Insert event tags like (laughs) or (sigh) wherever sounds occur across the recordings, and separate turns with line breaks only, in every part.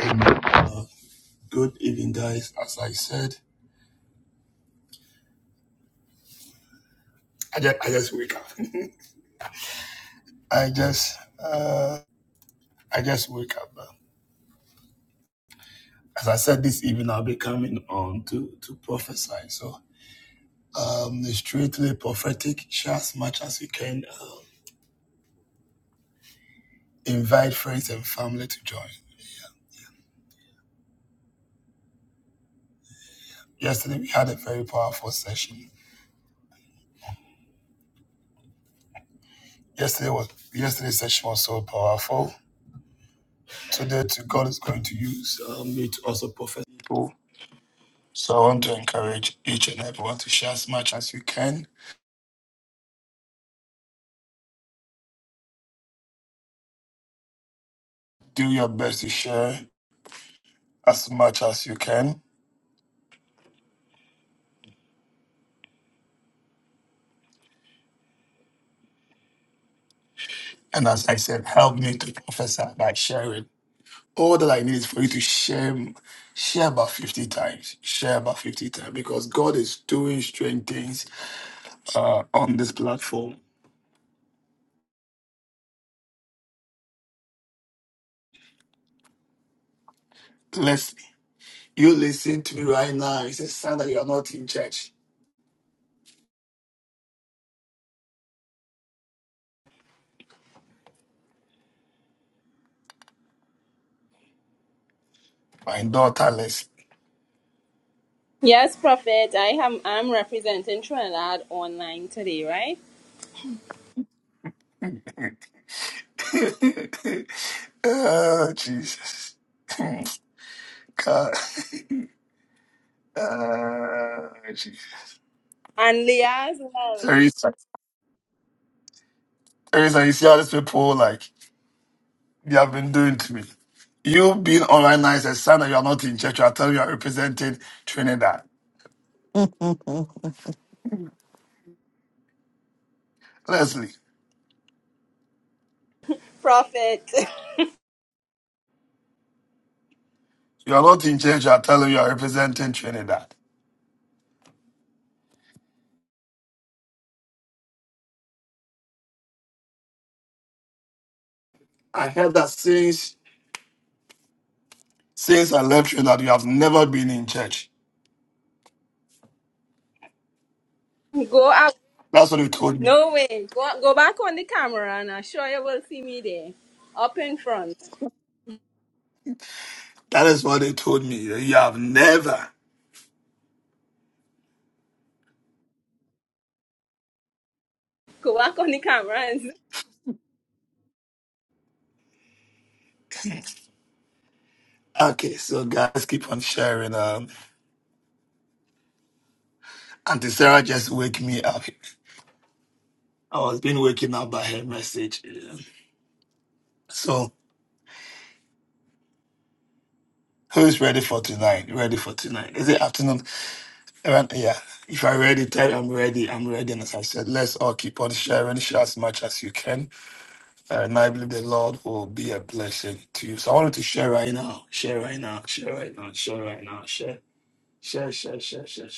Amen. Uh, good evening, guys. As I said, I just, I just wake up. (laughs) I just uh, I just wake up. Uh, As I said this evening, I'll be coming on to to prophesy. So um, the straightly prophetic. Share as much as you can. Uh, invite friends and family to join. Yesterday we had a very powerful session. Yesterday was yesterday's session was so powerful. Today, to God is going to use um, me to also prophesy So I want to encourage each and everyone to share as much as you can. Do your best to share as much as you can. And as I said, help me to prophesy by sharing. All that I need is for you to share, share about 50 times. Share about 50 times because God is doing strange things uh, on this platform. Leslie, you listen to me right now. It's a sign that you are not in church. My daughter, Leslie.
Yes, Prophet. I am I'm representing Trinidad online today, right?
(laughs) oh, Jesus. (clears throat) God. (laughs) Uh,
And Leah as well.
Teresa, Teresa, you see how these people like they have been doing to me. You being online now is a sign that you are not in church. You are telling you are representing Trinidad. Leslie,
Prophet.
you are not in church. You are telling you are representing Trinidad. I heard that since since I left Trinidad, you have never been in church.
(laughs) go out.
That's what they told me.
No way. Go go back on the camera and I'm sure you will see me there. Up in front.
That is what they told me. that You have never.
Go back on the camera
(laughs) Okay, so guys, keep on sharing. Um, Auntie Sarah just wake me up. I was being waking up by her message. yeah. So, who is ready for tonight? Ready for tonight? Is it afternoon? Around- Yeah. If I ready, tell I'm ready. I'm ready. And as I said, let's all keep on sharing, share as much as you can. And I believe the Lord will be a blessing to you. So I wanted to share right now. Share right now. Share right now. Share right now. Share. Share. Share. Share. Share.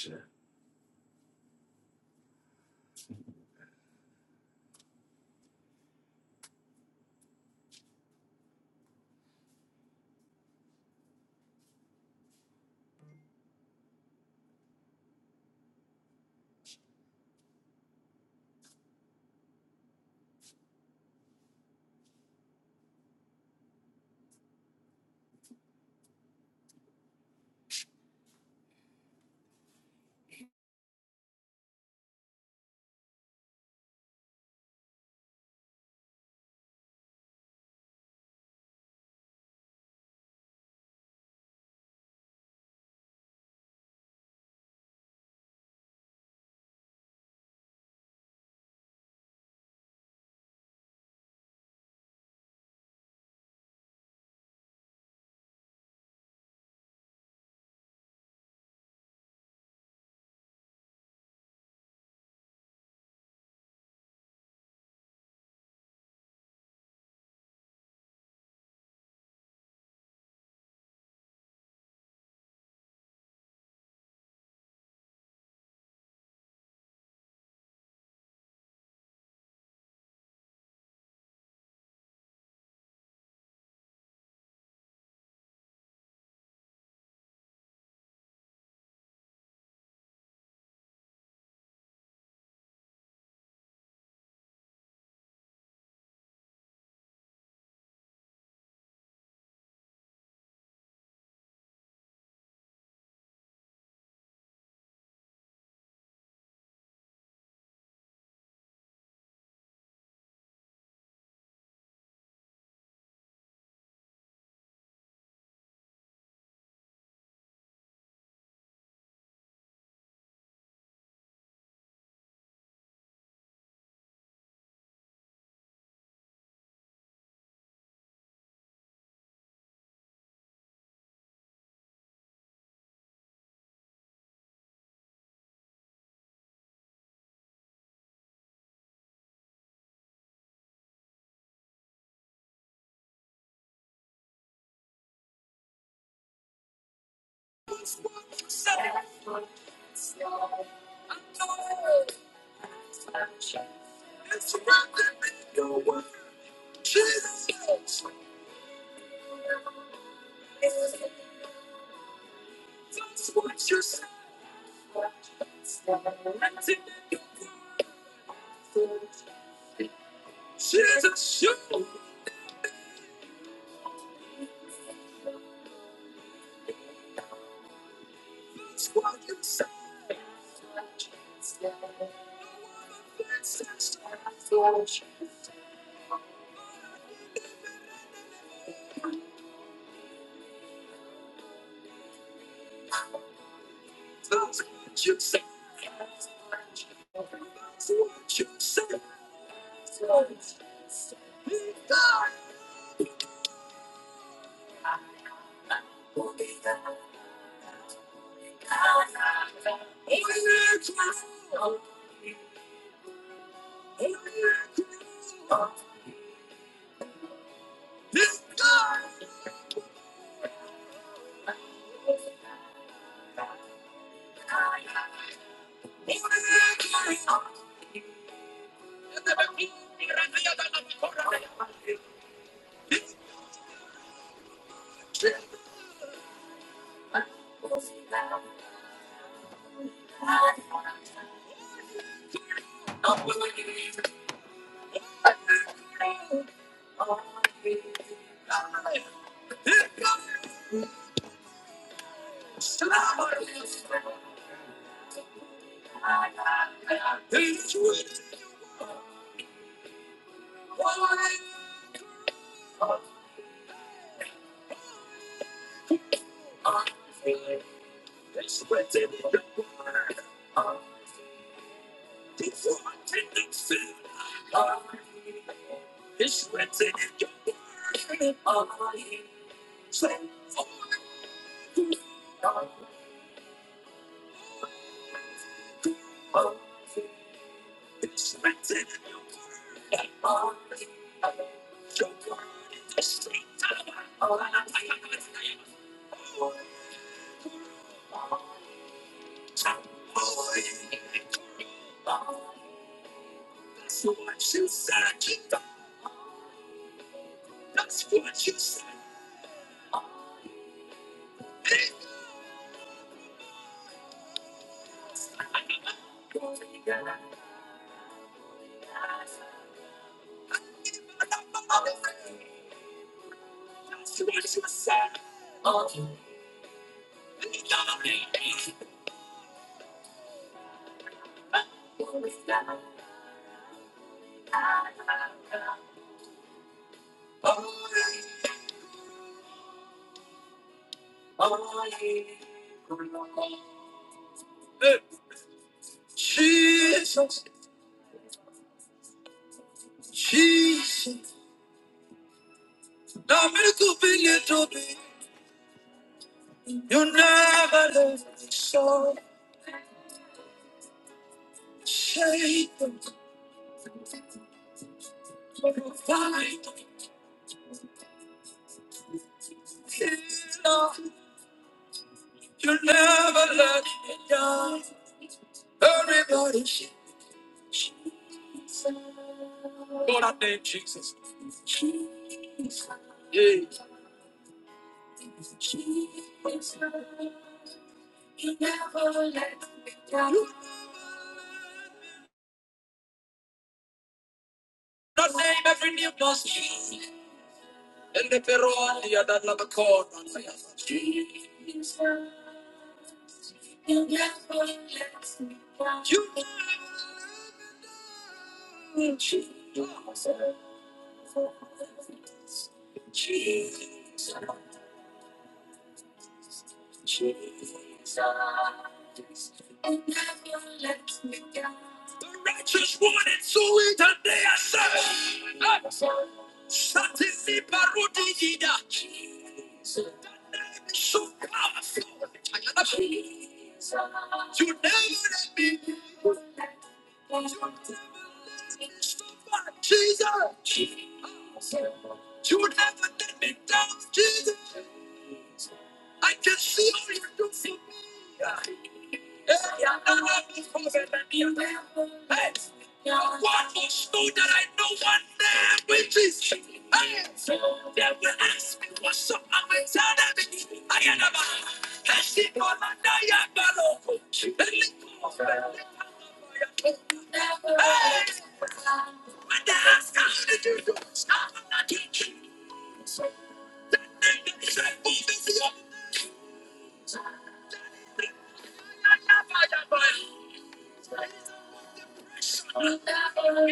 Share.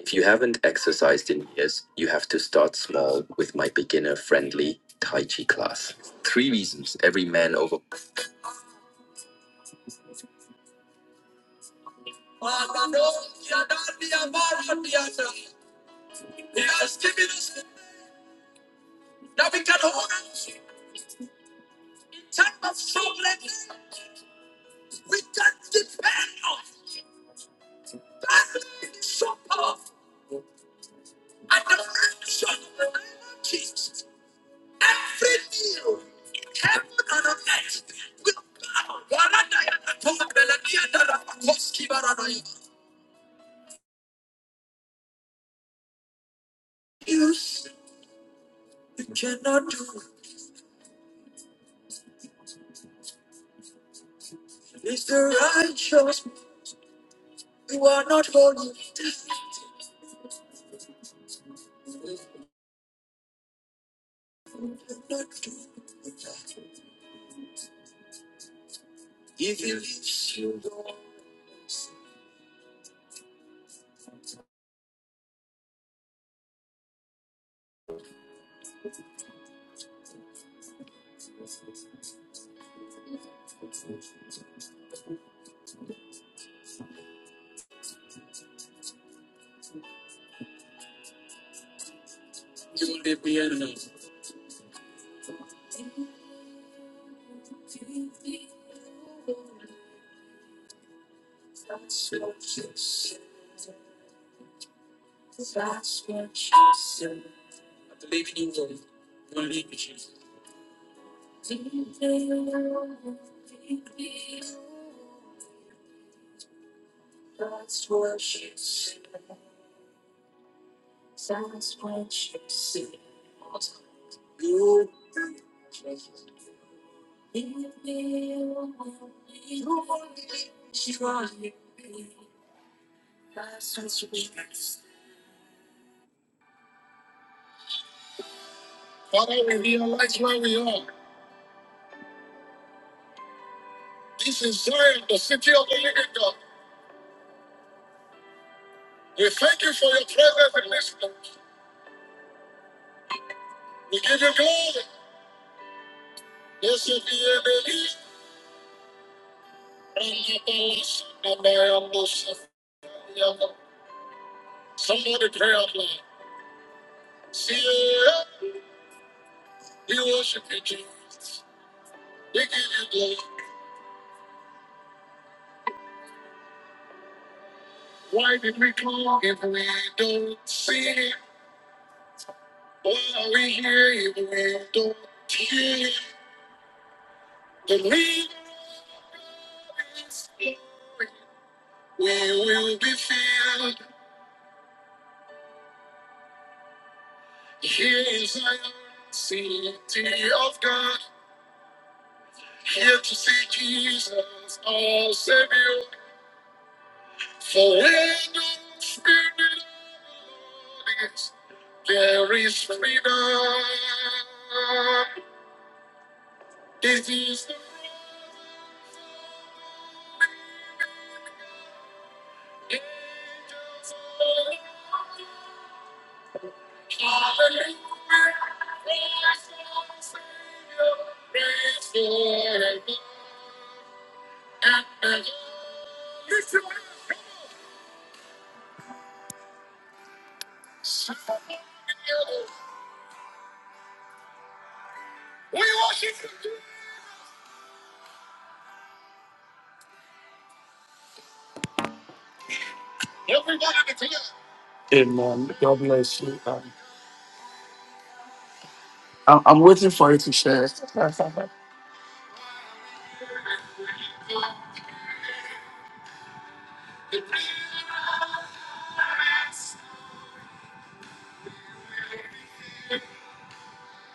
If you haven't exercised in years, you have to start small with my beginner friendly Tai Chi class. Three reasons every man over. That's where we are. This is Zion, the city of the living God. We thank you for your presence in this place. We give you glory. Blessed be your name. And your praise. And I am the Son Somebody pray out loud. See, we worship you, Jesus. They give you glory. Why did we call if we don't see it? Why are we here if we don't hear it? The leader of this glory. We will be filled. Here in Zion, city of God. Here to see Jesus, our Savior. For when the Spirit of the Lord is, there is freedom. Disease. Amen. God bless you. Um, I'm, I'm waiting for you to share.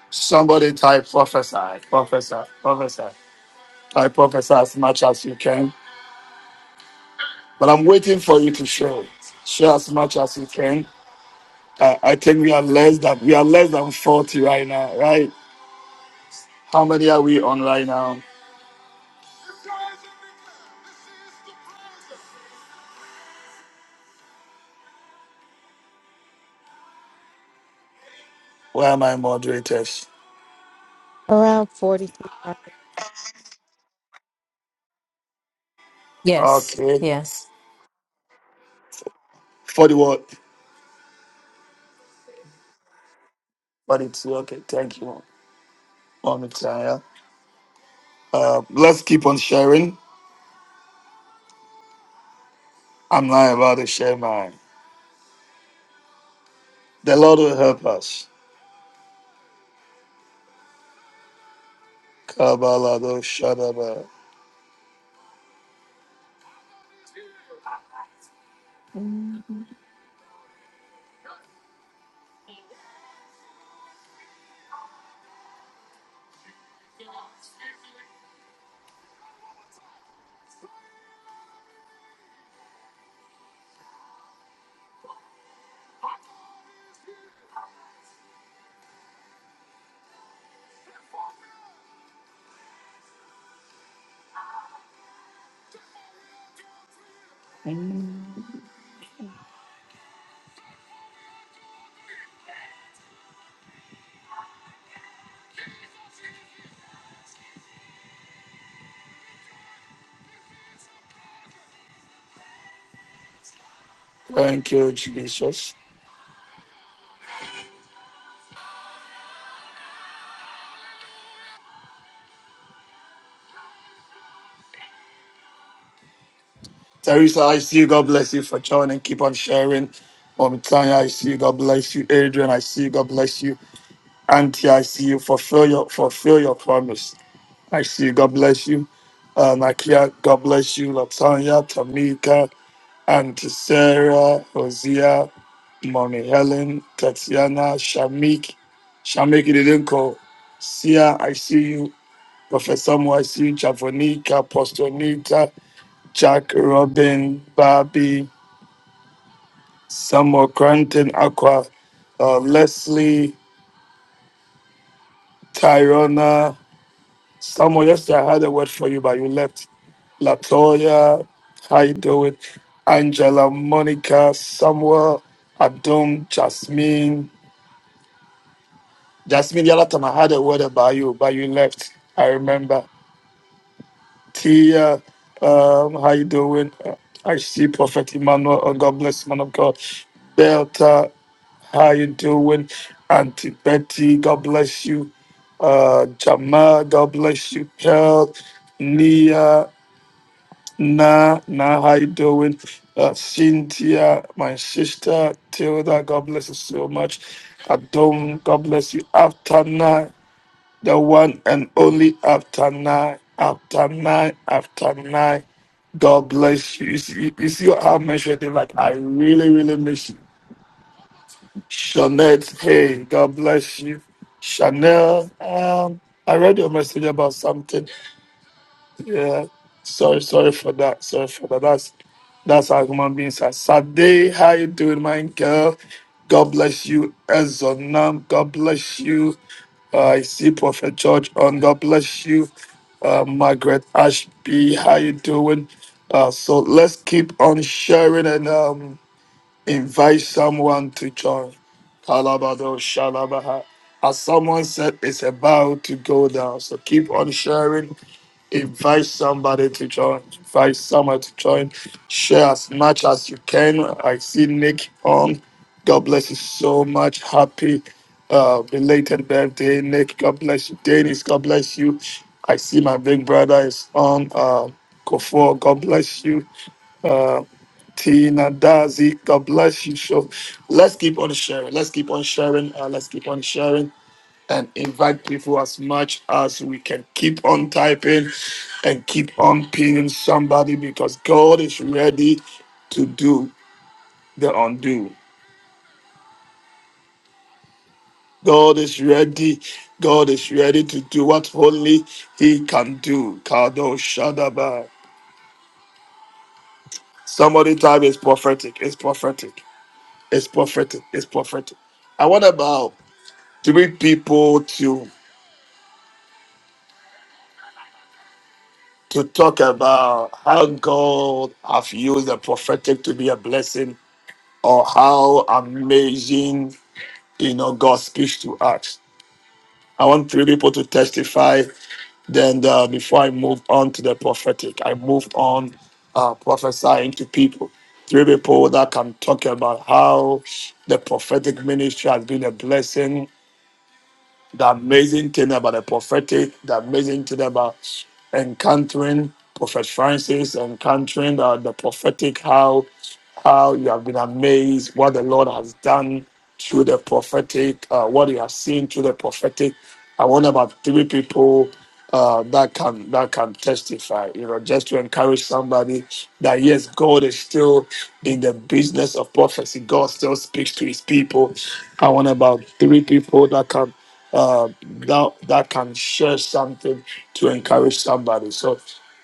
Somebody type prophesy, prophesy, prophesy. I prophesy as much as you can, but I'm waiting for you to share. Share as much as you can. I, I think we are less than we are less than 40 right now, right? How many are we on right now? Where are my moderators?
Around 42.
Yes,
Okay,
yes.
40 what? 42. Okay, thank you, Mommy Tanya. Uh, let's keep on sharing. I'm not about to share mine. The Lord will help us. Kabbalah, Shadaba. Thank you, Jesus. Teresa, I see you. God bless you for joining. Keep on sharing. Mommy Tanya, I see you. God bless you. Adrian, I see you. God bless you. Auntie, I see you. Fulfill your fulfill your promise. I see you. God bless you. Uh, Nakia, God bless you. Latanya, Tamika, Auntie Sarah, Hosea, Mommy Helen, Tatiana, Shamik, Shamik Idenko, Sia, I see you. Professor Mo, I see you. Javonica, Apostle Nita, Jack, Robin, Barbie. Samuel Cranton, Aqua, uh, Leslie, Tyrona. Samuel, yesterday I had a word for you, but you left. Latoya, how you doing? Angela, Monica, Samuel, Adom, Jasmine. Jasmine, the other time I had a word about you, but you left. I remember. Tia, um, how you doing? Uh, I see Prophet Emmanuel. Oh, God bless you, man of God. Delta. How you doing, Auntie Betty? God bless you. Uh, Jamal, God bless you. Pearl, Nia, Na, Na, how you doing? Uh, Cynthia, my sister, Tilda, God bless you so much. Adon, God bless you. After nine, the one and only after nine, after nine, after nine. God bless you. You see, you see how I mentioned it? Like, I really, really miss you Shanette, hey, God bless you. Chanel, um, I read your message about something. Yeah, sorry, sorry for that. Sorry for that. That's that's how human beings are. Sade, how you doing, my girl? God bless you, Ezonam. God bless you. Uh, I see Prophet George on. God bless you, uh, Margaret Ashby. How you doing? Uh, so let's keep on sharing and um, Invite someone to join. Kalabado Shalabaha. As someone said, it's about to go down. So keep on sharing. Invite somebody to join. Invite someone to join. Share as much as you can. I see Nick on. God bless you so much. Happy uh, belated birthday, Nick. God bless you. Dennis, God bless you. I see my big brother is on. Uh, Kofor, God bless you. Uh, Tina Dazi, God bless you. So let's keep on sharing. Let's keep on sharing. Uh, let's keep on sharing and invite people as much as we can. Keep on typing and keep on pinning somebody because God is ready to do the undo. God is ready. God is ready to do what only He can do. Kado Shadaba. Somebody type is prophetic. It's prophetic. It's prophetic. It's prophetic. I want about three people to to talk about how God have used the prophetic to be a blessing or how amazing you know God speaks to us. I want three people to testify. Then uh, before I move on to the prophetic, I move on uh, prophesying to people. Three people that can talk about how the prophetic ministry has been a blessing the amazing thing about the prophetic, the amazing thing about encountering Prophet Francis, encountering uh, the prophetic, how how you have been amazed what the Lord has done through the prophetic, uh, what you have seen through the prophetic. I want about three people uh, that can that can testify, you know, just to encourage somebody that yes, God is still in the business of prophecy. God still speaks to His people. I want about three people that can uh, that that can share something to encourage somebody. So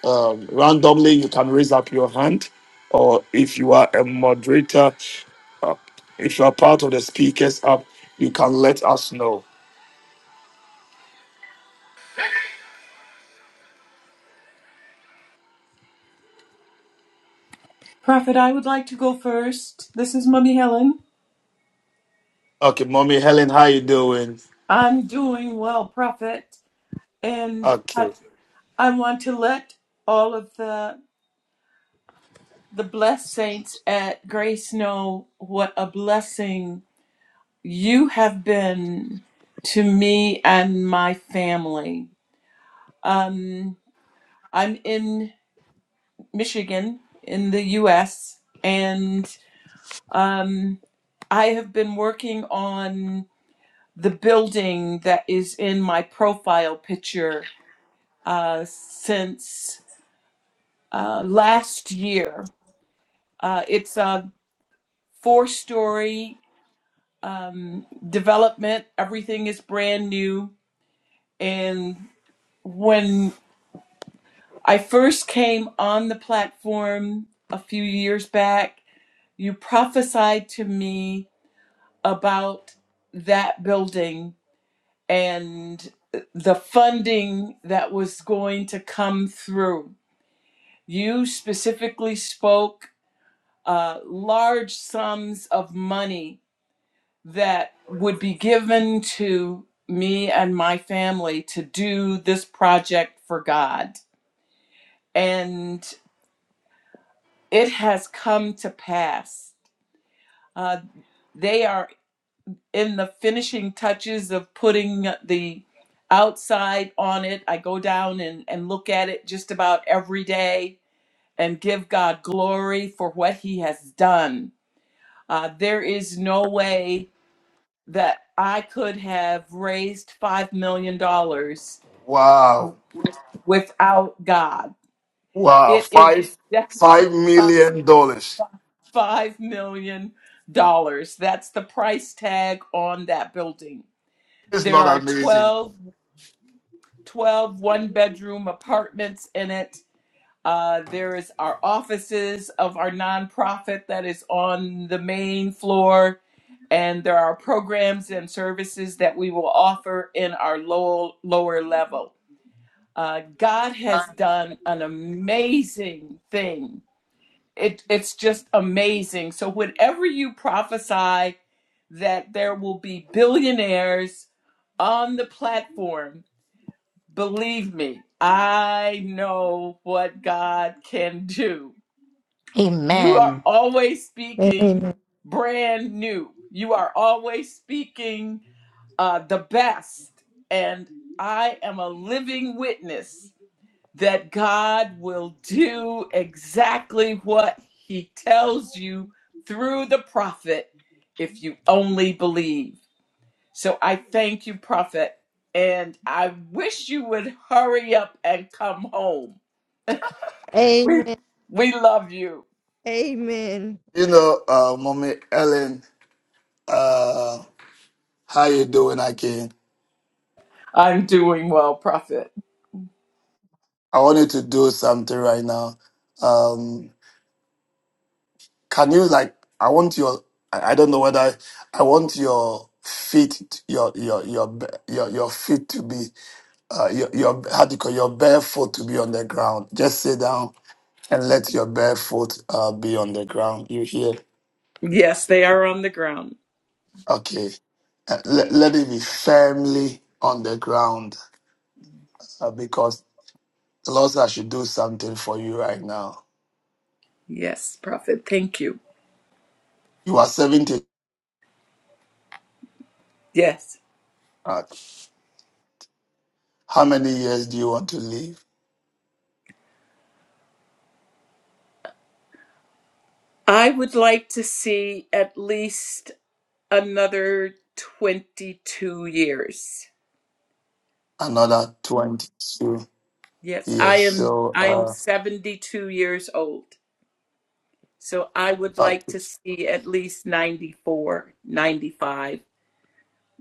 um, randomly, you can raise up your hand, or if you are a moderator, uh, if you are part of the speakers app, you can let us know.
Prophet, I would like to go first. This is Mummy Helen.
Okay, mommy Helen, how you doing?
I'm doing well, Prophet, and I,
Okay,
I want to let all of the the blessed saints at Grace know what a blessing you have been to me and my family. Um, I'm in Michigan, in the U.S., and um, I have been working on the building that is in my profile picture uh, since uh, last year. Uh, it's a four story um, development, everything is brand new. And when I first came on the platform a few years back, you prophesied to me about that building and the funding that was going to come through You specifically spoke uh, large sums of money that would be given to me and my family to do this project for God. And it has come to pass. Uh, they are in the finishing touches of putting the outside on it. I go down and, and look at it just about every day and give God glory for what He has done Uh, there is no way that I could have raised $5 million dollars
wow,
w- without God.
wow,
It is
five
definitely
five
five
million dollars.
five million dollars. That's the price tag on that building.
It's
There
not
are
amazing,
twelve twelve one bedroom apartments in it. Uh, there is our offices of our nonprofit that is on the main floor and there are programs and services that we will offer in our low, lower level. Uh, God has done an amazing thing. It, it's just amazing. So, whenever you prophesy that there will be billionaires on the platform, believe me, I know what God can do. You are
Amen.
always speaking
Amen.
brand new, you are always speaking uh, the best. And I am a living witness that God will do exactly what he tells you through the prophet if you only believe. So I thank you, prophet. And I wish you would hurry up and come home. We,
Amen.
we love you.
Amen.
you know, uh, mommy Helen. Uh, how you doing again?
I'm doing well, prophet.
I wanted to do something right now. Um, Can you like? I want your. I I don't know whether I want your feet, your your your ba- your your feet to be uh, your your how do you call your bare foot to be on the ground. Just sit down and let your bare foot uh, be on the ground. You hear?
Yes, they are on the ground.
Okay. Uh, let, let it be firmly on the ground uh, because the Lord said I should do something for you right now.
Yes, prophet. Thank you.
You are 70.
Yes.
Uh, how many years do you want to live?
I would like to see at least another 22 years.
Another 22.
Yes, I
Yes.
am
So,
I am
uh,
72 years old. So I would like
okay.
to see at least 94, 95.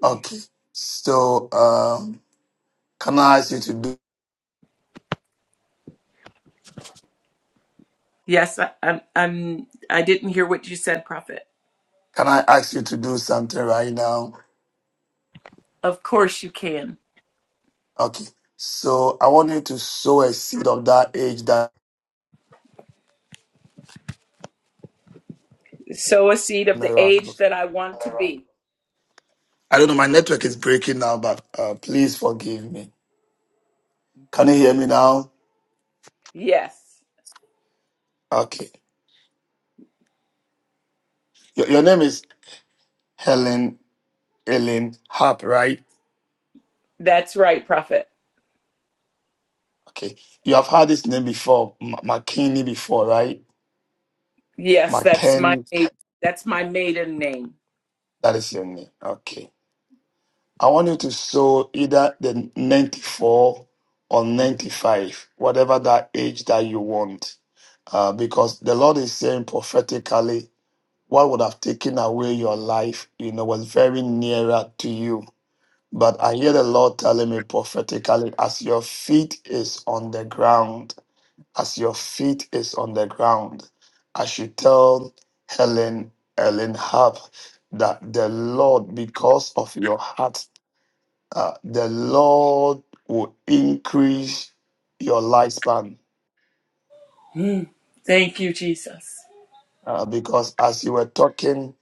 okay. So, um, can I ask you to do?
Yes, I, I'm I'm I didn't hear what you said, prophet.
Can I ask you to do something right now?
Of course you can.
Okay. So, I want you to sow a seed of that age, that
Sow a seed of the
miracle.
age that I want to be.
I don't know. My network is breaking now, but uh, please forgive me. Can you hear me now?
Yes.
Okay. Your, your name is Helen Ellen Harp, right?
That's right, prophet.
Okay. You have heard this name before, M- McKinney before, right?
Yes, that's my
McKinney.
that's my maiden name.
That is your name. Okay. I want you to sow either the 94 or 95, whatever that age that you want. Uh, because the Lord is saying prophetically, what would have taken away your life, you know, was very nearer to you. But I hear the Lord telling me prophetically, as your feet is on the ground, as your feet is on the ground, I should tell Helen, Helen Hub, that the Lord, because of your heart uh, the Lord will increase your lifespan.
(gasps) Mm. Thank you, Jesus.
Uh, because as you were talking,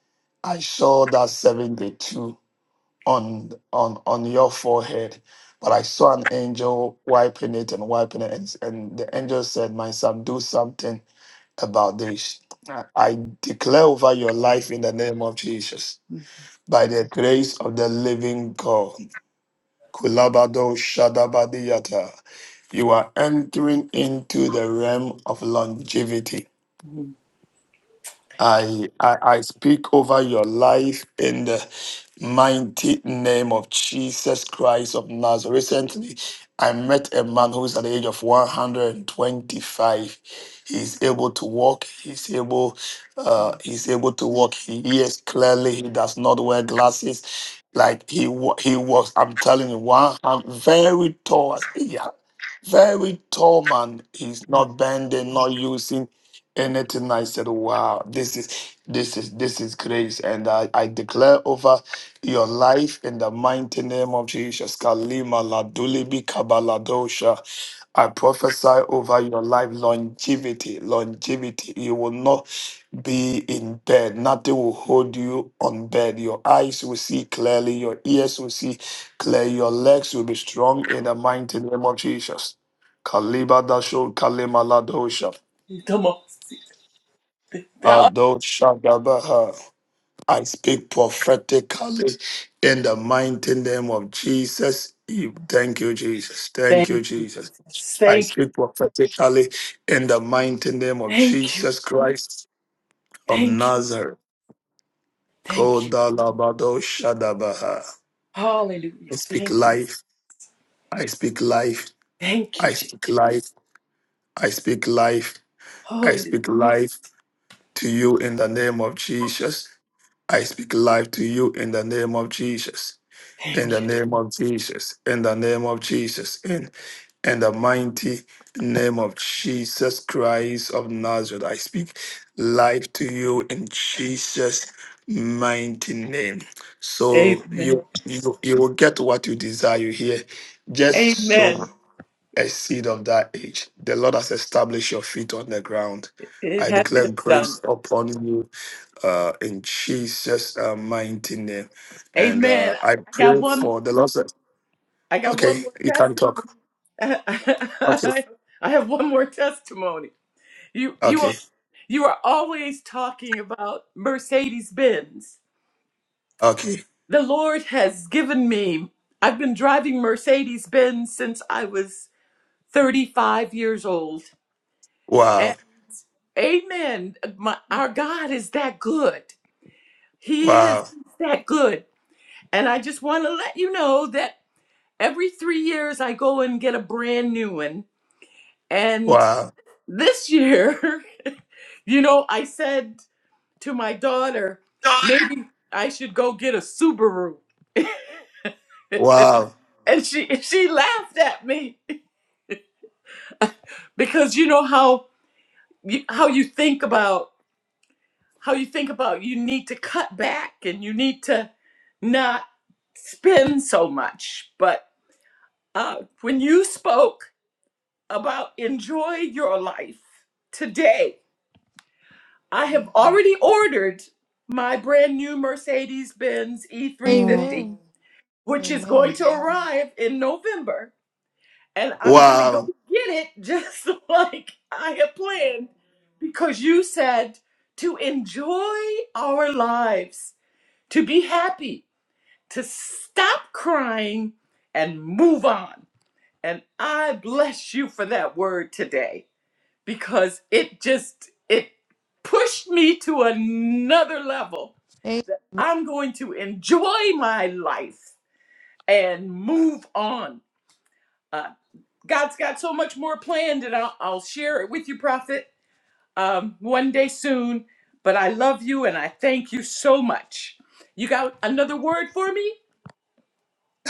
I saw that 72 on on on your forehead. But I saw an angel wiping it and wiping it, and, and the angel said, "My son, do something about this." I I declare over your life in the name of Jesus,
Mm.
by the grace of the living God. Kulabado shadabadiyata. you are entering into the realm of longevity. I, I I speak over your life in the mighty name of Jesus Christ of Nazareth. Recently, I met a man who is at the age of 125. He's able to walk. He's able. Uh, he's able to walk. He hears clearly. He does not wear glasses. Like he wa- he was. I'm telling you, one. I'm very tall. yeah. Very tall man. He's not bending, not using anything. I said, wow, this is this is this is grace. And I, I declare over your life in the mighty name of Jesus. Kalima Ladulibi Kabaladosha. I prophesy over your life longevity, longevity. You will not be in bed. Nothing will hold you on bed. Your eyes will see clearly. Your ears will see clearly. Your legs will be strong in the mighty name of Jesus. Kalibadasho Kalimaladosha.
Come on.
Adoshadabaha. I speak prophetically in the mighty name of Jesus. You- Thank you, Jesus. Thank you,
Thank you,
Jesus.
Jesus.
I
Thank you.
speak prophetically in the mighty name of
Thank you.
Jesus Christ of
Thank you.
Nazareth.
Thank you.
Kodalabadoshadabaha. I
Hallelujah.
speak
Thank you.
life. I speak life.
Thank
I
you, Jesus.
speak life. I speak life. I
Hallelujah.
speak life to you in the name of Jesus. I speak life to you in the name of Jesus. In the
Thank you.
name of Jesus. In the name of Jesus. In, in the mighty name of Jesus Christ of Nazareth. I speak life to you in Jesus' mighty name. So
Jesus. Amen.
you you, you will get what you desire You hear. Just
Amen.
sow a seed of that age. The Lord has established your feet on the ground.
It
I
has been
declare
done.
grace upon you uh, in Jesus' uh, mighty name. And
Amen.
uh, I
I got
pray
one.
for the Lord. said-
I got one
Okay,
more
you can talk.
testimony.
Okay,
(laughs) I have one more testimony. You you
okay,
are you are always talking about Mercedes Benz.
okay.
The Lord has given me. I've been driving Mercedes Benz since I was 35 years old.
Wow,
And amen. My, our God is that good. He is
wow,
that good. And I just want to let you know that every three years I go and get a brand new one. And
wow,
this year, (laughs) you know, I said to my daughter, maybe I should go get a Subaru.
wow,
(laughs) and she she laughed at me. because you know how you, how you think about how you think about you need to cut back and you need to not spend so much but uh, when you spoke about enjoy your life today i have already ordered my brand new mercedes-benz
Mm.
e350
Amen.
which is going
Amen.
to arrive in november and I'm gonna go
wow.
get it just (laughs) like I had planned because you said to enjoy our lives, to be happy, to stop crying and move on. And I bless you for that word today because it just it pushed me to another level.
Amen.
I'm going to enjoy my life and move on. Uh, God's got so much more planned, and I'll, I'll share it with you, Prophet, um, one day soon. But I love you, and I thank you so much. You got another word for me?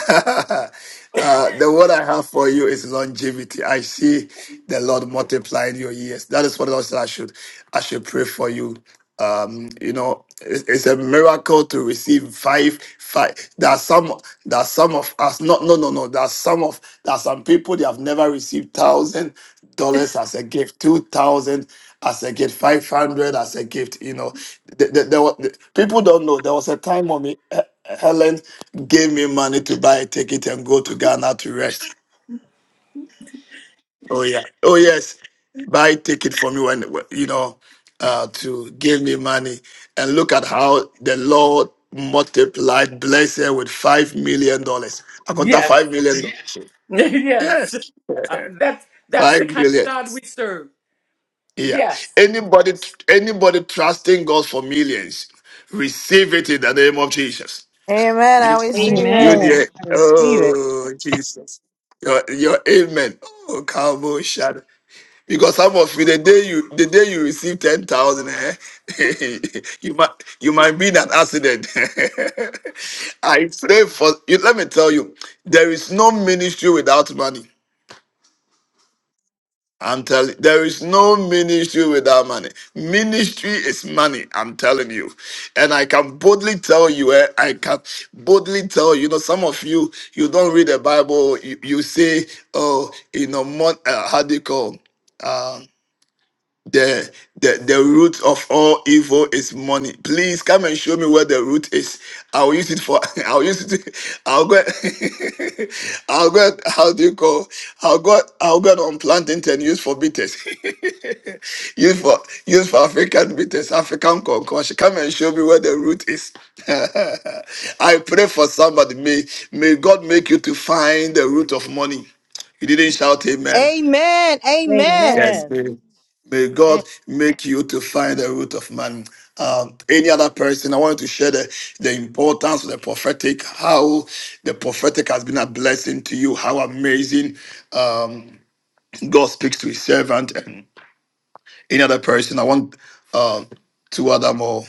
(laughs) uh, the word I have for you is longevity. I see the Lord multiplying your years. That is what I said. I should, I should pray for you. Um, you know, it's, it's a miracle to receive five, five. There are some, there are some of us. Not, no, no, no. There are some of, there are some people they have never received thousand dollars as a gift, two thousand as a gift, five hundred as a gift. You know, the, the, the, the, people don't know. There was a time, mommy, Helen. Give me money to buy a ticket and go to Ghana to rest. Oh yeah. Oh yes. Buy a ticket for me when you know uh, to give me money and look at how the Lord multiplied blessed with five million dollars. I got that
Yes,
five million.
(laughs) yes.
Yes, (laughs)
Uh, that's that's the
five
kind
million.
of God we serve.
Yeah.
Yes,
Anybody, anybody trusting God for millions, receive it in the name of Jesus.
Amen. I receive
You
it.
Amen.
Amen.
dear.
I receive it.
Oh, Jesus. Your, your amen. Oh, cowboy shadow. Because some of you, the day you the day you receive ten thousand, eh, (laughs) you might you might be in an accident. (laughs) I pray for you. Let me tell you, there is no ministry without money. I'm telling there is no ministry without money. Ministry is money, I'm telling you. And I can boldly tell you, eh, I can boldly tell you, you know, some of you, you don't read the Bible, you, you say, oh, you know, mon- uh, how do you call? um, the, the the root of all evil is money. Please come and show me where the root is. I'll use it for (laughs) I'll use it. I'll go (laughs) I'll go how do you call I'll go I'll go on planting and use for bitters. (laughs) use for use for African bitters, African concoction. Come and show me where the root is. (laughs) I pray for somebody. May may God make you to find the root of money. You didn't shout amen.
Amen. Amen.
Yes.
Amen.
May God make you to find the root of man. Um, any other person, I wanted to share the, the importance of the prophetic, how the prophetic has been a blessing to you, how amazing um, God speaks to his servant. And any other person, I want um, two other more,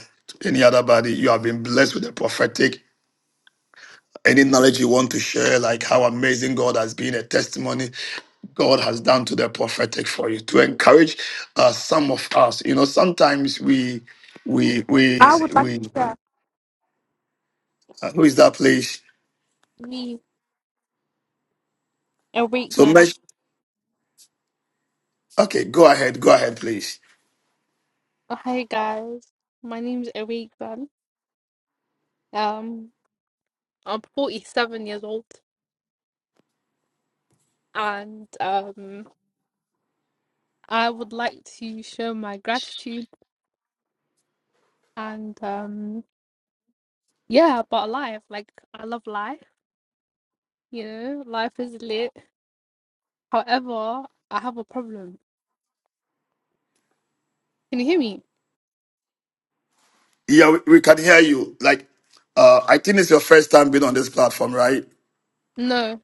any other body, you have been blessed with the prophetic. Any knowledge you want to share, like how amazing God has been, a testimony, God has done to the prophetic for you to encourage uh, some of us. You know, sometimes we we we
I would like to
we
share
uh, who is that place?
me
So
Erican.
mesh. Okay, go ahead, go ahead, please.
Oh, hey guys, my name name's Erican. Um, I'm 47 years old, and um, I would like to show my gratitude and um, yeah, about life. Like I love life. You know, life is lit. However, I have a problem. Can you hear me?
Yeah, we, we can hear you. Like, uh, I think it's your first time being on this platform, right?
No.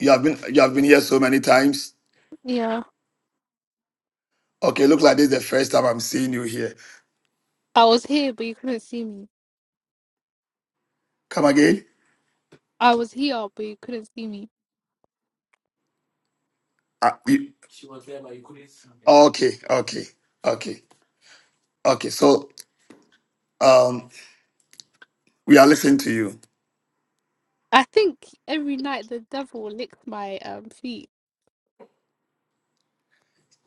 You have been you have been here so many times.
Yeah,
Okay, look like this is the first time I'm seeing you here.
I was here, but you couldn't see me.
Come again?
I was here, but you couldn't see me.
Uh, you, okay, okay, okay, okay. So um, we are listening to you.
I think every night the devil licked my um feet.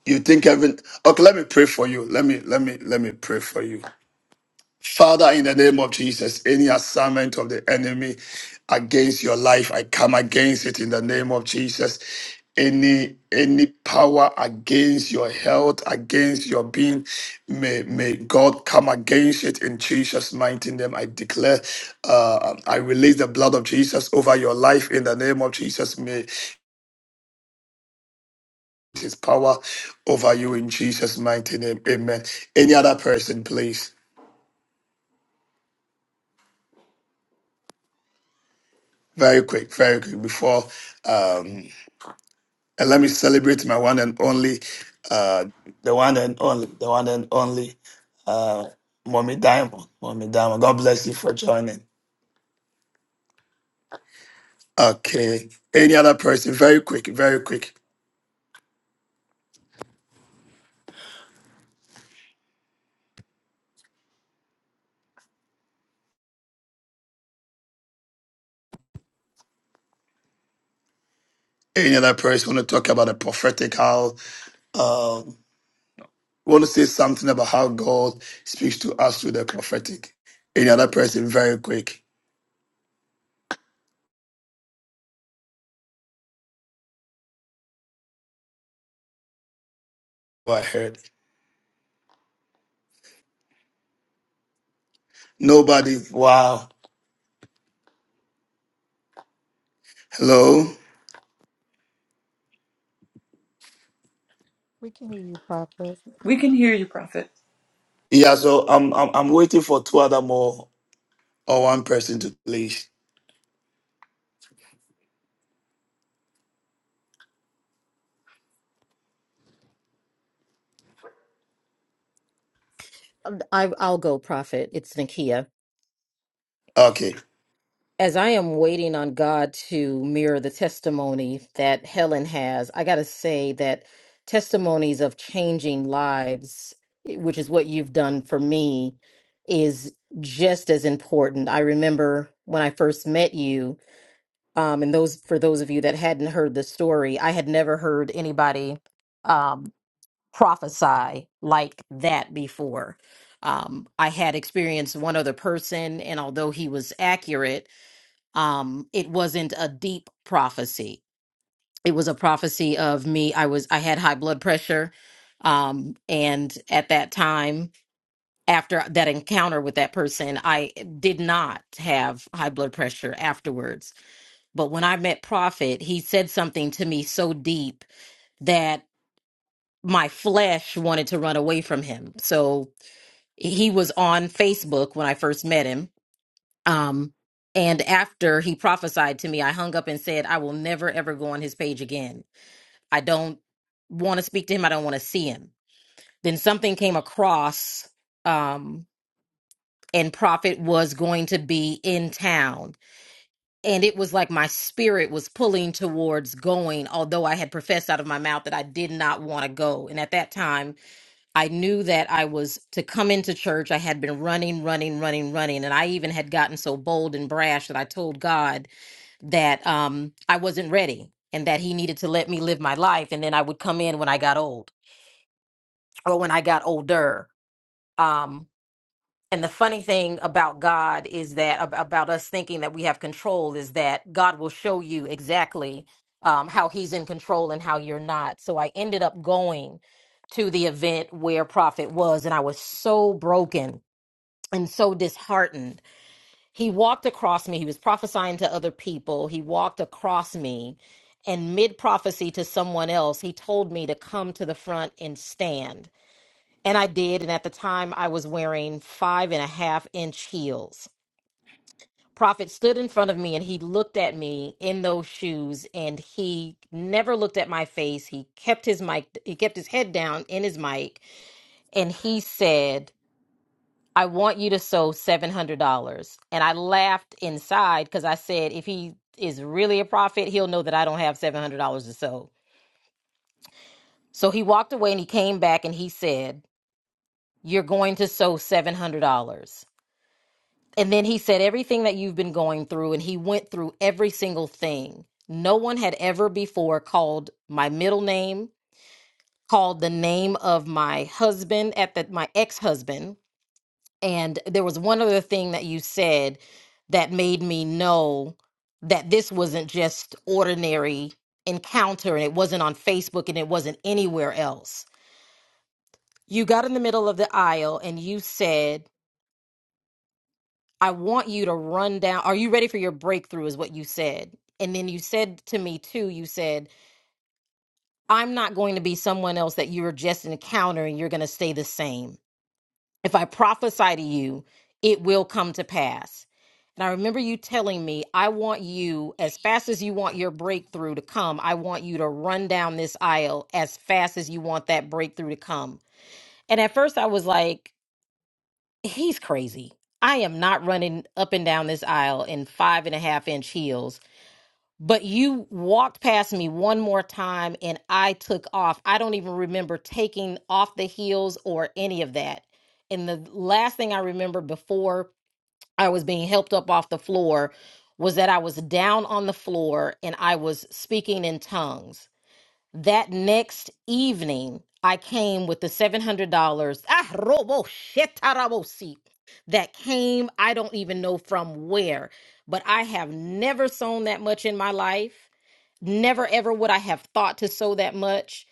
You think heaven? Okay, let me pray for you. Let me, let me, let me pray for you. Father, in the name of Jesus, any assignment of the enemy against your life, I come against it in the name of Jesus. Any any power against your health, against your being, may may God come against it in Jesus' mighty name. I declare, uh, I release the blood of Jesus over your life in the name of Jesus. May his power over you in Jesus' mighty name. Amen. Any other person, please? Very quick, very quick before um and let me celebrate my one and only uh the one and only the one and only uh mommy diamond. Mommy diamond. God bless you for joining. Okay. Any other person, very quick, very quick. Any other person want to talk about the prophetic how um want to say something about how God speaks to us through the prophetic. Any other person, very quick. I heard. Nobody. Wow. Hello.
We can hear you, Prophet.
we can hear you, Prophet.
Yeah. So I'm I'm I'm waiting for two other more or one person to please.
I, I'll go, prophet. It's Nakia.
Okay.
As I am waiting on God to mirror the testimony that Helen has, I got to say that testimonies of changing lives, eh, which is what you've done for me, is just as important. I remember when I first met you, um, and those for those of you that hadn't heard the story, I had never heard anybody. Um, prophesy like that before. Um, I had experienced one other person, and although he was accurate, um, it wasn't a deep prophecy. It was a prophecy of me. I was I had high blood pressure, um, and at that time, after that encounter with that person, I did not have high blood pressure afterwards. But when I met Prophet, he said something to me so deep that my flesh wanted to run away from him. So he was on Facebook when I first met him. Um, and after he prophesied to me, I hung up and said, I will never ever go on his page again. I don't want to speak to him. I don't want to see him. Then something came across, um, and Prophet was going to be in town. And it was like my spirit was pulling towards going, although I had professed out of my mouth that I did not want to go. And at that time, I knew that I was to come into church. I had been running, running, running, running. And I even had gotten so bold and brash that I told God that um, I wasn't ready and that He needed to let me live my life. And then I would come in when I got old or when I got older. um, and the funny thing about God is that ab- about us thinking that we have control is that God will show you exactly um, how He's in control and how you're not. So I ended up going to the event where Prophet was, and I was so broken and so disheartened. He walked across me. He was prophesying to other people. He walked across me, and mid prophecy to someone else, he told me to come to the front and stand. And I did. And at the time, I was wearing five and a half inch heels. Prophet stood in front of me and he looked at me in those shoes and he never looked at my face. He kept his mic, he kept his head down in his mic and he said, I want you to sew $700. And I laughed inside because I said, if he is really a prophet, he'll know that I don't have $700 to sew. So he walked away and he came back and he said, You're going to sew $700. And then he said everything that you've been going through, and he went through every single thing. No one had ever before called my middle name, called the name of my husband at the my ex-husband. And there was one other thing that you said that made me know that this wasn't just ordinary encounter and it wasn't on Facebook and it wasn't anywhere else. You got in the middle of the aisle and you said I want you to run down. Are you ready for your breakthrough? Is what you said. And then you said to me, too, you said, I'm not going to be someone else that you're just encountering. You're going to stay the same. If I prophesy to you, it will come to pass. And I remember you telling me, I want you, as fast as you want your breakthrough to come, I want you to run down this aisle as fast as you want that breakthrough to come. And at first I was like, he's crazy. I am not running up and down this aisle in five and a half inch heels. But you walked past me one more time and I took off. I don't even remember taking off the heels or any of that. And the last thing I remember before I was being helped up off the floor was that I was down on the floor and I was speaking in tongues. That next evening, I came with the $700. Ah, robo shetarabosi. That came, I don't even know from where, but I have never sewn that much in my life. Never ever would I have thought to sew that much.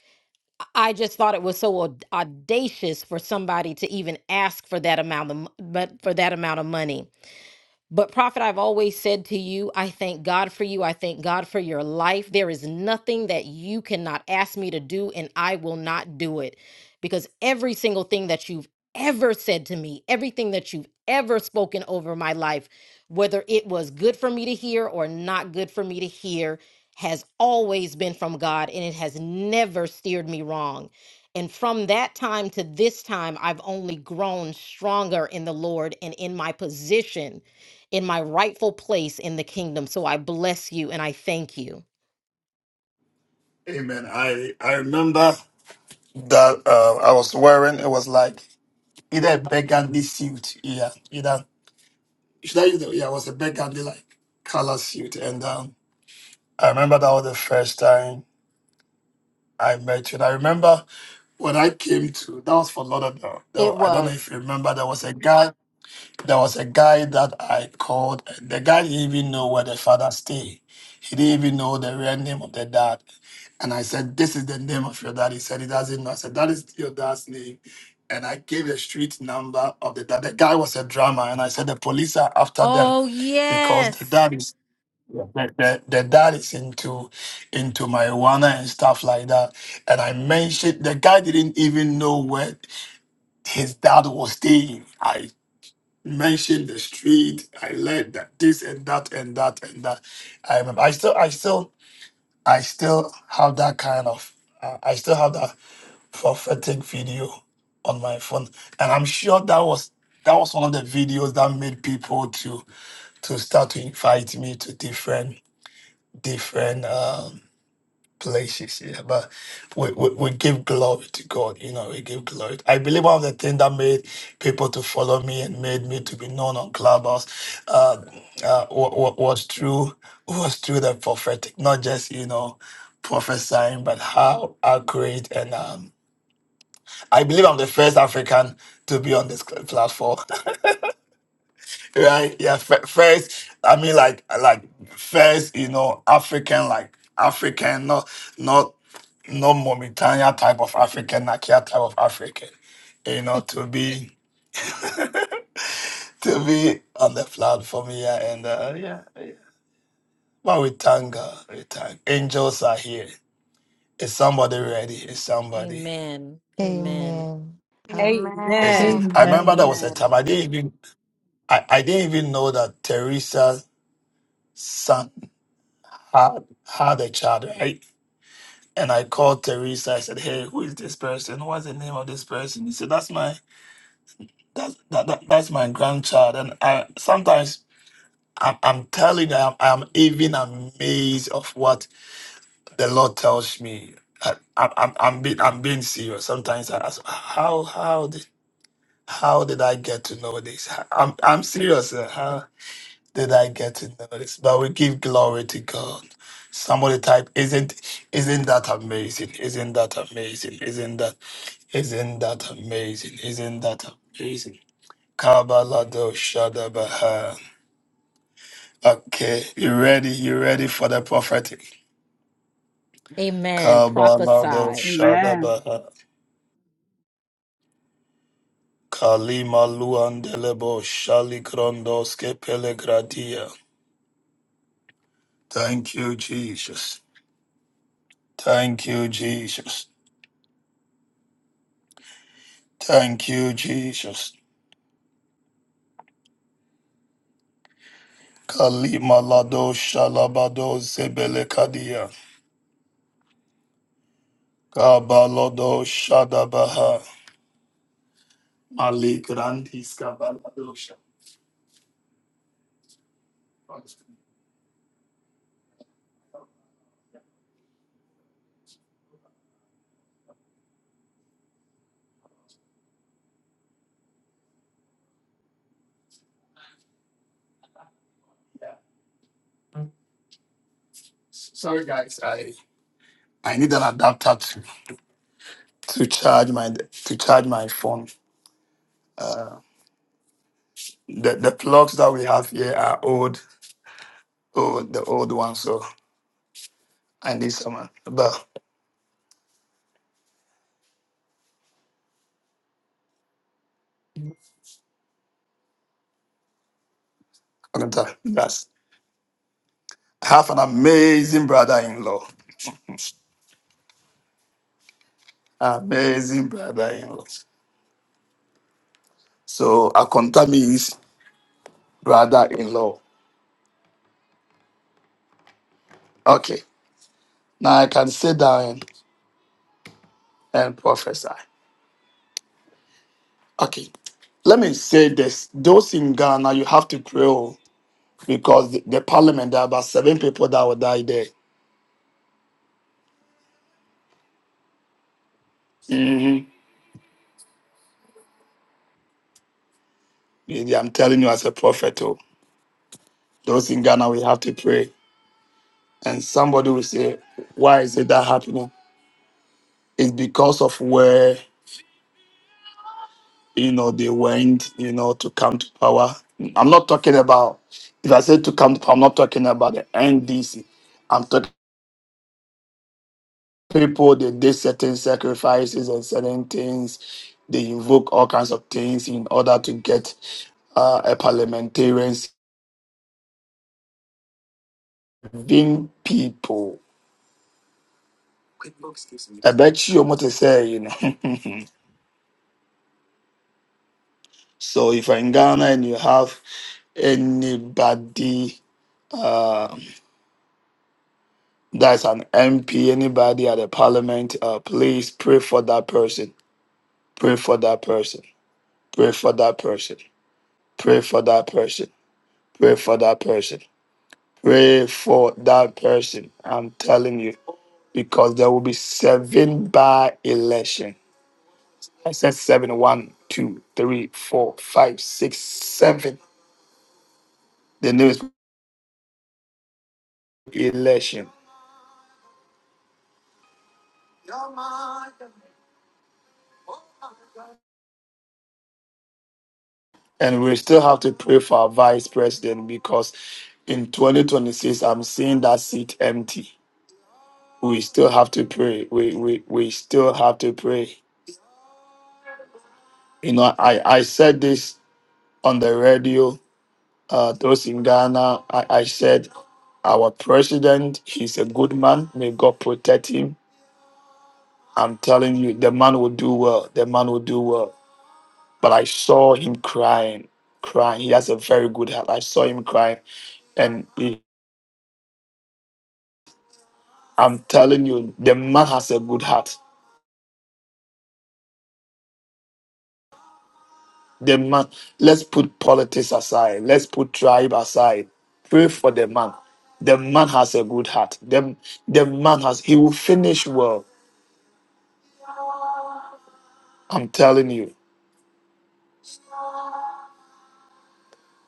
I just thought it was so aud- audacious for somebody to even ask for that amount of, m- but for that amount of money. But, Prophet, I've always said to you, I thank God for you. I thank God for your life. There is nothing that you cannot ask me to do, and I will not do it because every single thing that you've ever said to me, everything that you've ever spoken over my life, whether it was good for me to hear or not good for me to hear, has always been from God, and it has never steered me wrong. And from that time to this time, I've only grown stronger in the Lord and in my position in my rightful place in the kingdom. So I bless you and I thank you.
Amen. I I remember that uh, I was wearing it was like either a burgundy suit. Yeah. Either should I use the, yeah it was a burgundy like color suit and um I remember that was the first time I met you. And I remember when I came to that was for Lauderdale.
It
Though I don't know if
was.
you remember there was a guy There was a guy that I called. and The guy didn't even know where the father stayed. He didn't even know the real name of the dad. And I said, This is the name of your dad. He said, He doesn't know. I said, That is your dad's name. And I gave the street number of the dad. The guy was a drummer. And I said, The police are after them
Oh,
because the
yes.
dad is. The, the, the dad is into into marijuana and stuff like that. And I mentioned the guy didn't even know where his dad was staying mentioned the street. I learned that this and that and that and that. I remember. I still, I still, I still have that kind of. Uh, I still have that prophetic video on my phone, and I'm sure that was that was one of the videos that made people to to start to invite me to different different. Um, places yeah but we, we, we give glory to god you know we give glory i believe one of the things that made people to follow me and made me to be known on clubhouse uh, uh wa- wa- was through was through the prophetic not just you know prophesying but how accurate and um i believe i'm the first african to be on this cl- platform (laughs) right yeah f- first i mean like like first you know african like african not not no Mauritania type of African, Nakia type of African, you know,
(laughs)
to be (laughs) to be on the platform here and uh, yeah, yeah. But we thank God, we thank angels are here. Is somebody ready? Is somebody?
Amen. Amen.
Amen. How?
Is it?
Amen.
Amen.
I remember there
Amen.
was a
Amen.
time I didn't even I, I didn't even know that Teresa's son had had a child, right? And I called Teresa. I said, "Hey, who is this person? What's the name of this person?" He said, "That's my That's that, that that's my grandchild, and I sometimes I'm, I'm telling you, I'm, I'm even amazed of what the Lord tells me. I, I'm I'm I'm being I'm being serious. Sometimes I ask, how how did how did I get to know this? I'm I'm serious. uh, How did I get to know this? But we give glory to God. Somebody type, isn't isn't that amazing? Isn't that amazing? Isn't that isn't that amazing? Isn't that amazing? Kabalado Shadabaha. Okay, you ready? You ready for the prophetic?
Amen.
Kabalado
Prophesied,
Amen.
Shadabaha. Kalima Luandelebo Shalikrondoske Pelegradia. Thank you, Jesus. Thank you, Jesus. Thank you, Jesus. Kalima Lado Shalabado Zebelekadia. Kabalodo Shadabaha. Maligrandis Kabalado Shadabaha. Sorry, guys. I I need an adapter to, to charge my to charge my phone. Uh, the the plugs that we have here are old, old the old ones. So I need someone. But I'm tell you guys, I have an amazing brother-in-law. Amazing brother-in-law. So I contact me his brother-in-law. Okay, now I can sit down and prophesy. Okay, let me say this: those in Ghana, you have to pray oh, because the, the parliament there are about seven people that will die there. Mhm. I'm telling you as a prophet, oh, those in Ghana, we have to pray. And somebody will say, why is it that happening? It's because of where, you know, they went, you know, to come to power. I'm not talking about, if I say to come to power, I'm not talking about the NDC. I'm talking people, that did certain sacrifices and certain things. They invoke all kinds of things in order to get uh, a parliamentarian, being people. I bet you what to say, you know. (laughs) so if you're in Ghana and you have anybody uh, that's an MP, anybody at the parliament, uh, please pray for that person. Pray for that person. Pray for that person. Pray for that person. Pray for that person. Pray for that person. I'm telling you, because there will be seven by election. I said seven. One, two, three, four, five, six, seven. The news. election. And we still have to pray for our vice president because in 2026, I'm seeing that seat empty. We still have to pray. We, we, we still have to pray. You know, I, I said this on the radio, uh, those in Ghana, I, I said, our president, he's a good man. May God protect him. I'm telling you, the man will do well. The man will do well. But I saw him crying, crying. He has a very good heart. I saw him crying and he I'm telling you, the man has a good heart. The man, let's put politics aside, let's put tribe aside. Pray for the man. The man has a good heart. The, the man has, he will finish well. I'm telling you.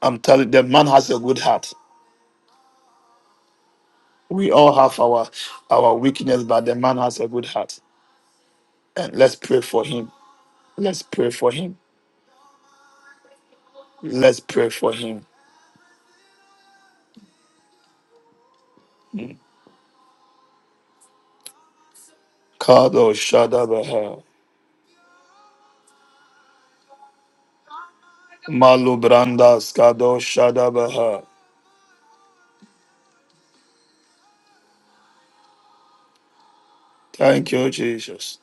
I'm telling the man has a good heart. We all have our our weakness, but the man has a good heart. And let's pray for him. Let's pray for him. Let's pray for him. Kado Shadabaha. Malu Brandas Kado Shadabaha. Thank you, Jesus.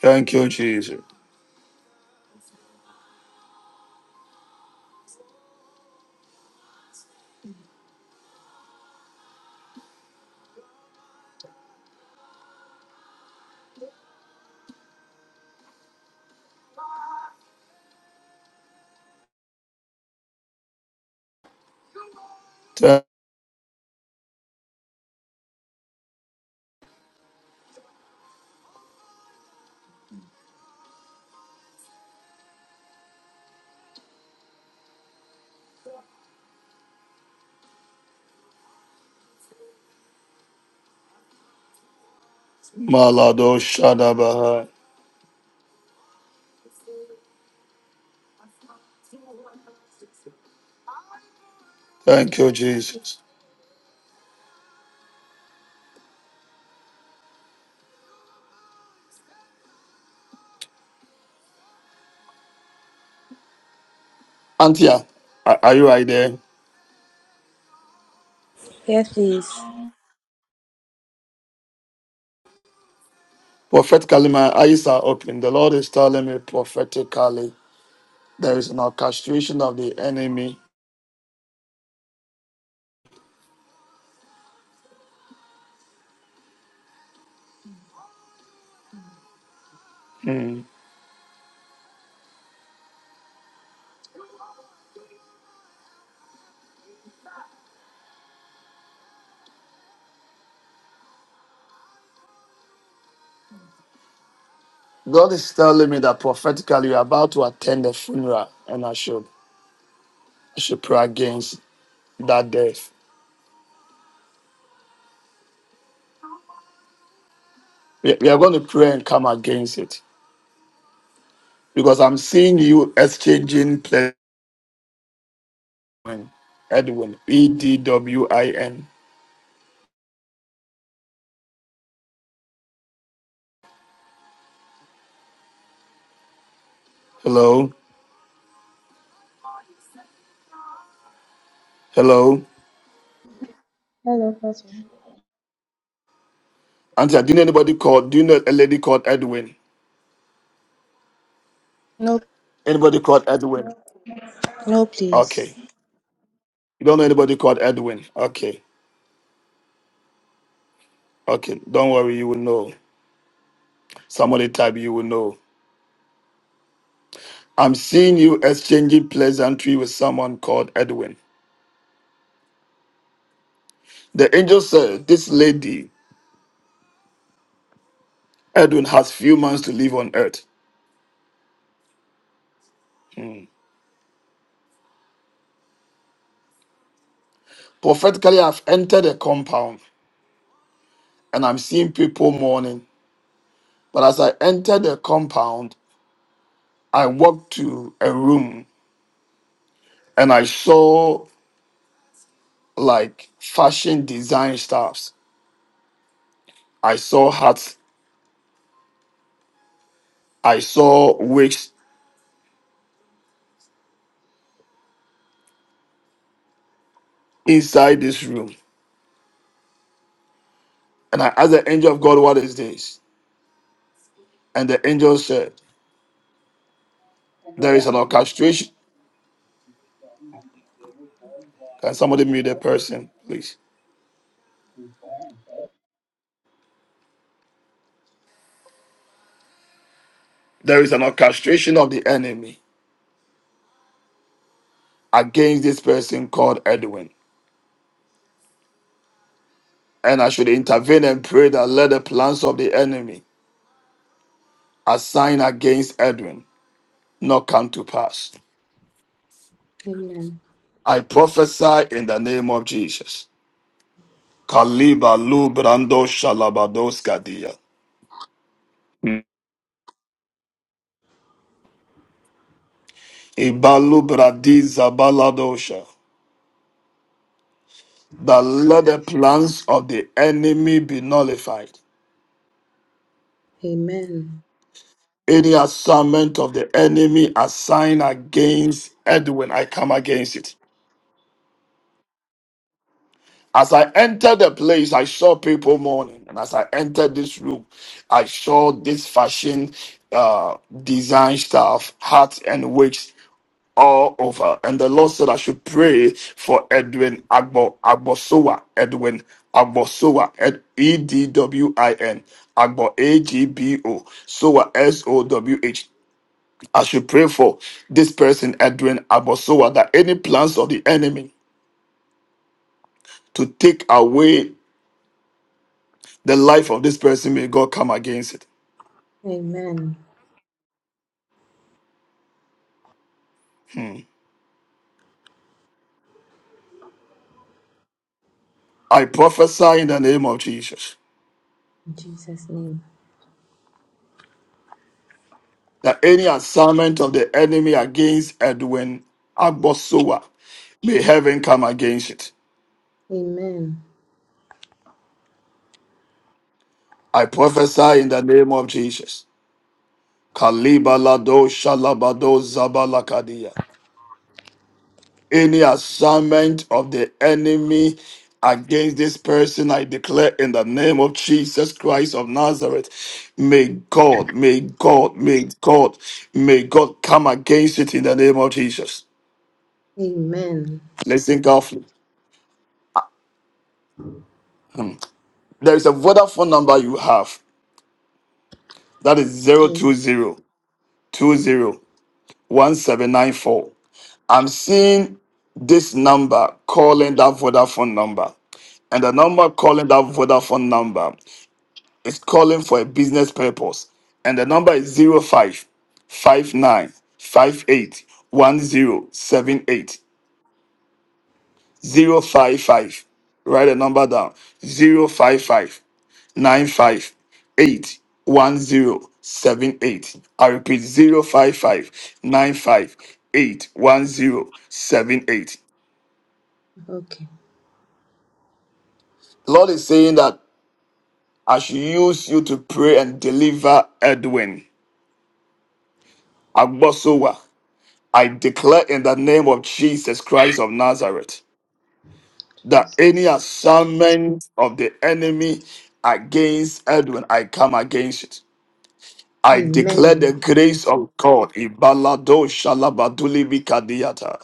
Thank you, Jesus. Thank Malado Shadabaha. Thank you, Jesus. Antia, are are you right there?
Yes, please.
Prophetically, my eyes are open. The Lord is telling me prophetically there is an orchestration of the enemy. God is telling me that prophetically you're about to attend the funeral, and I should I should pray against that death. We, we are going to pray and come against it because I'm seeing you exchanging pleasure. Edwin, E D W I N. Hello, hello.
Hello, Pastor.
Auntie, do you know anybody called? Do you know a lady called Edwin?
No,
Anybody called Edwin?
no,
Okay.
please.
You don't know anybody called Edwin? Okay, okay. Don't worry, you will know. Somebody type, you will know. I'm seeing you exchanging pleasantry with someone called Edwin. The angel said, This lady, Edwin, has few months to live on earth. Prophetically, I've entered a compound and I'm seeing people mourning. But as I entered the compound, I walked to a room and I saw like fashion design stuffs. I saw hats, I saw wigs inside this room. And I asked the angel of God, What is this? And the angel said, There is an orchestration. Can somebody mute the person, please? There is an orchestration of the enemy against this person called Edwin. And I should intervene and pray that let the plans of the enemy assigned against Edwin not come to pass.
Amen.
I prophesy in the name of Jesus Kaliba lubrando shalabadoska dia. Ibalubradiza baladosha. That let the plans of the enemy be nullified.
Amen.
Any assignment of the enemy assigned against Edwin, I come against it. As I entered the place, I saw people mourning. And as I entered this room, I saw this fashion uh, design stuff, hats and wigs all over. And the Lord said I should pray for Edwin Agbo Agbosowa. Edwin Agbosowa. Ed E D W I N. Agbo A G B O. Sowa S O W H. I should pray for this person, Edwin Agbosowa, that any plans of the enemy to take away the life of this person, may God come against it.
Amen.
Hmm. I prophesy in the name of Jesus.
In Jesus' name.
that any assignment of the enemy against Edwin Agbosowa, may heaven come against it.
Amen.
I prophesy in the name of Jesus. Kalibalado shalabado zabalakadia. Any assignment of the enemy against this person, I declare in the name of Jesus Christ of Nazareth. May God, may God, may God, may God come against it in the name of Jesus.
Amen.
Listen carefully. There is a Vodafone number you have. thats
Yes.
two zero two i I'm seeing this number calling that Vodafone number. And the number calling that Vodafone number is calling for a business purpose. And the number is zero five five nine five eight one zero seven eight zero five five. Write the number down zero five five. nine five eight one zero seven eight. I repeat zero five five nine five eight one zero seven eight.
Okay.
Lord is saying that I should use you to pray and deliver Edwin Agbosowa. I declare in the name of Jesus Christ of Nazareth that any
Jesus.
assignment of the enemy against Edwin, I come against it. I declare
Amen.
the grace of God. Ibalado shalabaduli bikadiata.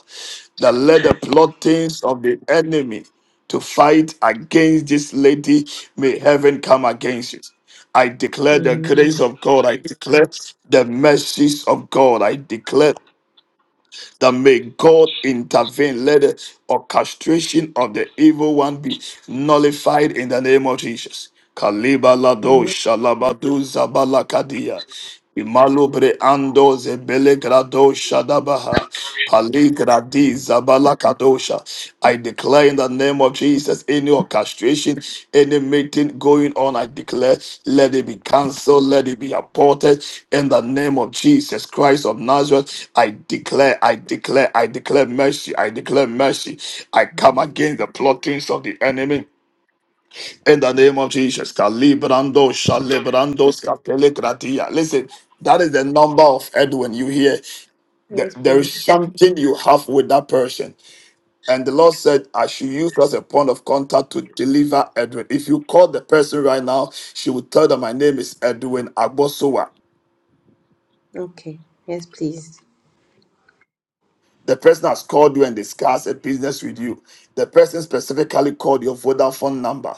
That let the plottings of the enemy to fight against this lady may heaven come against it. I declare the grace
Amen.
of God. I declare the mercies of God. I declare that may God intervene. Let the orchestration of the evil one be nullified in the name of Jesus. Kaliba lado
Amen.
shalabadu zabalakadia. Imalubre ando zebele grado shadabaha. Pali gradi zabalakadosha. I declare in the name of Jesus any orchestration, any meeting going on, I declare, let it be cancelled, let it be aborted in the name of Jesus Christ of Nazareth. I declare, I declare, I declare mercy, I declare mercy. I come against the plottings of the enemy. In the name of Jesus, Calibrando, Shalebrando, Scapele, Listen, that is the number of Edwin you hear. There
Yes,
there
please.
is something you have with that person. And the Lord said, I should use her as a point of contact to deliver Edwin. If you call the person right now, she will tell them, My name is Edwin Agbosowa.
Okay. Yes, please.
The person has called you and discussed a business with you. The person specifically called your Vodafone number.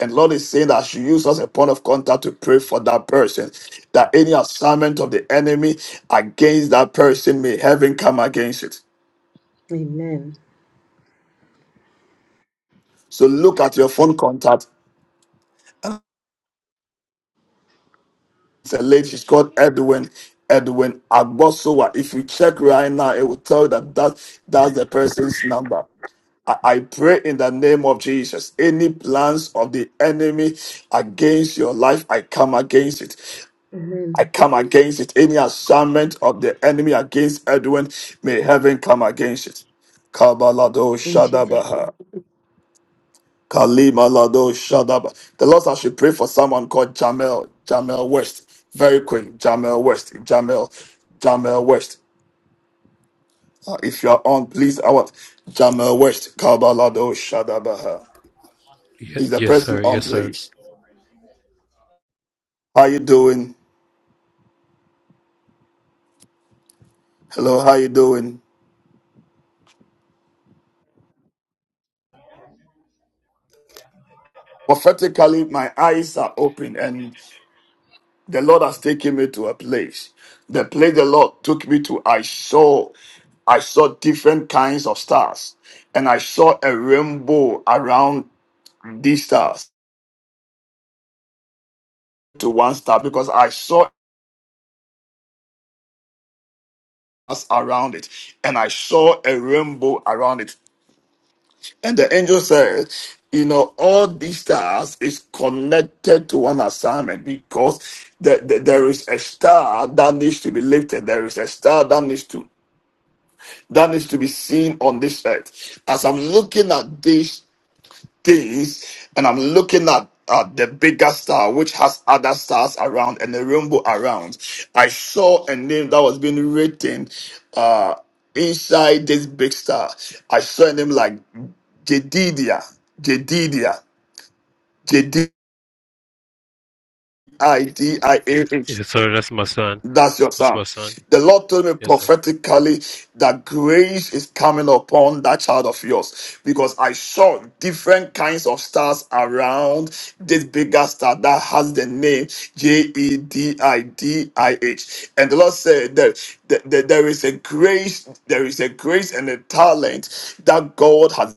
And Lord is saying that she used us a point of contact to pray for that person. That any assignment of the enemy against that person may heaven come against it.
Amen.
So look at your phone contact It's a lady, she's called Edwin. Edwin Agbosowa. If you check right now, it will tell you that, that that's the person's number. I I pray in the name of Jesus. Any plans of the enemy against your life, I come against it. I
Amen.
come against it. Any assignment of the enemy against Edwin, may heaven come against it. Kabalado
In Jesus.
Shadabaha. Kalima Lado Shadaba. The Lord said I should pray for someone called Jamel, Jamel West. Very quick, Jamel West, Jamel, Jamel West. Uh, if you are on, please, I want Jamel West, Kabalado Shadabaha.
Ye-
Is the
Yes,
person
sir.
on,
Yes, sir.
please? How you doing? Hello, how you doing? Prophetically, my eyes are open and. The Lord has taken me to a place. The place the Lord took me to, I saw, I saw different kinds of stars, and I saw a rainbow around these stars to one star because I saw us around it, and I saw a rainbow around it. And the angel said, "You know, all these stars is connected to one assignment because the, the- there is a star that needs to be lifted. There is a star that needs to that needs to be seen on this earth. As I'm looking at these things and I'm looking at uh, the bigger star, which has other stars around and a rainbow around, I saw a name that was being written uh, inside this big star. I saw a name like Jedidia, Jedidia, Jedidia.
Yes, sir. That's my son.
That's your
That's
son.
my son.
The Lord told me
Yes, sir.
prophetically that grace is coming upon that child of yours because I saw different kinds of stars around this bigger star that has the name J E D I D I H. And the Lord said that, that, that there is a grace, there is a grace and a talent that God has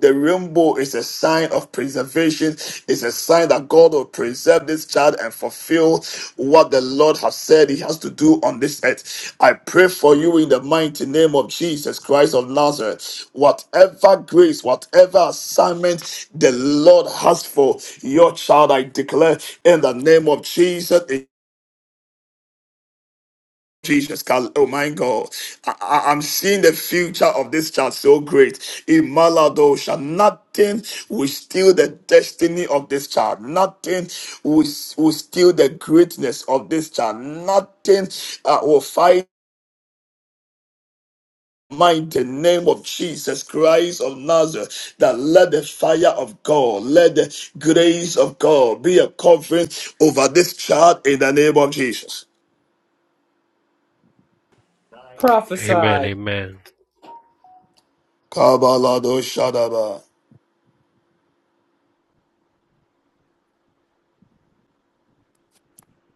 the rainbow is a sign of preservation. It's a sign that God will preserve this child and fulfill what the Lord has said He has to do on this earth. I pray for you in the mighty name of Jesus Christ of Nazareth. Whatever grace, whatever assignment the Lord has for your child, I declare in the name of Jesus. Jesus, God, oh my God, I, I- I'm seeing the future of this child so great. In Malado, shall nothing will steal the destiny of this child. Nothing will, will steal the greatness of this child. Nothing uh, will fight mind the name of Jesus Christ of Nazareth that let the fire of God, let the grace of God be a covering over this child in the name of Jesus.
Amen.
Prophesy.
Amen.
Kabalado Shadaba.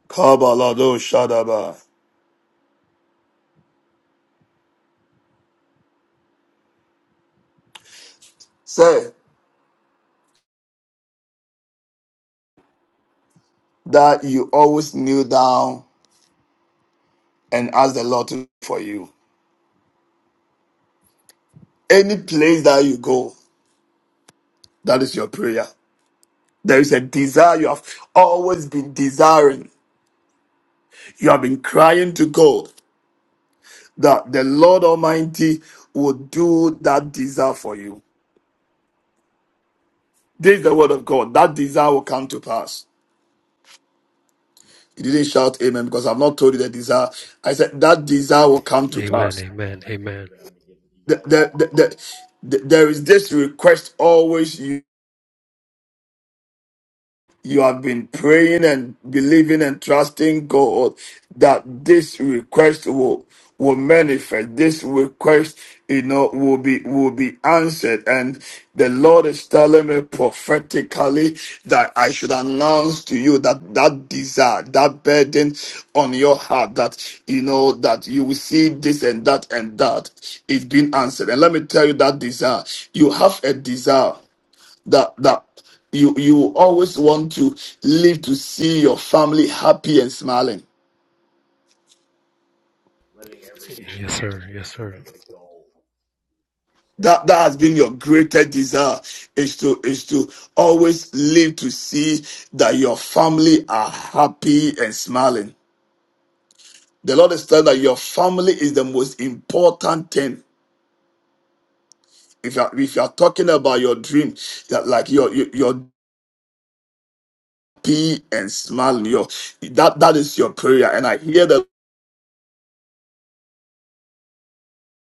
Kabalado Shadaba. Say that you always kneel down and ask the Lord to for you. Any place that you go, that is your prayer. There is a desire you have always been desiring. You have been crying to God that the Lord Almighty will do that desire for you. This is the word of God. That desire will come to pass. You didn't shout amen because I've not told you the desire. I said that desire will come to pass.
Amen. Amen. Amen.
th- th- th- th- th- there is this request always you have been praying and believing and trusting God that this request will will manifest. This request, you know, will be will be answered. And the Lord is telling me prophetically that I should announce to you that that desire, that burden on your heart, that you know that you will see this and that and that is being answered. And let me tell you that desire. You have a desire that that you you always want to live to see your family happy and smiling
Yes, sir. Yes, sir.
that that has been your greatest desire is to is to always live to see that your family are happy and smiling the lord is telling that your family is the most important thing if you're if you're talking about your dream that like your your, your happy and smiling your that that is your prayer and i hear that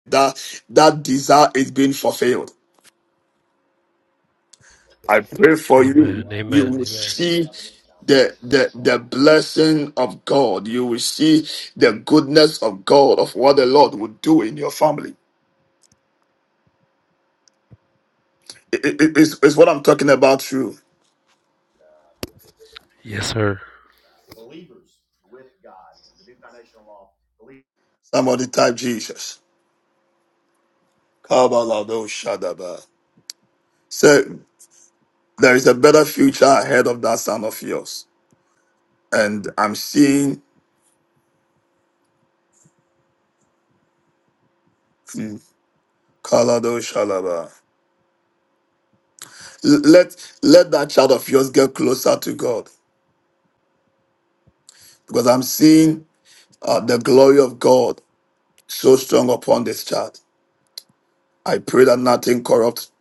that that desire is being fulfilled I pray for you.
Amen.
You
Amen.
will
Amen.
see the, the the blessing of God. You will see the goodness of God of what the Lord will do in your family. It, it- it- it's, it's what I'm talking about. through
Yes, sir.
Somebody type Jesus. Kabalado Shadaba. So there is a better future ahead of that son of yours, and I'm seeing hmm, Kalado Shalaba. L- Let let that child of yours get closer to God, because I'm seeing uh, the glory of God so strong upon this child. I pray that nothing corrupts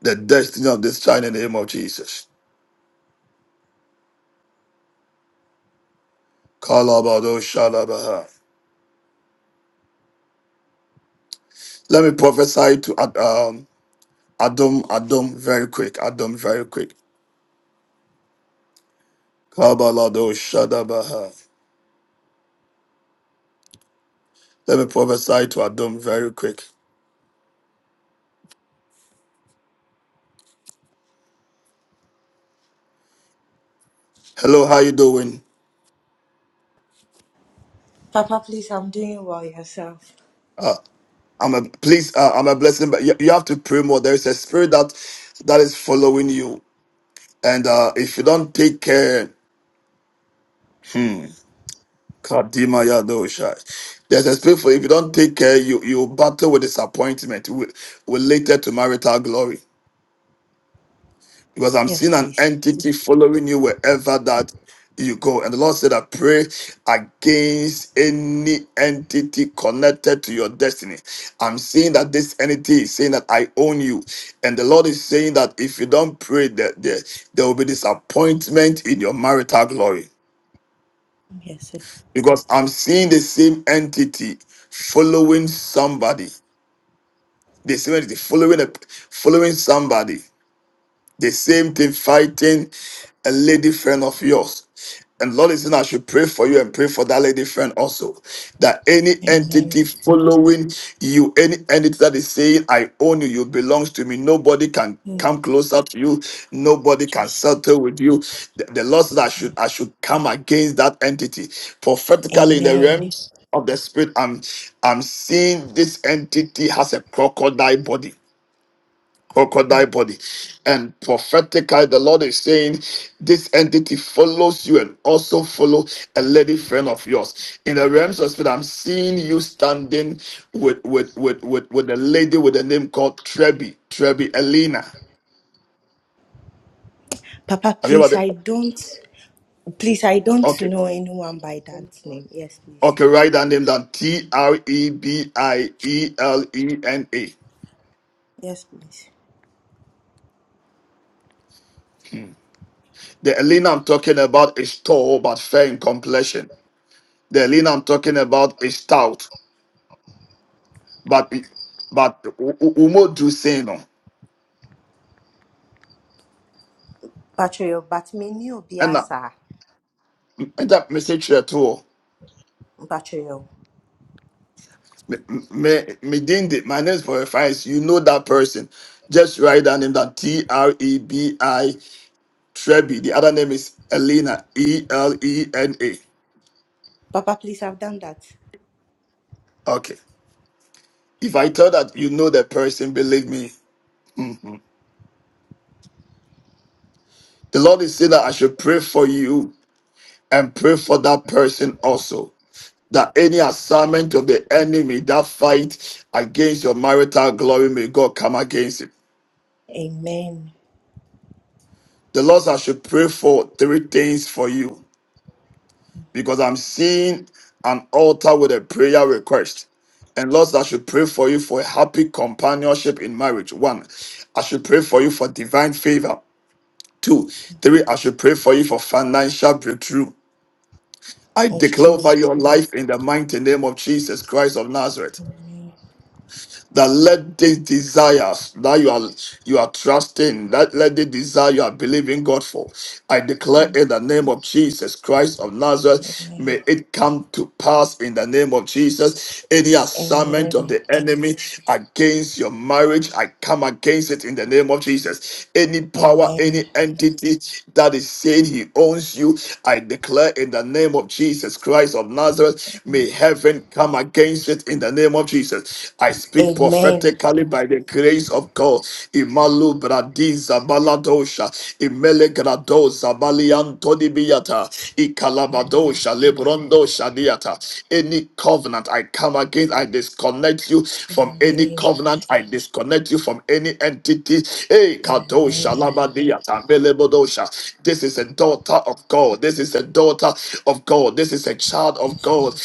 the destiny of this child in the name of Jesus. Kalabado shalabaha. Let me prophesy to Ad- um, Adam, Adam, very quick. Adam, very quick. Kabalado shadabaha. Let me prophesy to Adam very quick. Hello, how you doing?
Papa, please, I'm doing well yourself.
Uh, I'm a please. Uh, I'm a blessing, but you, you have to pray more. There is a spirit that that is following you, and uh, if you don't take care, hmm, Kadima Yadoshai. There's a spirit for if you don't take care, you you battle with disappointment wi- related to marital glory. Because I'm
Yes,
seeing an
please.
entity following you wherever that you go. And the Lord said, I pray against any entity connected to your destiny. I'm seeing that this entity is saying that I own you. And the Lord is saying that if you don't pray, that there, there will be disappointment in your marital glory.
Yes, sir.
because I'm seeing the same entity following somebody. The same entity following a, following somebody. The same thing fighting a lady friend of yours. And Lord is saying, I should pray for you and pray for that lady friend also. That any
Amen.
entity following you, any entity that is saying, I own you, you belongs to me, nobody can
Mm,
come closer to you, nobody can
Jesus.
settle with you. The, the Lord said, I should, I should come against that entity. Prophetically, in the
Amen.
realms of the spirit, I'm, I'm seeing this entity has a crocodile body crocodile body. And prophetically, the Lord is saying this entity follows you and also follow a lady friend of yours. In the realms of spirit, I'm seeing you standing with with with with, with a lady with a name called Trebi, Trebi Elena.
Papa,
Have you
please,
heard ever
I don't. Please, I don't
okay?
know anyone by that name. Yes, please.
Okay, write that name down. T R E B I E L E N A.
Yes, please.
The Elena I'm talking about is tall but fair in complexion. The Elena I'm talking about is stout but be- but u- u- umo do say no
Patrol, but me new
and I
biasa.
that message at all
Patrol.
me me me din de- my name for reference you know that person just write down name that T R E B I Trebi the other name is Elena E L E N A
Papa, please, I've done that.
okay if I tell that you know the person believe me Mhm. the Lord is saying that I should pray for you and pray for that person also that any assignment of the enemy that fight against your marital glory may God come against it.
Amen.
The Lord said I should pray for three things for you because I'm seeing an altar with a prayer request. And Lord, said I should pray for you for a happy companionship in marriage. One, I should pray for you for divine favor. Two, three, I should pray for you for financial breakthrough. I
It's
declare
true.
over your life in the mighty name of Jesus Christ of Nazareth. that let these desires that you are you are trusting, that let the desire you are believing God for. I declare in the name of Jesus Christ of Nazareth,
Amen.
may it come to pass in the name of Jesus. Any assignment of
Amen.
the enemy against your marriage, I come against it in the name of Jesus. Any power, any
Amen.
entity that is saying he owns you, I declare in the name of Jesus Christ of Nazareth, may heaven come against it it in the name of Jesus. I speak
Amen.
prophetically by the grace of God. Imalu bradiza baladosha, imele gradoza baliantoni biata, ikalabadosha lebrondo shadiata. Any covenant I come against, I disconnect you from
Amen.
any covenant. I disconnect you from any entity. Hey, kadosha
Amen.
labadiata, melebodosha. This is a daughter of God. This is a daughter of God. This is a child of
Yes,
God.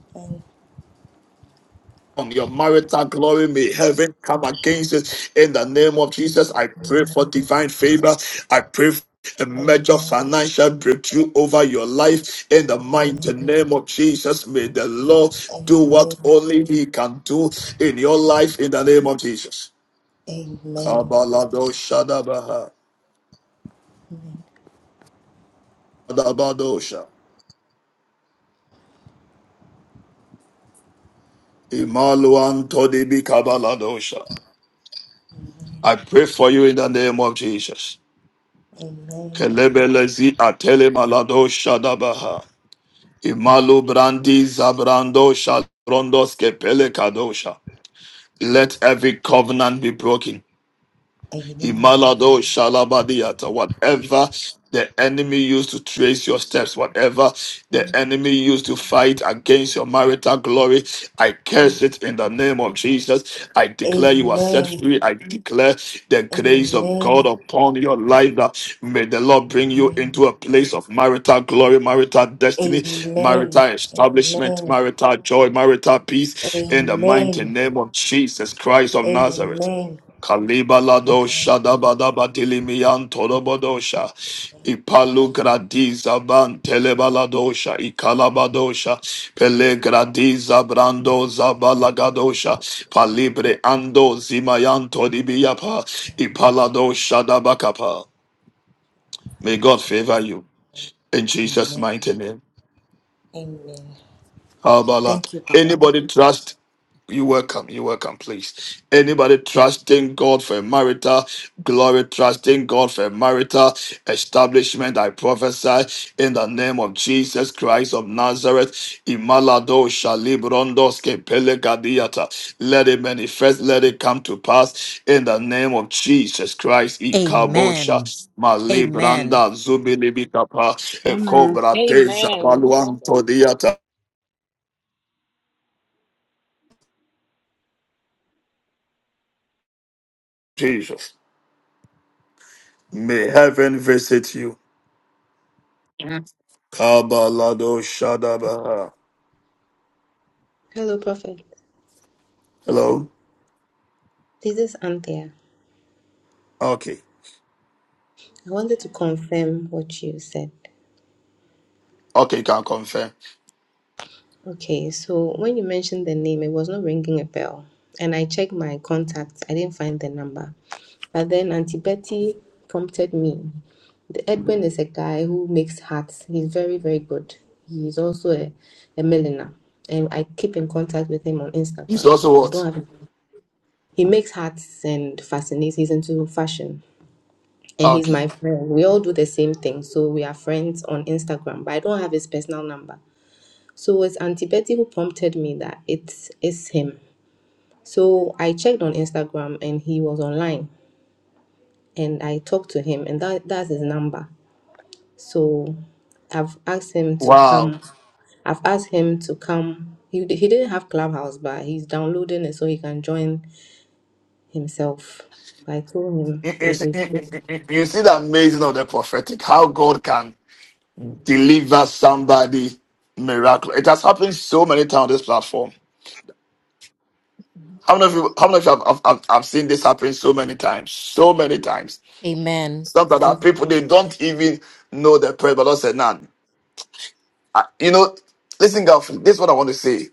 Lord.
on your marital glory. May heaven come against it in the name of Jesus. I pray for
Amen.
divine favor. I pray for a
Amen.
major financial breakthrough over your life in the mighty
Amen.
name of Jesus. May the Lord do what
Amen.
only He can do in your life in the name of Jesus.
Amen.
Kabalado Shadabaha. Dabadosha. Imaluan Todibi Kabaladosha. I pray for you in the name of Jesus.
Amen.
Kelebelezi atele maladosha dabaha. Imalu brandi zabrando shalrondos kepele kadosha. Let every covenant be broken.
Amen.
Imalado Shalabadiata, whatever the enemy used to trace your steps, whatever the enemy used to fight against your marital glory, I curse it in the name of Jesus. I declare you are set
Amen.
free. I declare the grace of God
Amen.
upon your life that may the Lord bring you
Amen.
into a place of marital glory, marital
Amen. Amen.
destiny, marital establishment,
Amen.
marital joy, marital peace in the mighty name of Jesus Christ of Nazareth.
Amen.
Kalibalado Shadabadaba Dilimian Tolobodosha Ipalu Gradiza Ban Telebaladosha Ikalabadosha Pele Gradiza Brando Zabalagadosha Palibre Ando Zimayan Todibiapa Ipalado dabakapa. May God favor you in
Amen.
Jesus'
Amen.
mighty name.
Amen.
Kabbalah.
Thank you, Papa.
Anybody trust You're welcome. You're welcome, please. Anybody trusting God for a marital glory, trusting God for a marital establishment, I prophesy in the name of Jesus Christ of Nazareth. Imalado shalibrondos kepelegadiata. Let it manifest, let it come to pass in the name of Jesus Christ. Ikabosha
Amen. Amen.
malibranda zubilibikapa
Amen.
ekobrate
Amen.
zabaluanto diata. Jesus, may heaven visit you. Kabalado Shadabaha.
Hello, Prophet.
Hello?
This is Anthea.
Okay.
I wanted to confirm what you said.
Okay, can confirm.
Okay, so when you mentioned the name, it was not ringing a bell. And I checked my contacts, I didn't find the number. But then Auntie Betty prompted me. The Edwin is a guy who makes hats. He's very, very good. He's also a, a milliner. And I keep in contact with him on
It's
Instagram.
also
I don't
what?
have He makes hats and fascinates. He's into fashion. And he's
Okay.
my friend. We all do the same thing. So we are friends on Instagram, but I don't have his personal number. So it's Auntie Betty who prompted me that it is him. So I checked on Instagram and he was online and I talked to him and that that's his number. So I've asked him to
Wow.
come. I've asked him to come. He, he didn't have Clubhouse, but he's downloading it so he can join himself. I told
You,
him
you
we,
see,
we've,
you- you- you see the amazing of the prophetic, how God can deliver somebody miracle. It has happened so many times on this platform. How many of you, how many of you have, have, have have seen this happen so many times? So many times.
Amen.
Sometimes
yes,
that people, they don't even know the prayer, but God said, nah, I- you know, listen, girlfriend, this is what I want to say.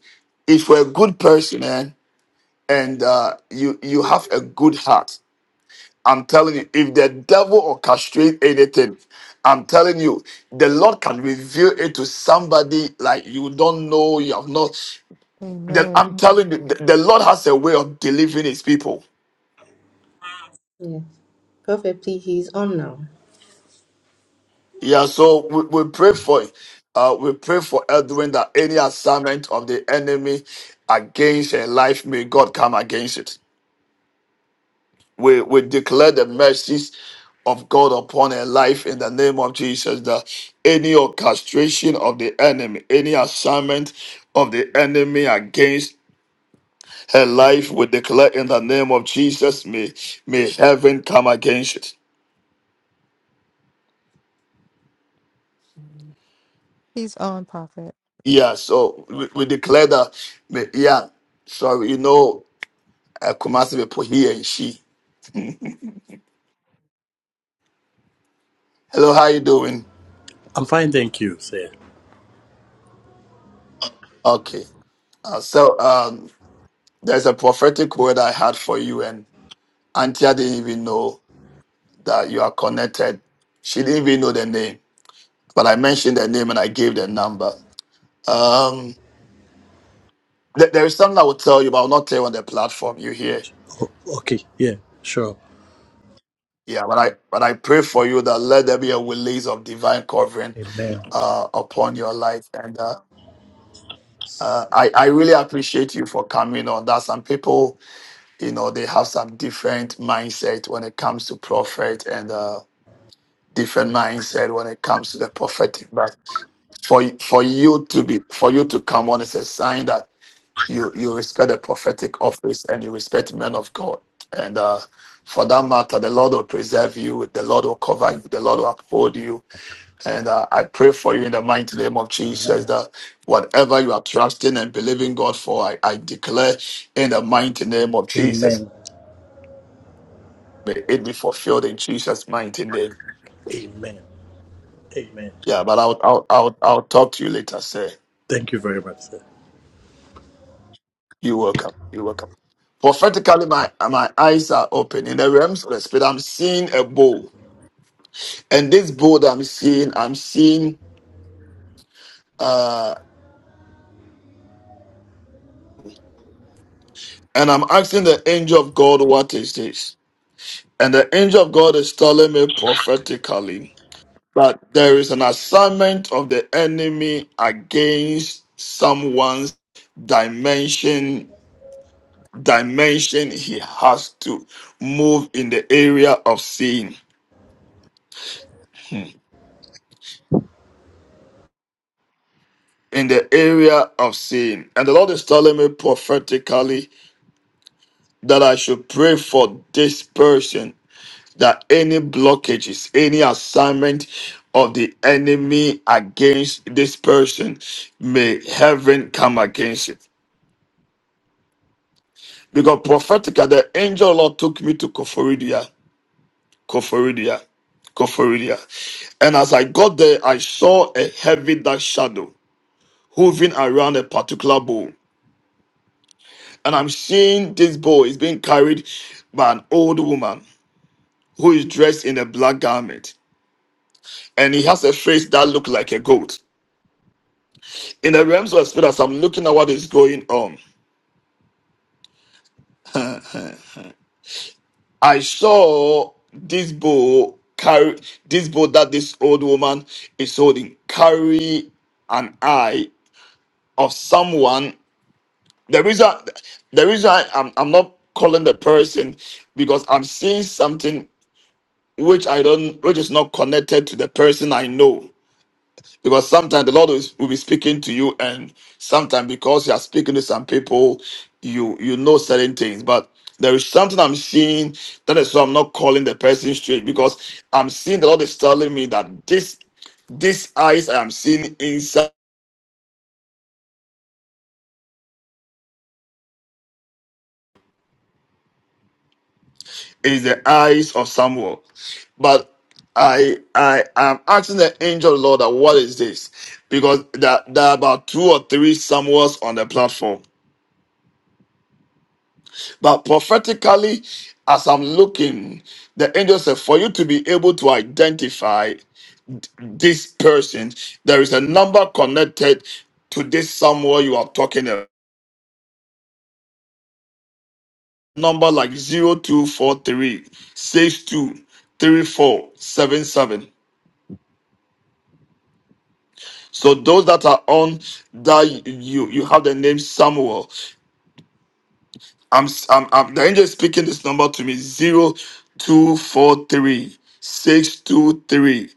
If you're a good person, eh? and uh, you you have a good heart. I'm telling you, if the devil orchestrate anything, I'm telling you, the Lord can reveal it to somebody like you don't know, you have not. That
Amen.
I'm telling you, the, the Lord has a way of delivering His people.
yes. Perfectly, he's on now.
Yeah, so we, we pray for Uh, we pray for Edwin that any assignment of the enemy against her life, may God come against it. We, we declare the mercies of God upon her life in the name of Jesus. That any orchestration of the enemy, any assignment of the enemy against her life, we declare in the name of Jesus, may, may heaven come against it.
He's on, Prophet.
Yeah, so we, we declare that, may, yeah, sorry, you know, I come out to put he and she. Hello, how you doing?
I'm fine, thank you, sir.
Okay. Uh, so um, there's a prophetic word I had for you, and Antia didn't even know that you are connected. She didn't even know the name, but I mentioned the name and I gave the number. Um, th- there is something I will tell you, but I'll not tell you on the platform. You hear?
O- okay, yeah, sure.
Yeah, but I but I pray for you that let there be a release of divine covering
Amen.
uh, upon your life, and uh, uh, I I really appreciate you for coming on. That some people you know they have some different mindset when it comes to prophet, and uh, different mindset when it comes to the prophetic. But for for you to be for you to come on is a sign that you you respect the prophetic office and you respect men of God. And uh, for that matter, the Lord will preserve you. The Lord will cover you. The Lord will uphold you. And uh, I pray for you in the mighty name of Jesus
Amen.
that whatever you are trusting and believing God for, I, I declare in the mighty name of Jesus,
Amen.
may it be fulfilled in Jesus' mighty name.
Amen. Amen.
Yeah, but I'll I'll I'll, I'll talk to you later, sir.
Thank you very much, sir.
You're welcome. You're welcome. Prophetically, my my eyes are open. In the realms of the spirit, I'm seeing a bowl. And this bowl that I'm seeing, I'm seeing uh and I'm asking the angel of God what is this? And the angel of God is telling me prophetically that there is an assignment of the enemy against someone's dimension dimension he has to move in the area of seeing. in the area of sin. And the Lord is telling me prophetically that I should pray for this person that any blockages, any assignment of the enemy against this person, may heaven come against it. Because prophetically, the angel of the Lord took me to Koforidia, Koforidia, Koforidia. And as I got there, I saw a heavy dark shadow hovering around a particular bowl. and I'm seeing this boy is being carried by an old woman who is dressed in a black garment, and he has a face that looks like a goat. In the realms of spirit, as I'm looking at what is going on, (laughs) I saw this bow carry this bow that this old woman is holding carry an eye of someone. The reason the reason I, I'm I'm not calling the person because I'm seeing something which I don't, which is not connected to the person I know. Because sometimes the Lord is, will be speaking to you, and sometimes because you are speaking to some people, you you know certain things. But there is something I'm seeing that is why I'm not calling the person straight because I'm seeing the Lord is telling me that this this eyes I am seeing inside is the eyes of Samuel. But I I am asking the angel Lord that what is this? Because there, there are about two or three Samuels on the platform But prophetically, as I'm looking, the angel said, for you to be able to identify this person, there is a number connected to this somewhere you are talking about. Number like zero two four three six two three four seven seven. So those that are on that you you have the name Samuel, I'm, s- I'm, I'm the angel is speaking this number to me 0243 623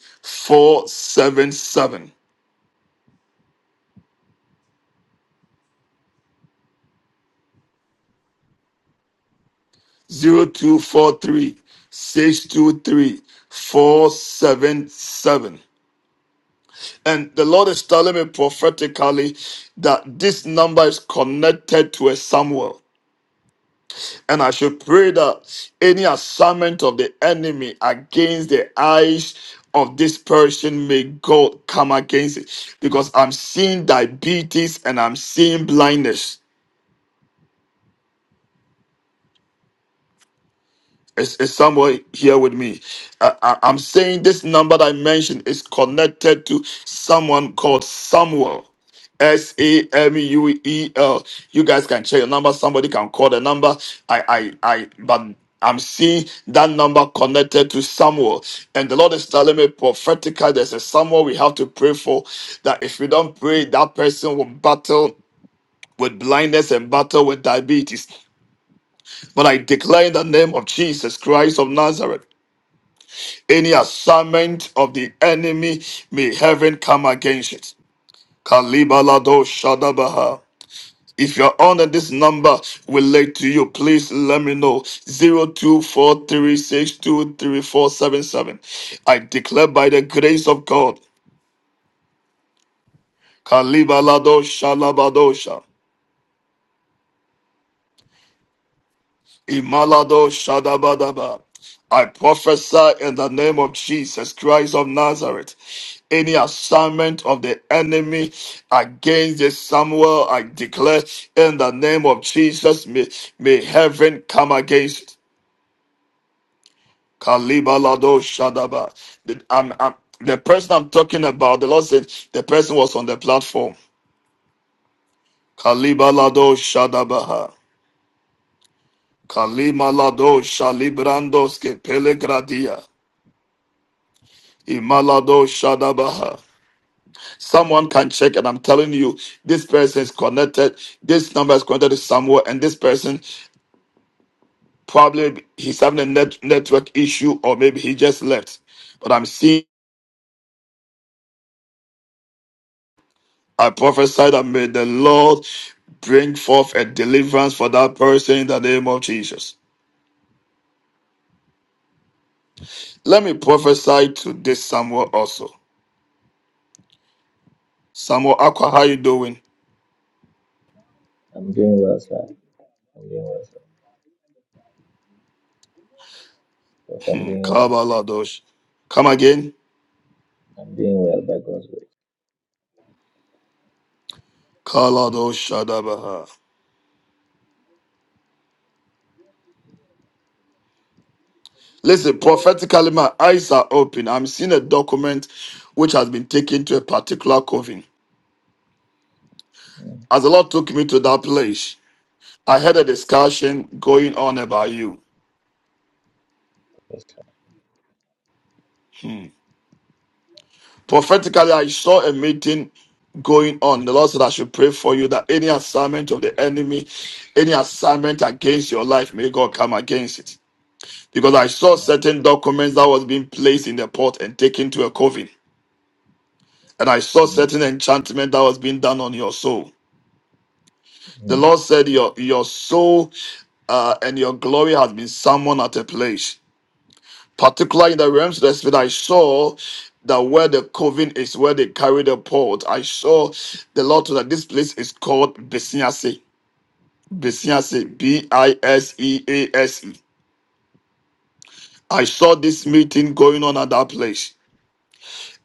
And the Lord is telling me prophetically that this number is connected to a Samuel. And I should pray that any assignment of the enemy against the eyes of this person, may God come against it. Because I'm seeing diabetes and I'm seeing blindness. Is, is someone here with me? I, I, I'm saying this number that I mentioned is connected to someone called Samuel. S A M U E L. You guys can check your number. Somebody can call the number. I, I, I, but I'm seeing that number connected to Samuel. And the Lord is telling me prophetically there's a Samuel we have to pray for. That if we don't pray, that person will battle with blindness and battle with diabetes. But I declare in the name of Jesus Christ of Nazareth. Any assignment of the enemy, may heaven come against it. Kalibalado Shadabaha. If you're on and this number relate to you, please let me know. Zero two four three six two three four seven seven. I declare by the grace of God. Kalibalado Shalabadosha. Imalado Shadabadaba. I prophesy in the name of Jesus Christ of Nazareth. Any assignment of the enemy against this Samuel, I declare in the name of Jesus, may, may heaven come against it. Kalibalado Shadaba. The, I'm- I'm- the person I'm talking about, the Lord said the person was on the platform. Kalibalado Shadabaha. Kalimalado Shalibrandos Pelegradia. Imalado Shadabaha. Someone can check, and I'm telling you, this person is connected. This number is connected to somewhere, and this person probably he's having a net, network issue, or maybe he just left. But I'm seeing, I prophesy that may the Lord bring forth a deliverance for that person in the name of Jesus. Let me prophesy to this Samuel also. Samuel Aqua, how you doing?
I'm doing well, sir. I'm doing well, sir. Prof, I'm
Hmm,
doing well.
Kabaladosh. Come again.
I'm doing well by God's grace.
Kaladosh Shadabaha. Listen, prophetically, my eyes are open. I'm seeing a document which has been taken to a particular coven.
Mm,
As the Lord took me to that place, I had a discussion going on about you.
yes, sir.
Hmm. Prophetically, I saw a meeting going on. The Lord said, I should pray for you that any assignment of the enemy, any assignment against your life, may God come against it. Because I saw
Amen.
certain documents that was being placed in the pot and taken to a coven. And I saw
Mm,
certain enchantment that was being done on your soul. The
mm.
Lord said, Your your soul uh, and your glory has been summoned at a place. Particularly in the realms of the spirit, I saw that where the coven is, where they carry the pot. I saw the Lord told that this place is called Besiase. Besiase, B I S E A S E. I saw this meeting going on at that place.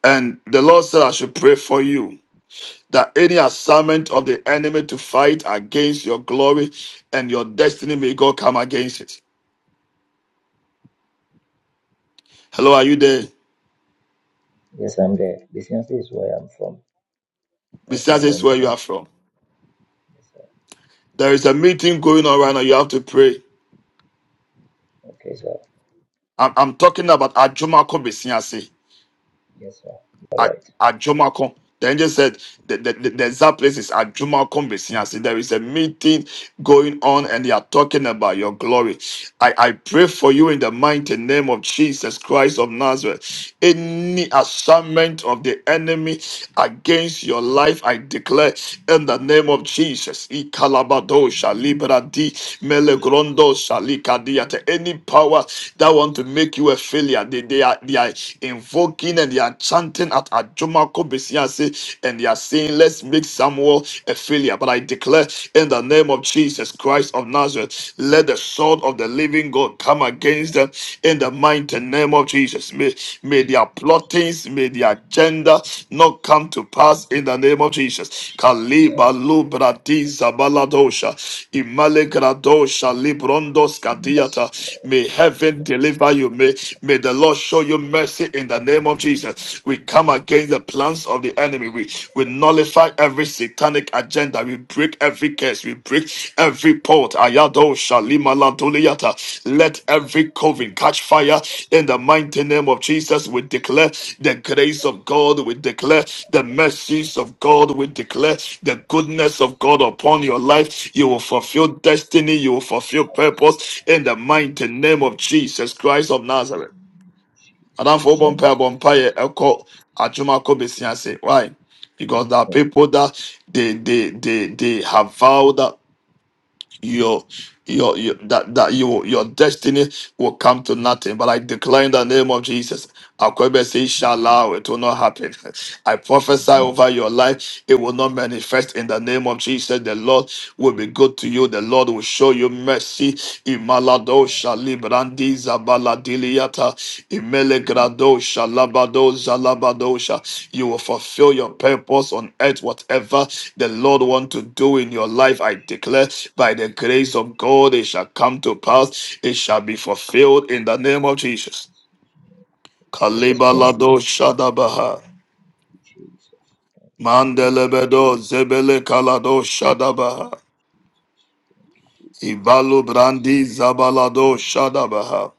And the Lord said, I should pray for you that any assignment of the enemy to fight against your glory and your destiny may God come against it. Hello, are you there?
Yes, I'm there. Bisiansi is where I'm from. That's my
Besides, this where you
hometown.
are from.
Yes, sir.
There is a meeting going on right now. You have to pray.
Okay, sir.
I'm, I'm talking about Ajumako Besiase.
Yes, sir. All
A-
right.
Ajumako. The angel said the, the, the, the exact place is Ajumako Besiase. There is a meeting going on and they are talking about your glory. I, I pray for you in the mighty name of Jesus Christ of Nazareth. Any assignment of the enemy against your life, I declare in the name of Jesus. Ikalabado shalibradi melegrondo shalikadiata. Any power that want to make you a failure, they, they, are, they are invoking and they are chanting at Ajumako Besiase and they are saying, let's make Samuel a failure. But I declare declare in the name of Jesus Christ of Nazareth, let the sword of the living God come against them in the mighty name of Jesus. May, may their plottings, may their agenda not come to pass in the name of Jesus. Kaliba lubrati zabaladosha, imalegradosha librondos
Yes,
kadiata. May heaven deliver you. May, may the Lord show you mercy in the name of Jesus. We come against the plans plans of the enemy. We, we nullify every satanic agenda. We break every curse. We break every port. Ayado Shalima Lantoliata. Let every coven catch fire in the mighty name of Jesus. We declare the grace of God. We declare the mercies of God. We declare the goodness of God upon your life. You will fulfill destiny. You will fulfill purpose in the mighty name of Jesus Christ of Nazareth.
Jesus.
Madamfo
In
wobɔ
the
mpae
name
bɔ mpaeɛ ɛkɔ adwuma kɔ besia say, Why? Because there are
of
people that they they they they have vowed that your your, your that that you your destiny will come to nothing. But I declare in the name of Jesus. Akwebe say inshallah it will not happen. (laughs) I prophesy over your life, it will not manifest in the name of Jesus. The Lord will be good to you. The Lord will show you mercy. Imalado Librandi Zabaladiliata Imele Gradosha Labadosha Labadosha. You will fulfill your purpose on earth, whatever the Lord want to do in your life. I declare by the grace of God, it shall come to pass. It shall be fulfilled in the name of Jesus.
Jesus. Amen.
Kalibalado Shadabaha.
Thank you, Jesus. Thank you, Jesus.
Mandelebedo Zebele Kalado Shadabaha.
Thank you, Jesus.
Ibalu Brandi Zabalado Shadabaha.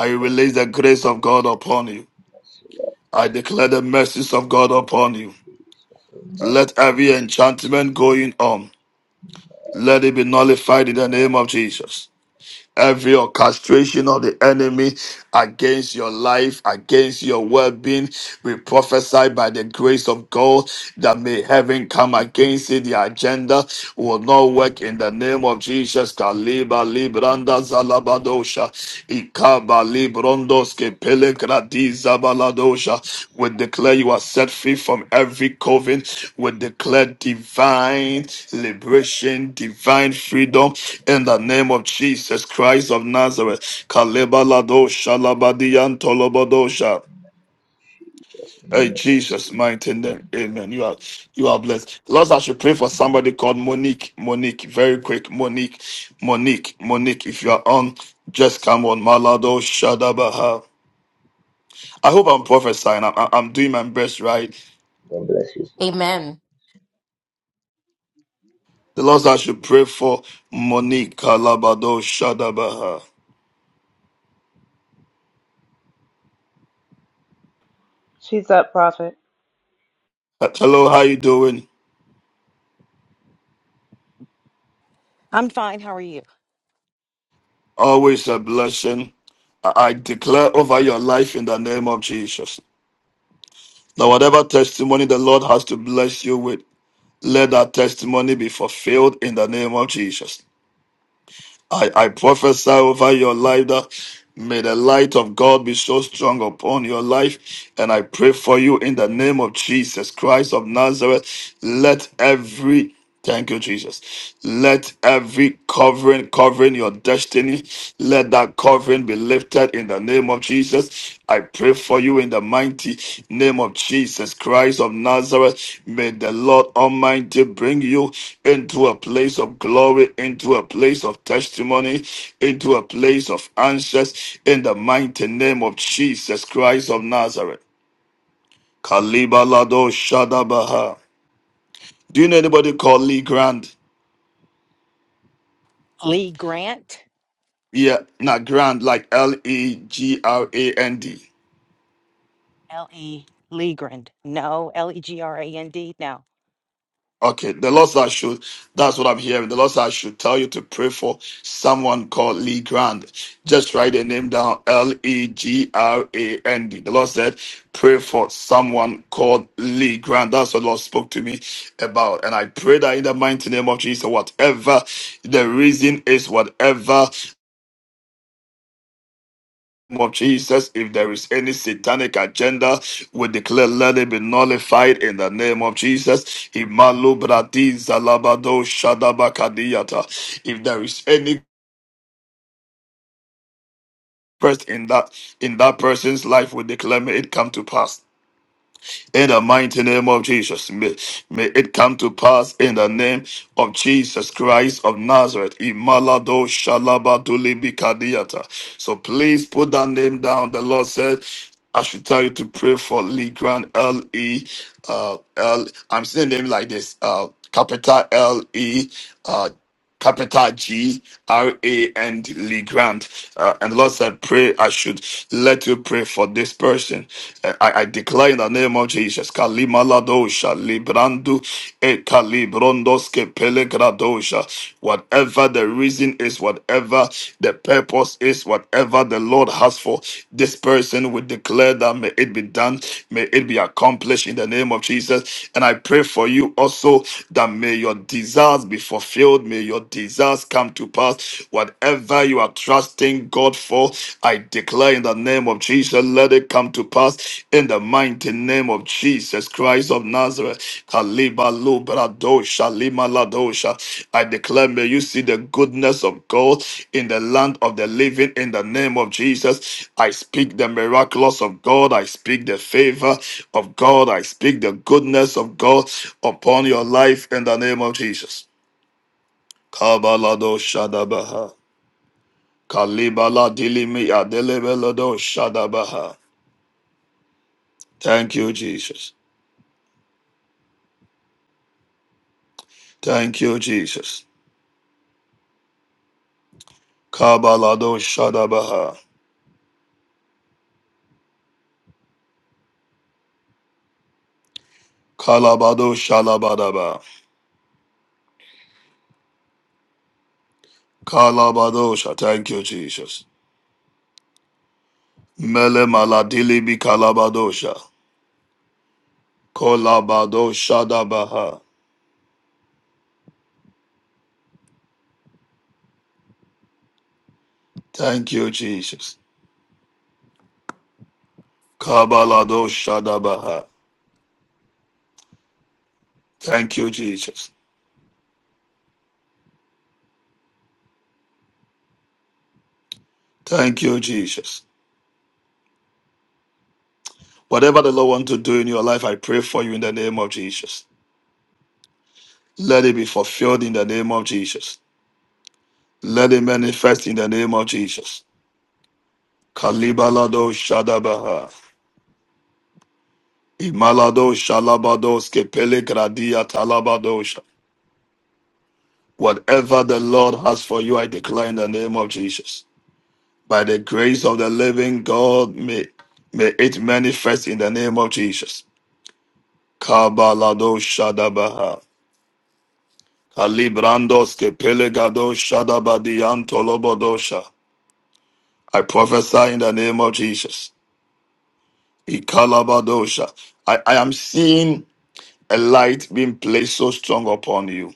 I
that.
release the grace of God upon you.
Yes, Lord.
I declare the mercies of God upon you.
Jesus. Amen.
Let every enchantment going on, let it be nullified in the name of Jesus. Every orchestration of the enemy against your life, against your well being, we prophesy by the grace of God that may heaven come against it. The agenda will not work in the name of Jesus. Kaliba Libranda Zalabadosha, Librondoske pelegradiza baladosha. We declare you are set free from every coven. We declare divine liberation, divine freedom in the name of Jesus Christ of Nazareth. Kaleba ladosha labadiyan tolobodosha.
Jesus. In the
Hey,
name of
Jesus,
Jesus.
mighty name. Amen. You are you are blessed. Lord, I should pray for somebody called Monique. Monique, very quick. Monique, Monique, Monique. If you are on, just come on. Malado Shadabaha. I hope I'm prophesying. I'm, I'm doing my best, right?
God bless you, sir.
Amen.
The Lord said I should pray for Monique Kalabado Shadabaha.
She's up, Prophet.
Uh, Hello, how you doing?
I'm fine. How are you?
Always a blessing. I I declare over your life in the name of Jesus. Now, whatever testimony the Lord has to bless you with, let that testimony be fulfilled in the name of Jesus. I, I prophesy over your life that may the light of God be so strong upon your life. And I pray for you in the name of Jesus Christ of Nazareth. Let every Thank you, Jesus. Let every covering covering your destiny, let that covering be lifted in the name of Jesus. I pray for you in the mighty name of Jesus Christ of Nazareth. May the Lord Almighty bring you into a place of glory, into a place of testimony, into a place of answers in the mighty name of Jesus Christ of Nazareth. Kalibalado Lado Shadabaha. Do you know anybody called Lee Grand?
Lee Grant?
Yeah, not Grand, like L E G R A N D.
L E Lee Grand. No, L E G R A N D. No.
Okay, the Lord said I should. That's what I'm hearing. The Lord said I should tell you to pray for someone called Lee Grand. Just write the name down, L E G R A N D. The Lord said, pray for someone called Lee Grand. That's what the Lord spoke to me about, and I pray that in the mighty name of Jesus, whatever the reason is, whatever name of Jesus, if there is any satanic agenda, we declare let it be nullified in the name of Jesus. Imalu bradi zalabado shadabakadiyata. If there is any person in that in that person's life, we declare may it come to pass. in the mighty name of Jesus. May, may it come to pass in the name of Jesus Christ of Nazareth. Imalado shalabaduli bikadiata. So please put that name down. The Lord said, I should tell you to pray for Lee Grant, L E, uh, L. I'm saying name like this, uh, capital L E. uh, capital G R A and Lee Grant. Uh, and Lord said, Pray, I should let you pray for this person. Uh, I, I declare in the name of Jesus, Kalimaladosha, Librandu, E Kalibrondoske Pelegradosha. Whatever the reason is, whatever the purpose is, whatever the Lord has for this person, we declare that may it be done, may it be accomplished in the name of Jesus. And I pray for you also that may your desires be fulfilled fulfilled. May your desires come to pass. Whatever you are trusting God for, I declare in the name of Jesus, let it come to pass in the mighty name of Jesus Christ of Nazareth. Kaliba lubra dosha, lima la dosha. I declare, may you see the goodness of God in the land of the living in the name of Jesus. I speak the miraculous of God. I speak the favor of God. I speak the goodness of God upon your life in the name of Jesus. Kabalado Shadabaha. Kalibala Dilimi Adelebelado Shadabaha. Thank you, Jesus. Thank you, Jesus. Kabalado Shadabaha. Kalabado Shalabadaba. Kalabadosha. Thank you, Jesus. Mele Maladilibi Kalabadosha. Kolabado Shadabaha. Thank you, Jesus. Kabalado Shadabaha. Thank you, Jesus. Thank you, Jesus. Whatever the Lord wants to do in your life, I pray for you in the name of Jesus. Let it be fulfilled in the name of Jesus. Let it manifest in the name of Jesus. Kalibalado Shadabaha. Imalado Shalabados Kepele Gradia Talabadosha. Whatever the Lord has for you, I declare in the name of Jesus. By the grace of the living God, may, may it manifest in the name of Jesus. Kabalado Shadabaha. Kalibrandos kepelegado shadabadian tolobodosha. I prophesy in the name of Jesus. Ikalabadosha. I, I am seeing a light being placed so strong upon you.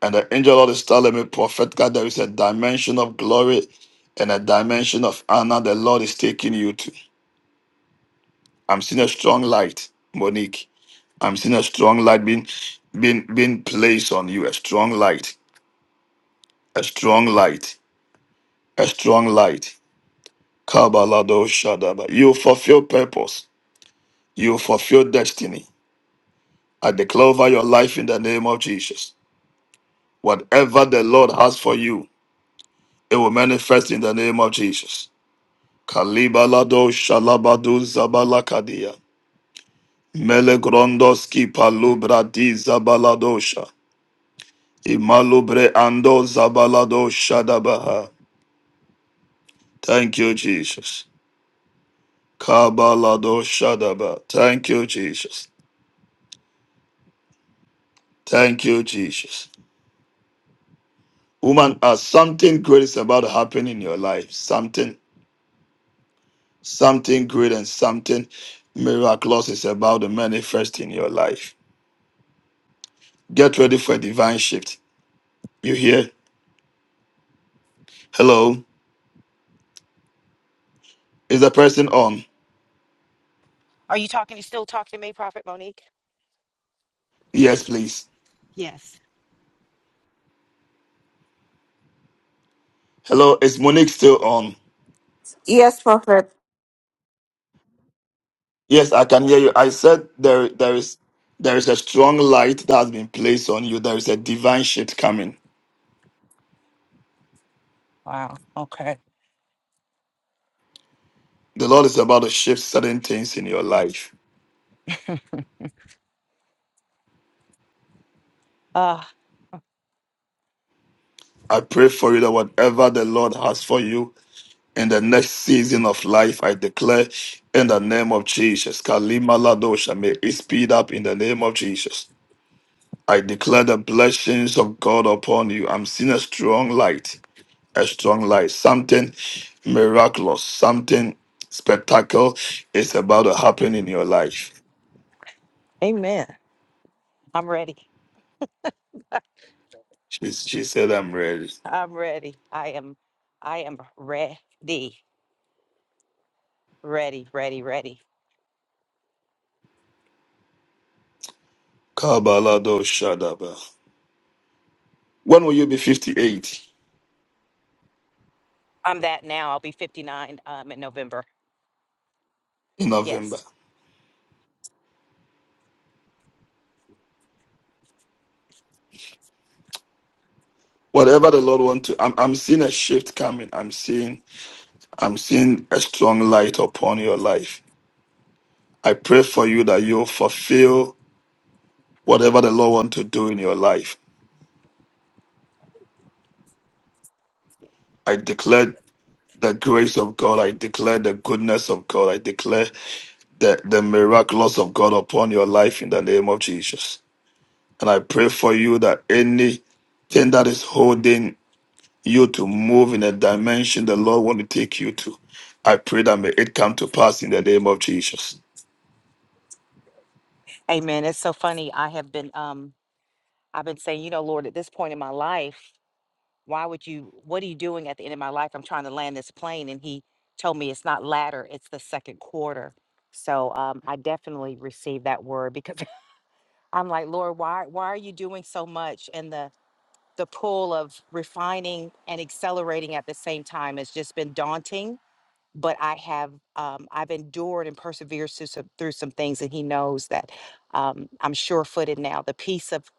And the angel of the star let me prophet God there is a dimension of glory and a dimension of honor the Lord is taking you to. I'm seeing a strong light, Monique. I'm seeing a strong light being being being placed on you. A strong light. A strong light. A strong light. Kabalado Shadaba. You fulfill purpose. You fulfill destiny. I declare over your life in the name of Jesus. Whatever the Lord has for you, it will manifest in the name of Jesus. Kalibalado Shalabadu Zabalakadia. Melegrondoski palubradi Zabaladosha. Imalubre ando Zabalado Shadabaha. Thank you, Jesus. Kabalado Shadaba. Thank you, Jesus. Thank you, Jesus. Woman, uh, something great is about to happen in your life. Something, something great and something miraculous is about to manifest in your life. Get ready for a divine shift. You hear? Hello? Is the person on?
Are you talking? You still talking to me, Prophet Monique?
Yes, please.
Yes.
Hello, is Monique still on?
Yes, prophet.
Yes, I can hear you. I said there, there is, there is a strong light that has been placed on you. There is a divine shift coming.
Wow. Okay.
The Lord is about to shift certain things in your life.
Uh,
I pray for you that whatever the Lord has for you, in the next season of life, I declare in the name of Jesus. Kalima Ladosha, may it speed up in the name of Jesus. I declare the blessings of God upon you. I'm seeing a strong light, a strong light, something miraculous, something spectacle is about to happen in your life.
amen. I'm ready.
She, she said, I'm ready.
I'm ready. I am I am ready. Ready, ready, ready.
Kabalado Shadaba. When will you be 58?
I'm that now. I'll be 59 um in November.
In November.
Yes.
Whatever the Lord want to, I'm, I'm seeing a shift coming. I'm seeing I'm seeing a strong light upon your life. I pray for you that you'll fulfill whatever the Lord wants to do in your life. I declare the grace of God. I declare the goodness of God. I declare the, the miraculous of God upon your life in the name of Jesus. And I pray for you that anything that is holding you to move in a dimension the Lord want to take you to, I pray that may it come to pass in the name of Jesus.
Amen. It's so funny. I have been um I've been saying, you know, Lord, at this point in my life. why would you what are you doing at the end of my life i'm trying to land this plane and he told me it's not ladder it's the second quarter so um, i definitely received that word because (laughs) i'm like lord why why are you doing so much and the the pull of refining and accelerating at the same time has just been daunting but i have um, i've endured and persevered through some, through some things and he knows that um, i'm sure-footed now the peace of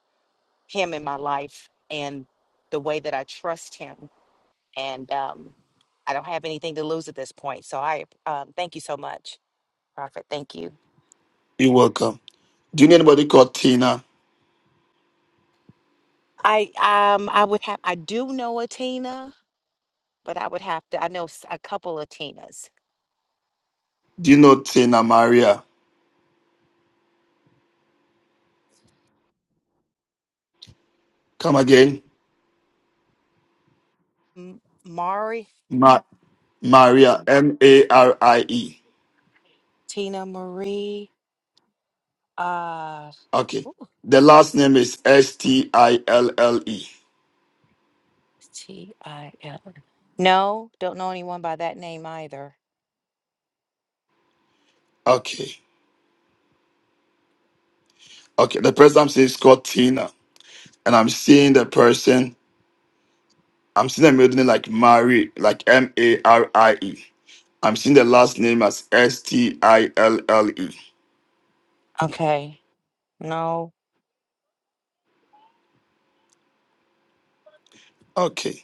him in my life and the way that i trust him and um, I don't have anything to lose at this point. So I um, thank you so much, Prophet. Thank you.
You're welcome. Do you need anybody called Tina?
I um I would have I do know a Tina, but I would have to I know s- a couple of Tinas.
Do you know Tina Maria? Come again.
M- Mari,
Ma- Maria, M A R I E.
Tina Marie, uh
Okay. The last name is S T I L L E.
T I L. No, don't know anyone by that name either.
Okay. Okay. The person I'm seeing is called Tina. And I'm seeing the person, I'm seeing the middle name like Marie, like M A R I E. I'm seeing the last name as S T I L L E.
Okay. No.
Okay.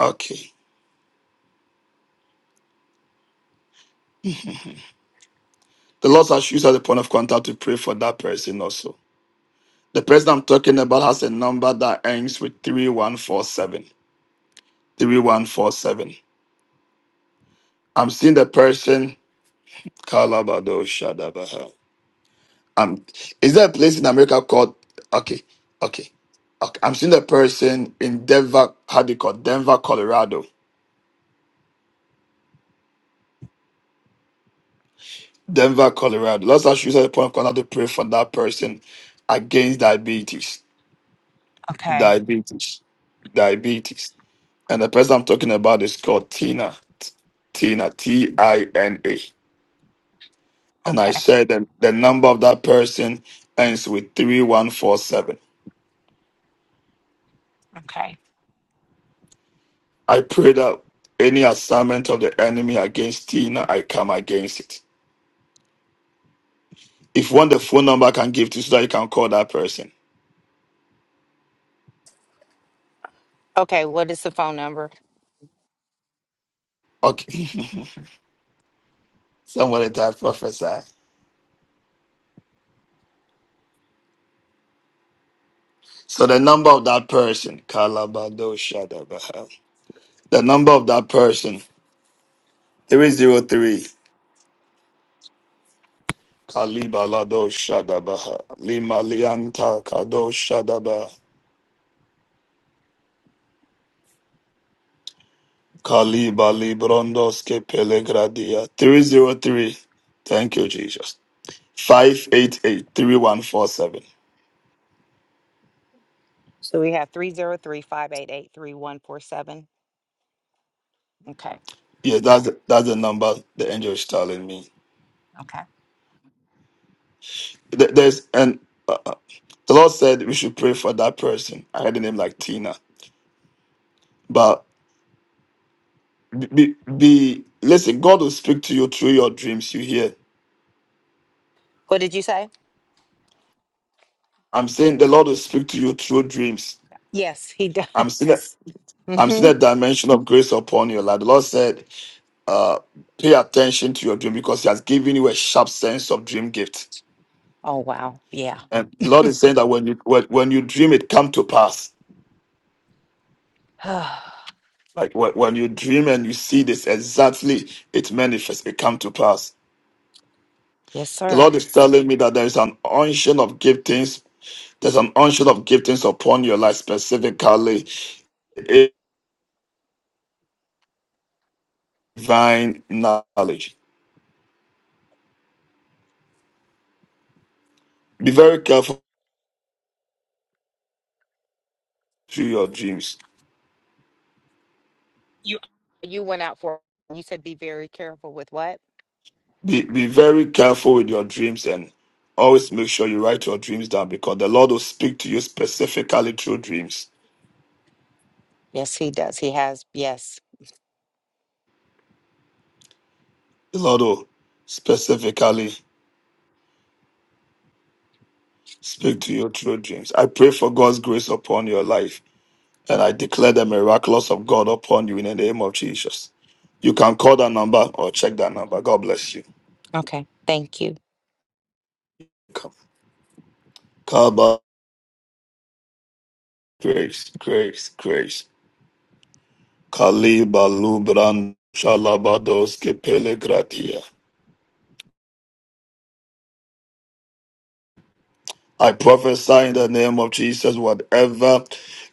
Okay. The Lord has used as a point of contact to pray for that person also. The person I'm talking about has a number that ends with 3147. 3147. I'm seeing the person. Kalabado Shadabaha. Um, is there a place in America called. Okay, okay. okay. I'm seeing the person in Denver, how do you call it? Denver, Colorado. Denver, Colorado. Let's actually use the point of contact to pray for that person against diabetes.
Okay.
Diabetes. Diabetes. And the person I'm talking about is called Tina. T- Tina, T I N A. And I
Okay.
said that the number of that person ends with 3147.
Okay.
I pray that any assignment of the enemy against Tina, I come against it. If you want the phone number, I can give to you so that you can call that person.
Okay, what is the phone number?
Okay. (laughs) Somebody type prophesy. So the number of that person, Kalabado Shadabaha. The number of that person, 303. Kalibalado Shadabaha. Limalianta Kado Shadabaha. Kaliba Librondoske Pelegradia. 303. Thank you, Jesus. Five eight eight three one four seven.
So we have three zero three five eight eight three one four seven. Okay.
3147. Yes, that's the, that's the number the angel is telling me.
Okay.
Th- There's and uh, uh, the Lord said we should pray for that person. I had the name like Tina, but be, be be- listen. God will speak to you through your dreams. You hear?
What did you say?
I'm saying the Lord will speak to you through dreams.
Yes, he does. (laughs)
I'm seeing a, I'm
hmm
seeing a dimension of grace upon your life. The Lord said uh, pay attention to your dream because He has given you a sharp sense of dream gift.
Oh wow, yeah.
And the Lord is saying that when you when, when you dream, it come to pass.
(sighs) yes,
Like when, when you dream and you see this exactly, it manifests, it come to pass. The
sir.
Lord is telling me that there is an unction of giftings. There's an unction of giftings upon your life specifically, divine knowledge. Be very careful through your dreams
You you went out for you said be very careful with what?
Be, be very careful with your dreams and always make sure you write your dreams down because the Lord will speak to you specifically through dreams.
Yes, he does. He has. Yes.
The Lord will specifically speak to you through dreams. I pray for God's grace upon your life and I declare the miraculous of God upon you in the name of Jesus. You can call that number or check that number. God bless you.
Okay. Thank you.
Come. Kaba, grace, grace, grace. Kaliba lubran shalabados kepele gratia. I prophesy in the name of Jesus, whatever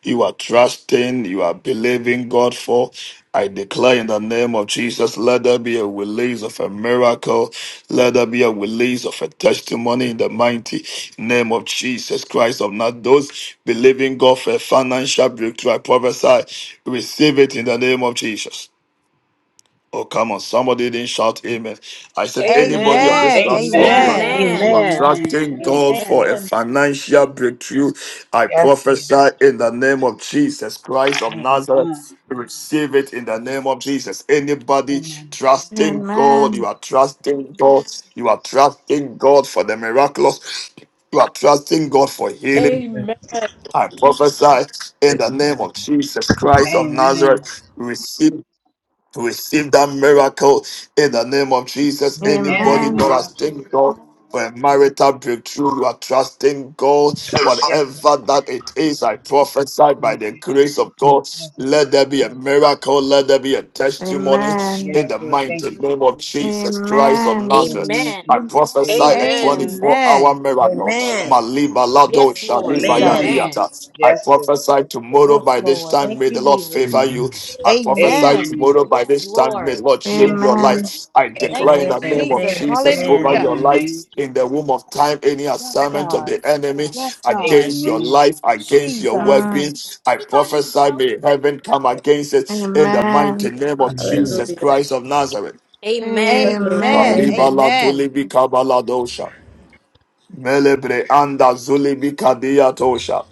you are trusting, you are believing God for. I declare in the name of Jesus, let there be a release of a miracle. Let there be a release of a testimony in the mighty name of Jesus Christ of not those believing God for a financial breakthrough. I prophesy, receive it in the name of Jesus. Oh, come on. Somebody didn't shout amen. I said, anybody on
Amen.
this
Amen.
platform, you are,
Amen.
Amen.
Amen.
you are
Amen.
Amen.
Amen.
trusting God for
Amen.
a
Amen.
financial breakthrough. I
Yes, Lord.
prophesy in the name of Jesus Christ of
Amen.
Nazareth. Receive it in the name of Jesus. Anybody
Amen.
trusting God, you
Amen.
are trusting God. You are trusting God for the miraculous. You are trusting God for healing.
Amen.
Amen.
I prophesy in the name of Jesus Christ of
Amen.
Nazareth. Receive receive that miracle in the name of Jesus.
In the
Anybody
Amen.
name of
trusting
Jesus.
God for a marital breakthrough, you are trusting God,
Yes,
whatever
Lord.
that it is. I prophesy by
Thank
the
you, Jesus.
grace of God,
Yes,
let
Lord.
there be a miracle, let there be a testimony
Amen.
in
Yes,
the
Lord.
mighty
Thank you,
name
Jesus.
of Jesus Christ of
Amen.
In the name of
Nazareth.
Amen.
I
Jesus.
prophesy
Amen.
a
Amen.
24 hour
Amen.
miracle.
Amen.
Maliba Lado
Yes, Lord.
Shaliba
Amen.
Jesus.
Amen.
Amen.
Yadiata. I
Yes, Lord.
prophesy tomorrow
Yes,
by this
Lord.
time,
Thank
may the
you,
Lord
Jesus.
favor you. I prophesy
Amen.
Amen.
tomorrow by
Yes,
this time, may the
Lord.
Lord change
Yes,
your life.
Lord.
Amen.
I
Thank
declare in
you,
Amen.
the name of
Jesus.
Amen.
Jesus over
Amen.
In
Hallelujah.
the
your life,
name of
in the
Jesus.
womb of time, any
Yes,
assignment of
God.
the enemy
Yes, God.
against your
Amen.
life, against your well
Jesus.
Mm.
being. I prophesy, may heaven come against it in the mighty
Amen.
name of Jesus
Hallelujah.
Christ of Nazareth.
Amen.
Hallelujah.
Amen.
Amen.
Kaliba
Amen.
Laduli
Amen.
Bikaba Ladosha. Melebre anda zulibi kadia tosha.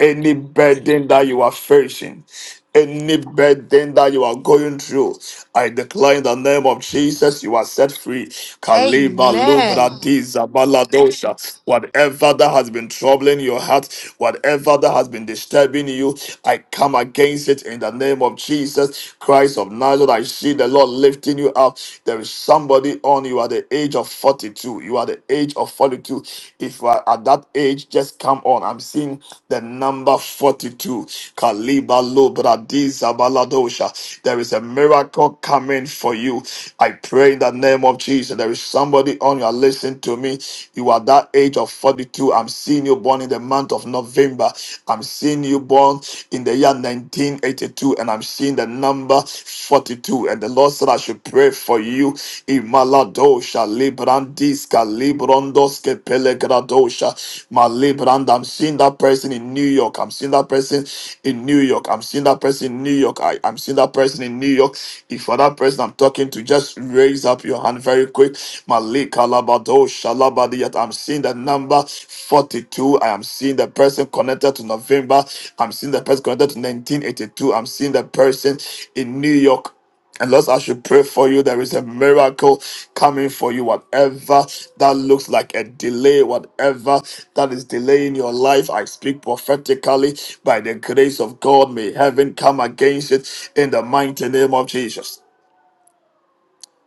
Any burden that you are facing, any burden that you are going through, I declare in the name of Jesus, you are set free. Kaliba
Amen.
lubradiza baladosha. Whatever that has been troubling your heart, whatever that has been disturbing you, I come against it in the name of Jesus Christ of Nazareth. I see the Lord lifting you up. There is somebody on you at the age of 42. You are the age of 42. If you are at that age, just come on. I'm seeing the number 42. Kaliba Lubra Diza Baladosha. There is a miracle coming for you. I pray in the name of Jesus. There is somebody on your listen to me. You are that age of 42. I'm seeing you born in the month of November. I'm seeing you born in the year 1982, and I'm seeing the number 42. And the Lord said, I should pray for you. Imaladosha, Librandiska, Librondoske, Pelegradosha, Malibrand. I'm seeing that person in New York. I'm seeing that person in New York. I'm seeing that person in New York. I, I'm seeing that person in New York. If for that person I'm talking to, just raise up your hand very quick. Malik Alabado Shalabadiyat. I'm seeing the number 42. I am seeing the person connected to November. I'm seeing the person connected to 1982. I'm seeing the person in New York. And Lord, I should pray for you. There is a miracle coming for you. Whatever that looks like a delay, whatever that is delaying your life, I speak prophetically by the grace of God. May heaven come against it in the mighty name of Jesus.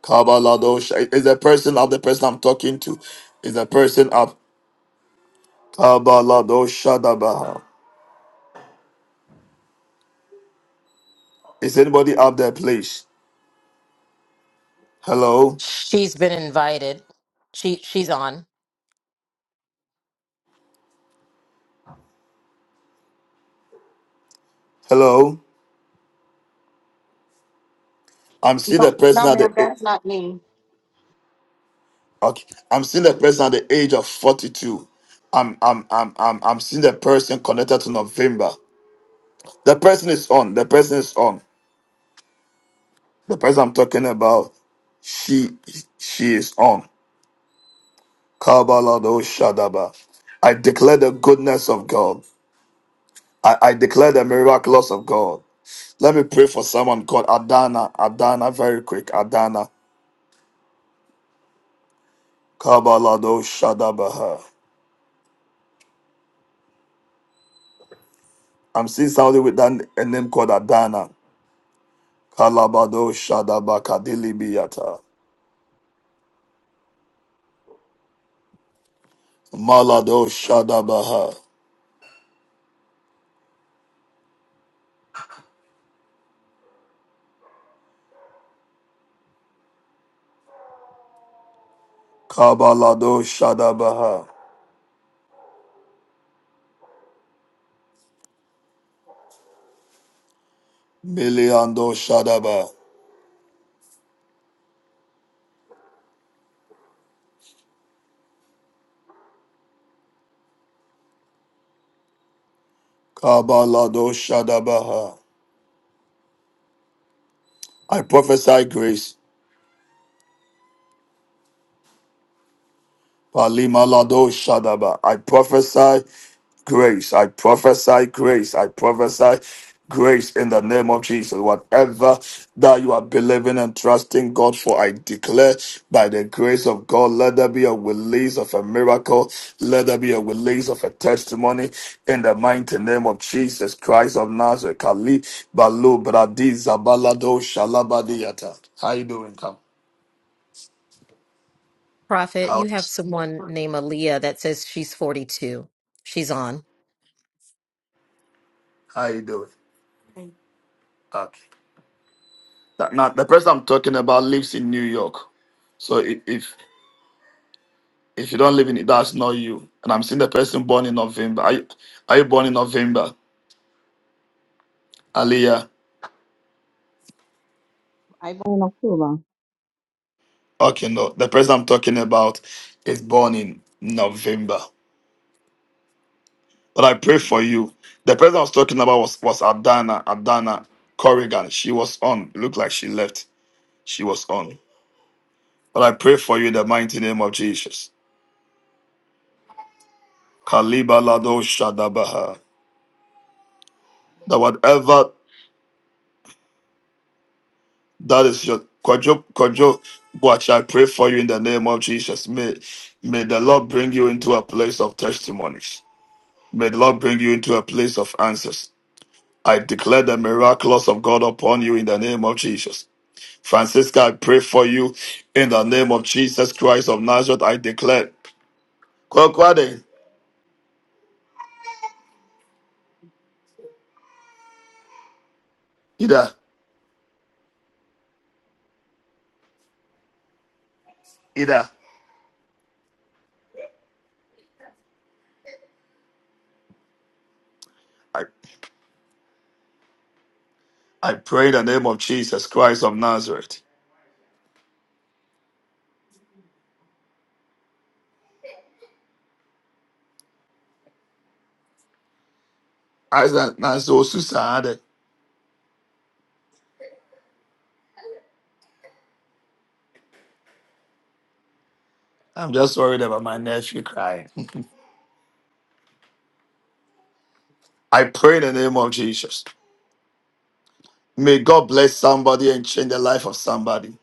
Kabaladosha. Is the person of The person I'm talking to is the person up. Kabaladosha dabaha. Is anybody up there, please? Hello,
She's been invited. She she's on.
hello. I'm still the
No,
person
no,
at
ma'am,
the.
that's not me.
Okay. I'm seeing the person at the age of 42. I'm I'm I'm I'm I'm seeing the person connected to November. The person is on. The person is on. The person I'm talking about, she she is on. Kabalado Shadaba. I declare the goodness of God. I, I declare the miraculous of God. Let me pray for someone called Adana. Adana, very quick. Adana. Kabalado Shadabaha. I'm seeing somebody with that a name called Adana. Kalabado Shadaba Kadilibiata. Malado Shadabaha. Kabalado Shadabaha. Miliando Shadaba. Kabalado Shadabaha. I prophesy grace. Palima shadaba. I prophesy grace. I prophesy grace. I prophesy grace in the name of Jesus. Whatever that you are believing and trusting God for, I declare by the grace of God, let there be a release of a miracle. Let there be a release of a testimony in the mighty name of Jesus Christ of Nazareth. Kali Balu Bradi Zabalado Shalabadiata. How you doing, Tom?
Prophet,
How
you have someone named Aaliyah that says she's 42. She's on.
how you doing? Okay. That- Now, the person I'm talking about lives in New York. So i- if if you don't live in it, that's not you. And I'm seeing the person born in November. Are you, are you born in November, Aliyah?
I born in October.
Okay, no. The person I'm talking about is born in November. But I pray
Okay.
for you. The person I was talking about was was Adana Adana Corrigan. She was on. It looked like she left. She was on. But I pray for you in the mighty name of Jesus. Kaliba Lado Shadabaha. That whatever That is your Kojo Kojo Watch. I pray for you in the name of Jesus. May may the Lord bring you into a place of testimonies. May the Lord bring you into a place of answers. I declare the miraculous of God upon you in the name of Jesus. Francisca, I pray for you in the name of Jesus Christ of Nazareth. I declare. Kwakwade, Ida, Ida. I, I pray in the name of Jesus Christ of Nazareth. Isaac, Nazo, Susan, I'm just worried about my nephew crying. (laughs) I pray in the name of Jesus. May God bless somebody and change the life of somebody.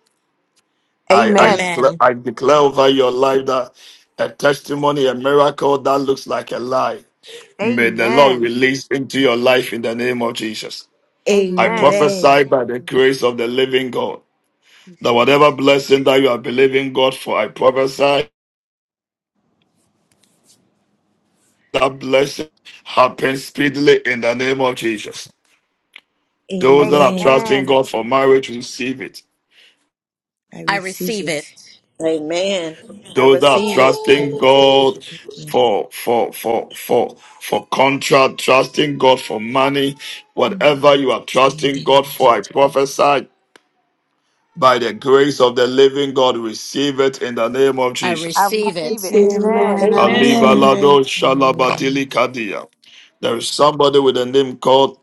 I, I,
Amen.
declare,
Amen.
I declare over your life that a testimony, a miracle that looks like a lie. May the Lord
Amen.
release into your life in the name of Jesus. I
Amen.
prophesy
Amen.
by the grace of the living God that whatever
Jesus.
blessing that you are believing God for, I prophesy that blessing happens speedily in the name of Jesus. Those that are
Amen.
trusting
Amen.
God for marriage, receive it.
I
I
receive
receive it.
it.
Amen. I
those that are
receive it.
Receive
trusting
it in
God
Jesus' name.
for for for for for contract, trusting God for money,
Mm.
whatever you are trusting
Amen.
God for, I
Jesus.
prophesy by the grace of the living God, receive it in the name of
I
I
Jesus.
I
receive it.
receive it.
receive it, Lord.
Amen.
Amen.
I receive
Amen.
Amen.
it.
Alibalado shalabadili
Amen.
kadia. There is somebody with a name called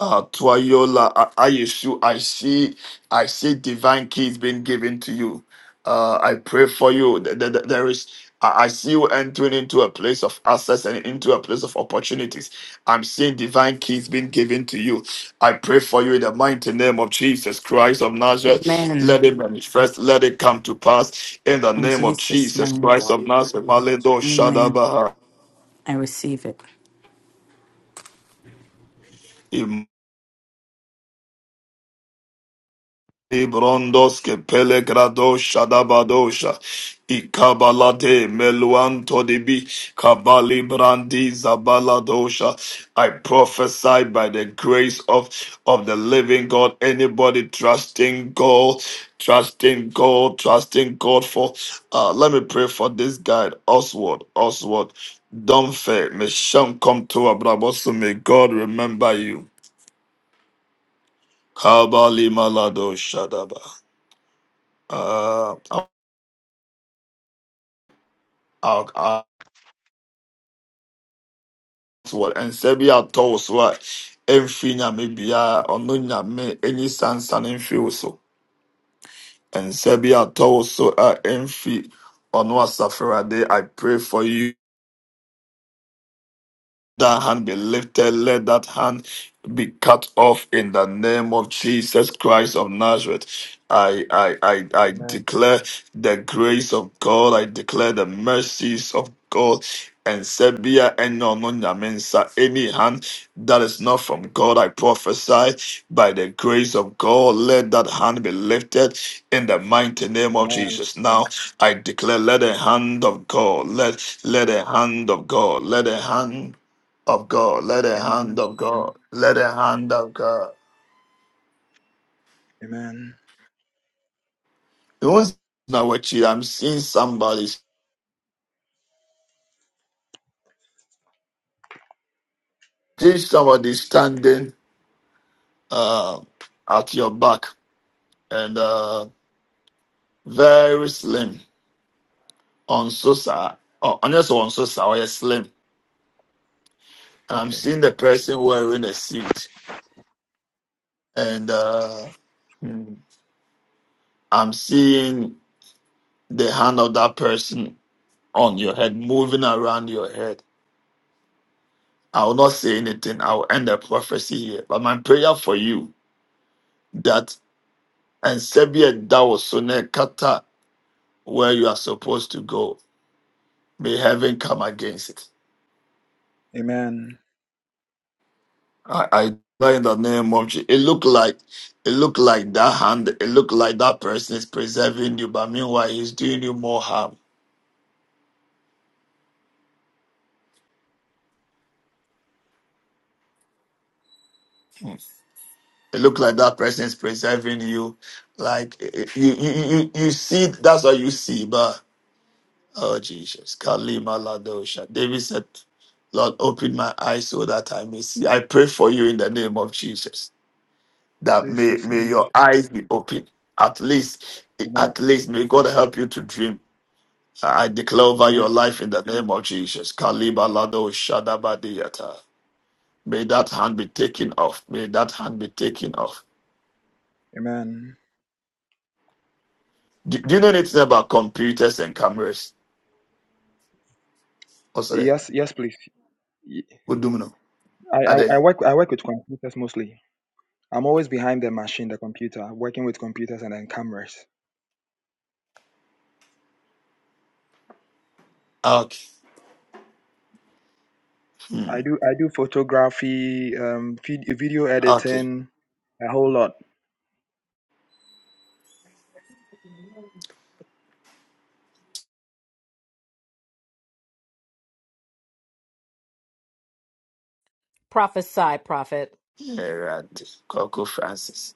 Uh, Twayola, I, Ayesu, I see, I see divine keys being given to you. Uh, I pray for you. Th- th- th- There is, I I see you entering into a place of access and into a place of opportunities. I'm seeing divine keys being given to you. I pray for you in the mighty name of Jesus Christ of Nazareth.
Amen.
Let it manifest. Let it come to pass in the
In
name of
Jesus'
Jesus
name.
Christ of Nazareth. Maledo
Amen.
Shadabaha.
I receive it.
Ibrondos que pelegrados adabadosha ikabalade meluanto dibi kabali brandi zabaladosha. I prophesy by the grace of of the living God. Anybody trusting God, trusting God, trusting God for. Uh, let me pray for this guy, Oswald. Oswald, don't fear. May Shem come to Abrabosu. May God remember you. Kabali malado shadaba. What and nsɛ bi atɔ wo so a ɛmfiri nyame biara ɔno nyame ani sansa no mfiri wo so nsɛ bi atɔ wo so a ɛmfiri ɔno asafo Awurade, i pray for you that hand be lifted, let that hand be cut off in the name of Jesus Christ of Nazareth. I, I, I, I
Amen.
declare the grace of God, I declare the mercies of God. And Sebia and no no any hand that is not from God, I prophesy by the grace of God, let that hand be lifted in the mighty name of
Amen.
Jesus. Now I declare, let the hand of God, let let the hand of God, let the hand of God. Let the
Amen.
hand of God. Let the hand of God.
Amen.
It was not what you. I'm seeing somebody. See somebody standing uh, at your back and uh, very slim on Sosa. Oh, unless on Sosa or you're slim. And I'm
Okay.
seeing the person wearing a suit and uh, hmm, I'm seeing the hand of that person on your head moving around your head. I will not say anything. I will end the prophecy here. But my prayer for you that and Serbia Dawosone Kata where you are supposed to go. May heaven come against it.
Amen.
I, I pray in the name of Jesus. It looked like it looked like that hand, it looked like that person is preserving you, but meanwhile he's doing you more harm. It looked like that person is preserving you. Like eh, eh, you you you, you you see that's what you see, but oh Jesus. Kalima Ladosha. David said Lord, open my eyes so that I may see. I pray for you in the name of Jesus. that may
Jesus'
may
name.
your eyes be open. At least,
Amen.
at least may God help you to dream. I declare over your
Amen.
life in the name of Jesus. Kaliba lado shadabadiyata. May that hand be taken off. May that hand be taken off.
Amen.
Do, do you know anything about computers and cameras? Also, there.
Yes. Yes, please. Y-
What do you know?
I,
Are they?
I, I work I work with computers mostly. I'm always behind the machine, the computer, working with computers and then cameras.
Okay. Hmm.
I do I do photography, um, vid- video
Okay.
editing, a whole lot.
Prophesy, prophet.
Eradi. Coco Francis.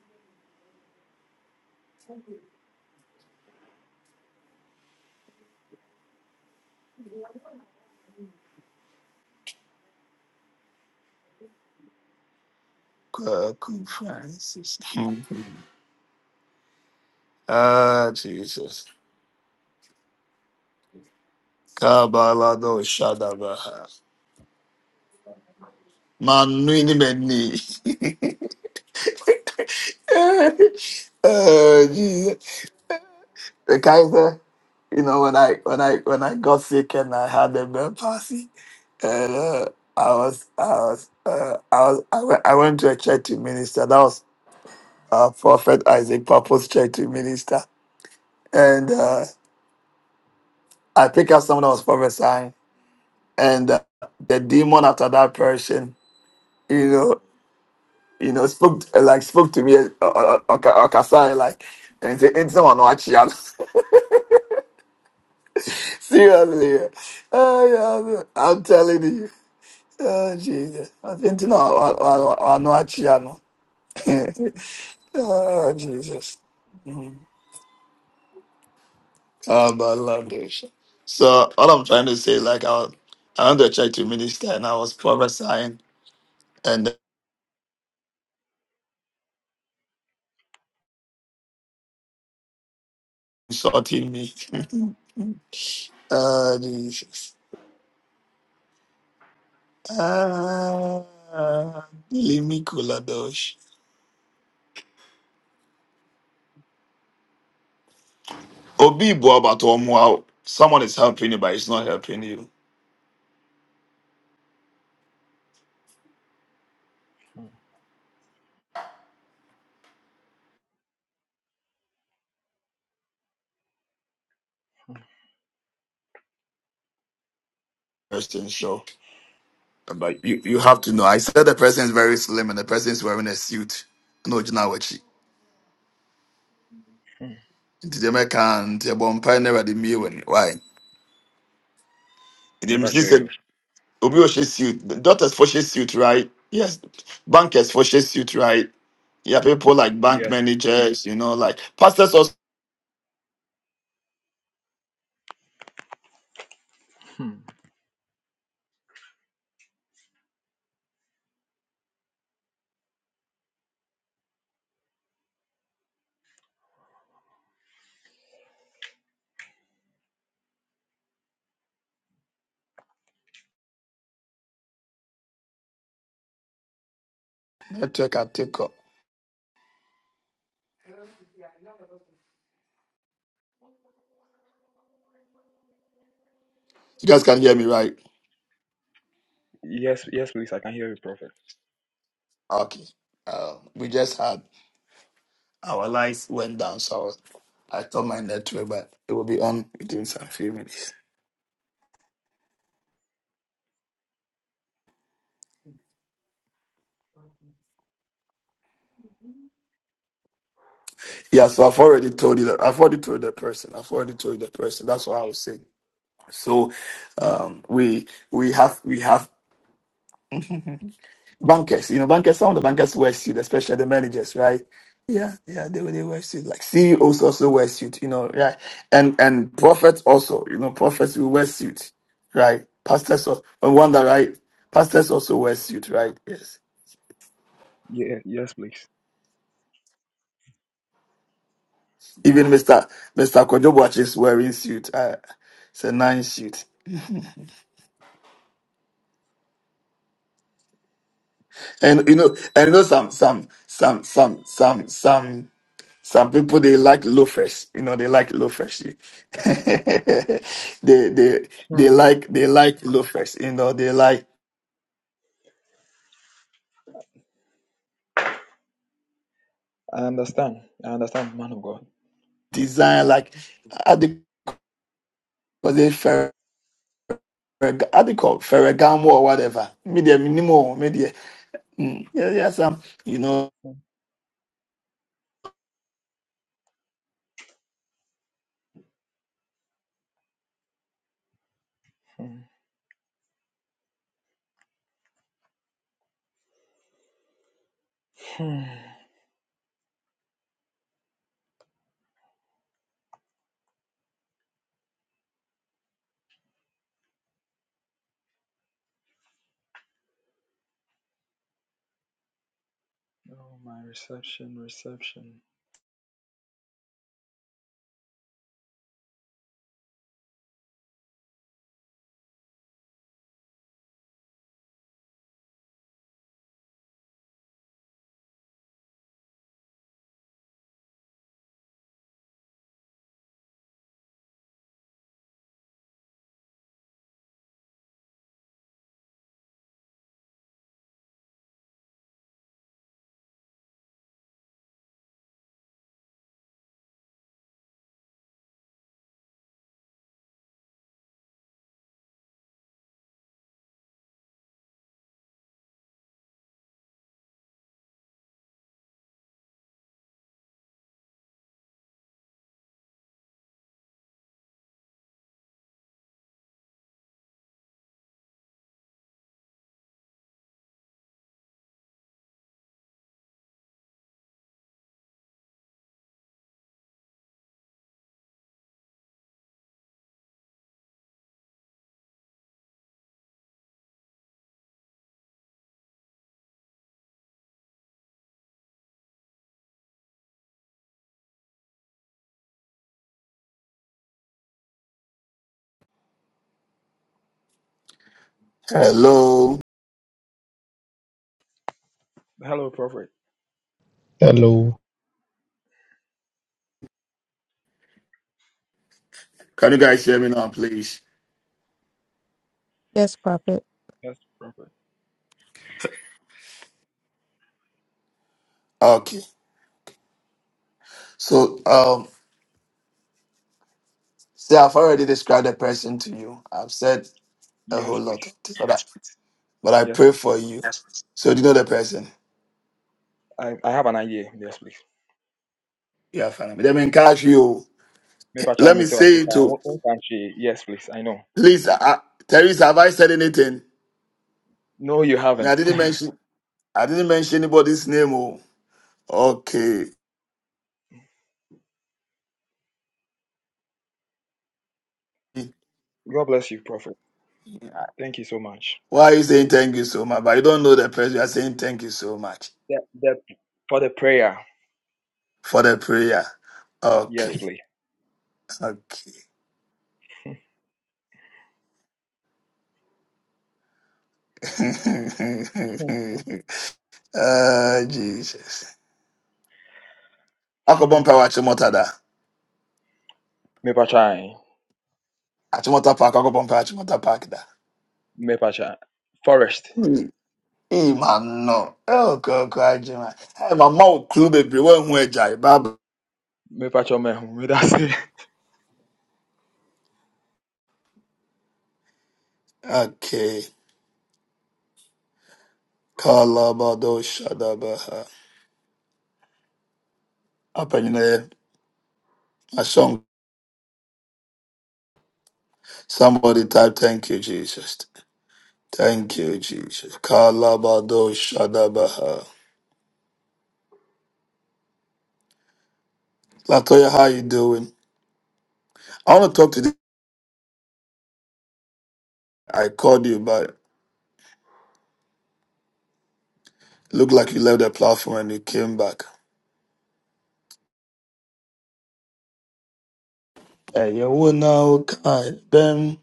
Coco Francis. (laughs) Ah, Jesus. Kabalado Shadabaha. Manuini Benny. (laughs) oh, Jesus. The Kaiser, you know, when I when I when I got sick and I had a bed palsy, and uh, I was I was uh, I was I went, I went to a church to minister. That was uh, Prophet Isaac Purpose Church to minister, and uh, I picked up someone that was prophesying, and uh, the demon after that person, you know. you know, spoke uh, like spoke to me, uh, uh, uh, Oka- Okasai, like, and say, ain't someone watch you." (laughs) Seriously, yeah. Ah, yeah, I'm telling you, oh Jesus, I think no, I, I, I know watch you, no. (laughs) Oh Jesus, Mhm. oh but I love this. So all I'm trying to say, like, I was, I went to church to minister, and I was prophesying, and they insulting me. (laughs) oh Jesus. Ah, Limi Kuladosh. Obi Boabatomo, someone is helping you, but it's not helping you.
Hmm, hmm,
Question show. But you, you have to know. I said the person is very slim and the person is wearing a suit. No, Jinawachi.
hmm.
Nti dɛm ɛka a, nti ɛbɔ mpae na Awurade mmue w'ani. Why? The
Maybe I
mesi
show
sɛ,
you.
obi ɔhyɛ suit. The Doctors for she suit, right? Yes. Bankers for she suit, right? Yeah, people like bank
Yes.
managers, you know, like pastors also
Hmm.
network at take up. You guys can hear me, right?
Yes. Yes, please. I can hear you, Prophet.
Okay. Uh, we just had our lights went down, so I told my network, but it will be on within some few minutes. Yeah, so I've already told you that. I've already told the person. I've already told the person. That's what I was saying. So, um, we we have we have. (laughs) bankers. You know, bankers. Some of the bankers wear suits, especially the managers, right? Yeah, yeah, they they wear suits. Like CEOs also wear suits. You know, right? And and prophets also. You know, prophets will wear suits, right? Pastors also. No wonder, right? Pastors also wear suits, right? Yes.
Yeah. Yes, please.
Even Mister Mister Kojobuachi is wearing suit. Uh, it's a nice suit. And you know, and you know some some some some some some. Some people they like loafers, you know, they like loafers. (laughs) they they they
Hmm.
like they like loafers, you know, they like
I understand. I understand, man of God.
design like how they call they fer how they call Ferragamo or whatever. Media minimal, media. Mm, yeah, yeah, some you know.
Hmm. (sighs) Hmm. oh, my reception, reception.
Hello.
Hello, Prophet.
Hello.
Can you guys hear me now, please?
Yes, Prophet.
Yes, Prophet.
Okay. So um see I've already described the person to you. I've said a whole
Yes,
lot
please.
of things, but I, but I
Yes,
pray
please.
for you. So do you know the person?
I, I have an idea. Yes, please.
Yeah, fine. Let me encourage you.
Maybe I try
Let
and
me
meet her.
say to
What time she, yes, please. I know.
please, uh, uh, Teresa, have I said anything?
No, you
Me, I
haven't.
didn't mention. I didn't mention anybody's name. Oh, okay.
(laughs) God bless you, Prophet. Thank you so much.
Why are you saying thank you so much? But you don't know the person. You are saying thank you so much
The, the, for the prayer.
for the prayer.
Yes,
Okay,
please.
okay. (laughs) Ah, Jesus. Akobompa wa Achimota da.
Maybe I try.
Achimota Park. Akobompa Achimota Park da.
Maybe I try. Forest.
Ee, ma no. Oh, God, God, Jim. Hey, my mouth clue baby. When we jai, Baba.
Maybe I try. Maybe I (laughs) say.
Okay. Kalabado Shadabaha. Up in there. A song. Somebody type, thank you, Jesus. Thank you, Jesus. Kalabado Shadabaha. Latoya, how you doing? I want to talk to you. I called you, but look like you left the platform and you came back. Hey, you will now, Ben.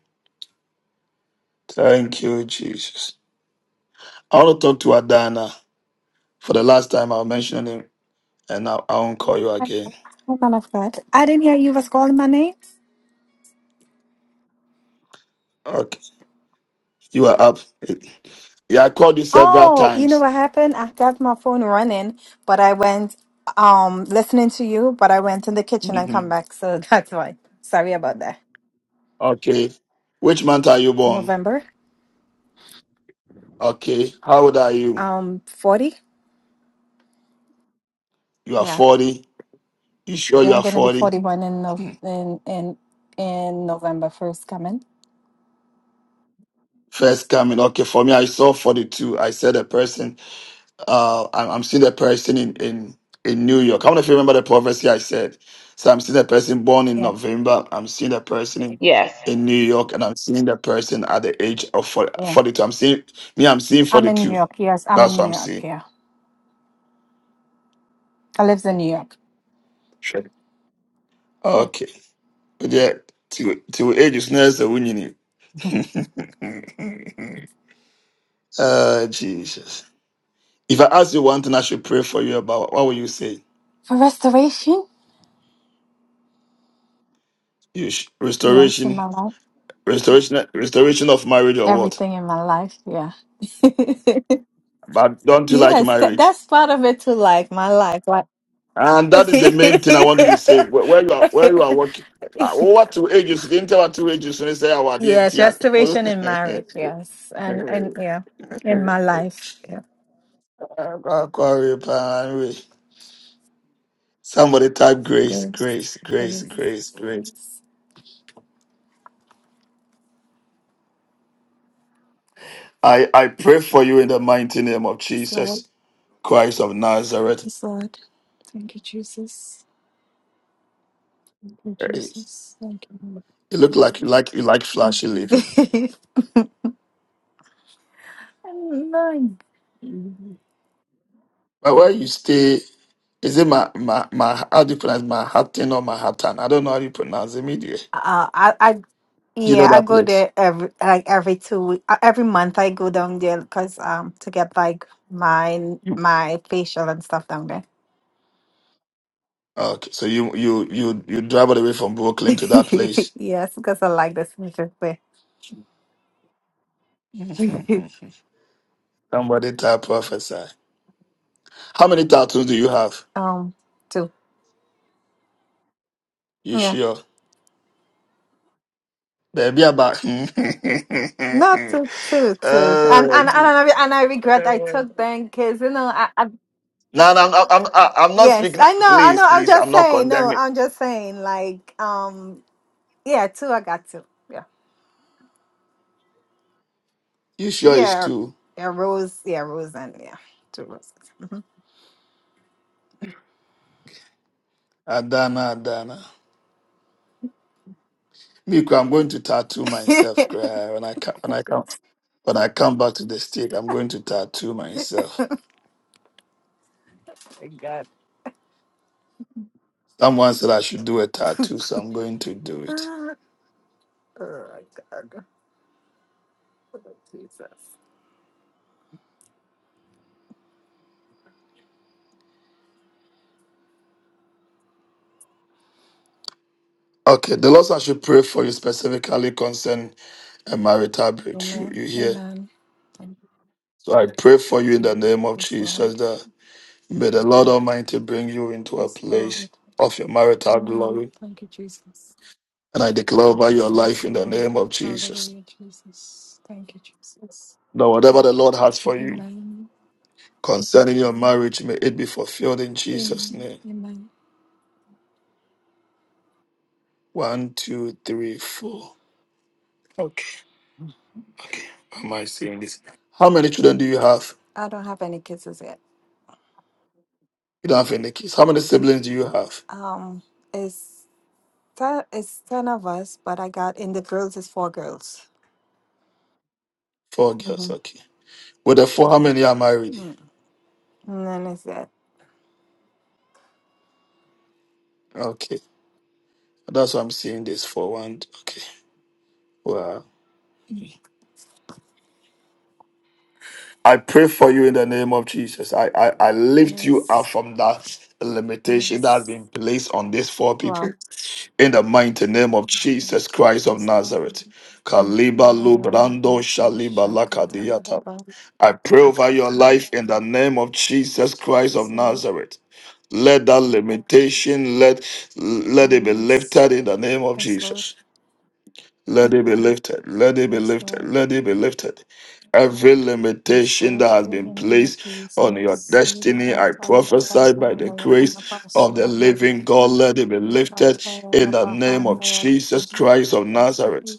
Thank you, Jesus. I want to talk to Adana. For the last time, I'll mention him, and I, I won't call you
Hi,
again.
Man of God. I didn't hear you was calling my name.
Okay, you are up. Yeah, I called you several
Oh, you know
times.
what happened? I got my phone running, but I went um listening to you, but I went in the kitchen and come
Mhm.
back, so (laughs) that's why. Sorry about that.
Okay, which month are you born?
November,
Okay, how old are you?
um, forty.
You are
Yeah,
forty. You sure
yeah,
you
I'm
are
gonna be
forty?
forty-one in Nov in in in November first coming.
First coming. Okay, for me, I saw forty-two. I said a person. uh, I'm, I'm seeing the person in, in, in New York. I don't know if you remember the prophecy I said. So I'm seeing the person born in
Yeah,
November. I'm seeing the person in,
Yes.
in New York, and I'm seeing the person at the age of 40,
yeah.
42. I'm seeing me. I'm seeing
I'm in New
42.
York. Yes, I'm in
That's what
New
I'm
York.
seeing.
Yeah, I live in New York. Yeah,
Okay. But yeah, to to age is not so when you
Mhm.
need. (laughs) Oh Jesus. If I ask you one thing, I should pray for you about. What will you say?
for restoration.
You sh-
Yes, in
restoration,
my life,
restoration, restoration of marriage, or what?
everything in my life. Yeah. (laughs)
But don't you like
Yes, 'ca-
marriage?
that's part of it too, like my life. Like,
And that
(laughs)
is the main thing I want you to say. Where, where you are, where you are working. Ah, oh, what two ages? Didn't tell what two ages when they say our DNT.
yes, restoration in marriage. Yes, and and yeah, in my
(laughs)
life. Yeah,
Somebody type grace,
grace,
grace, grace,
grace,
grace, grace.
grace.
I, I pray for you in the mighty name of
Yes, Lord.
Jesus Christ of Nazareth.
Yes, Lord. Thank you, Jesus. Thank you,
Hey,
Jesus. Thank you.
You look like you like you like flashy living.
Lord. (laughs) Amen.
But where you stay Is it my my my how do you pronounce Manhattan or Manhattan? I don't know how you pronounce it. media.
Uh, I, I
Do you know
Yeah, I
that
go
place?
there every like every two week, uh, every month I go down there because um to get like my my facial and stuff down there.
Okay, so you you you you drive all the way from Brooklyn to that
(laughs)
place.
Yes, because I like the sneakers there.
(laughs)
(laughs)
Somebody type prophesy. How many tattoos do you have?
Um, two.
You
Yeah.
sure? Baby, about. (laughs)
No, two, two, two. And
Uh,
and and I and I regret I took them because you know I, I
no, no, no, I'm, I'm, I'm not
yes
speaking.
I know I
Please,
know I'm
please, I'm
just
not
saying no
condemning.
I'm just saying like um yeah two I got two yeah
You sure it's
yeah
two?
yeah rose yeah rose and yeah two roses. Mm-hmm.
Adana, Adana. Me, I'm going to tattoo myself
Thank
cry, when I come, when I come. When I come back to the state, I'm going to tattoo myself.
God.
Someone said I should do a
(laughs)
tattoo, so I'm going to do it.
oh, my God. Jesus.
Okay, the Lord said I should pray for you specifically concerning a marital breakthrough.
Amen.
You hear?
Amen. Thank you,
So I pray for you in the name of
Jesus,
Jesus
Lord.
that may the Lord Almighty bring you into a
Yes,
place
Lord.
of your marital
Amen.
glory.
Thank you, Jesus.
And I declare over your life
Yes,
in the
Lord.
name of Jesus.
Hallelujah, Jesus. Thank you, Jesus.
That whatever the Lord has for you
Amen.
concerning your marriage, may it be fulfilled in Jesus'
Amen.
name.
Amen.
One, two, three, four. Okay. Okay. How am I seeing this? How many children do you have?
I don't have any kisses yet.
You don't have any kids. How many siblings do you have?
Um, it's ten, it's ten of us, but I got in the girls is four girls.
Four girls.
Mm-hmm.
Okay. With the four, how many are married?
Mm. And then it's it.
Okay. That's why I'm seeing this for one. Okay. Wow. I pray for you in the name of Jesus. I, I, I lift you up
Yes.
from that limitation that has
Yes.
been placed on these four people. in the mighty name of Jesus Christ of Nazareth. Kaliba lubrando shaliba lakadiata. I pray over your life in the name of Jesus Christ of Nazareth. Let that limitation let let it be lifted in the name of Jesus. Let it be lifted. Let it be lifted. Let it be lifted. Every limitation that has been placed on your destiny, I prophesy by the grace of the living God, let it be lifted in the name of Jesus Christ of Nazareth.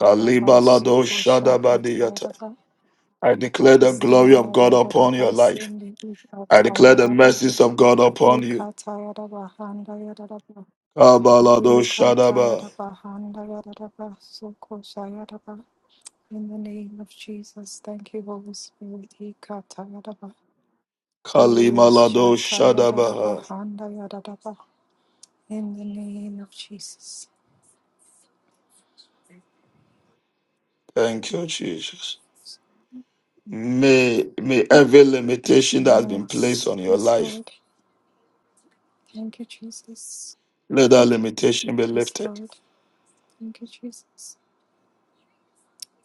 Kalibalado Shadabadiyata. I declare the glory of God upon your life. I declare the mercies of God upon you.
In
Kabalado
the
Shadaba.
name of Jesus, thank you, Holy Spirit. Ikatayaraba.
Kalimalado Shadabaha.
Ushatayarabahandayaraba. In the name of Jesus.
Thank you, Jesus. May, may every limitation that has been placed
Yes,
on your
yes,
life,
Lord. Thank you, Jesus.
let that limitation be
Yes,
lifted.
Lord. Thank you, Jesus.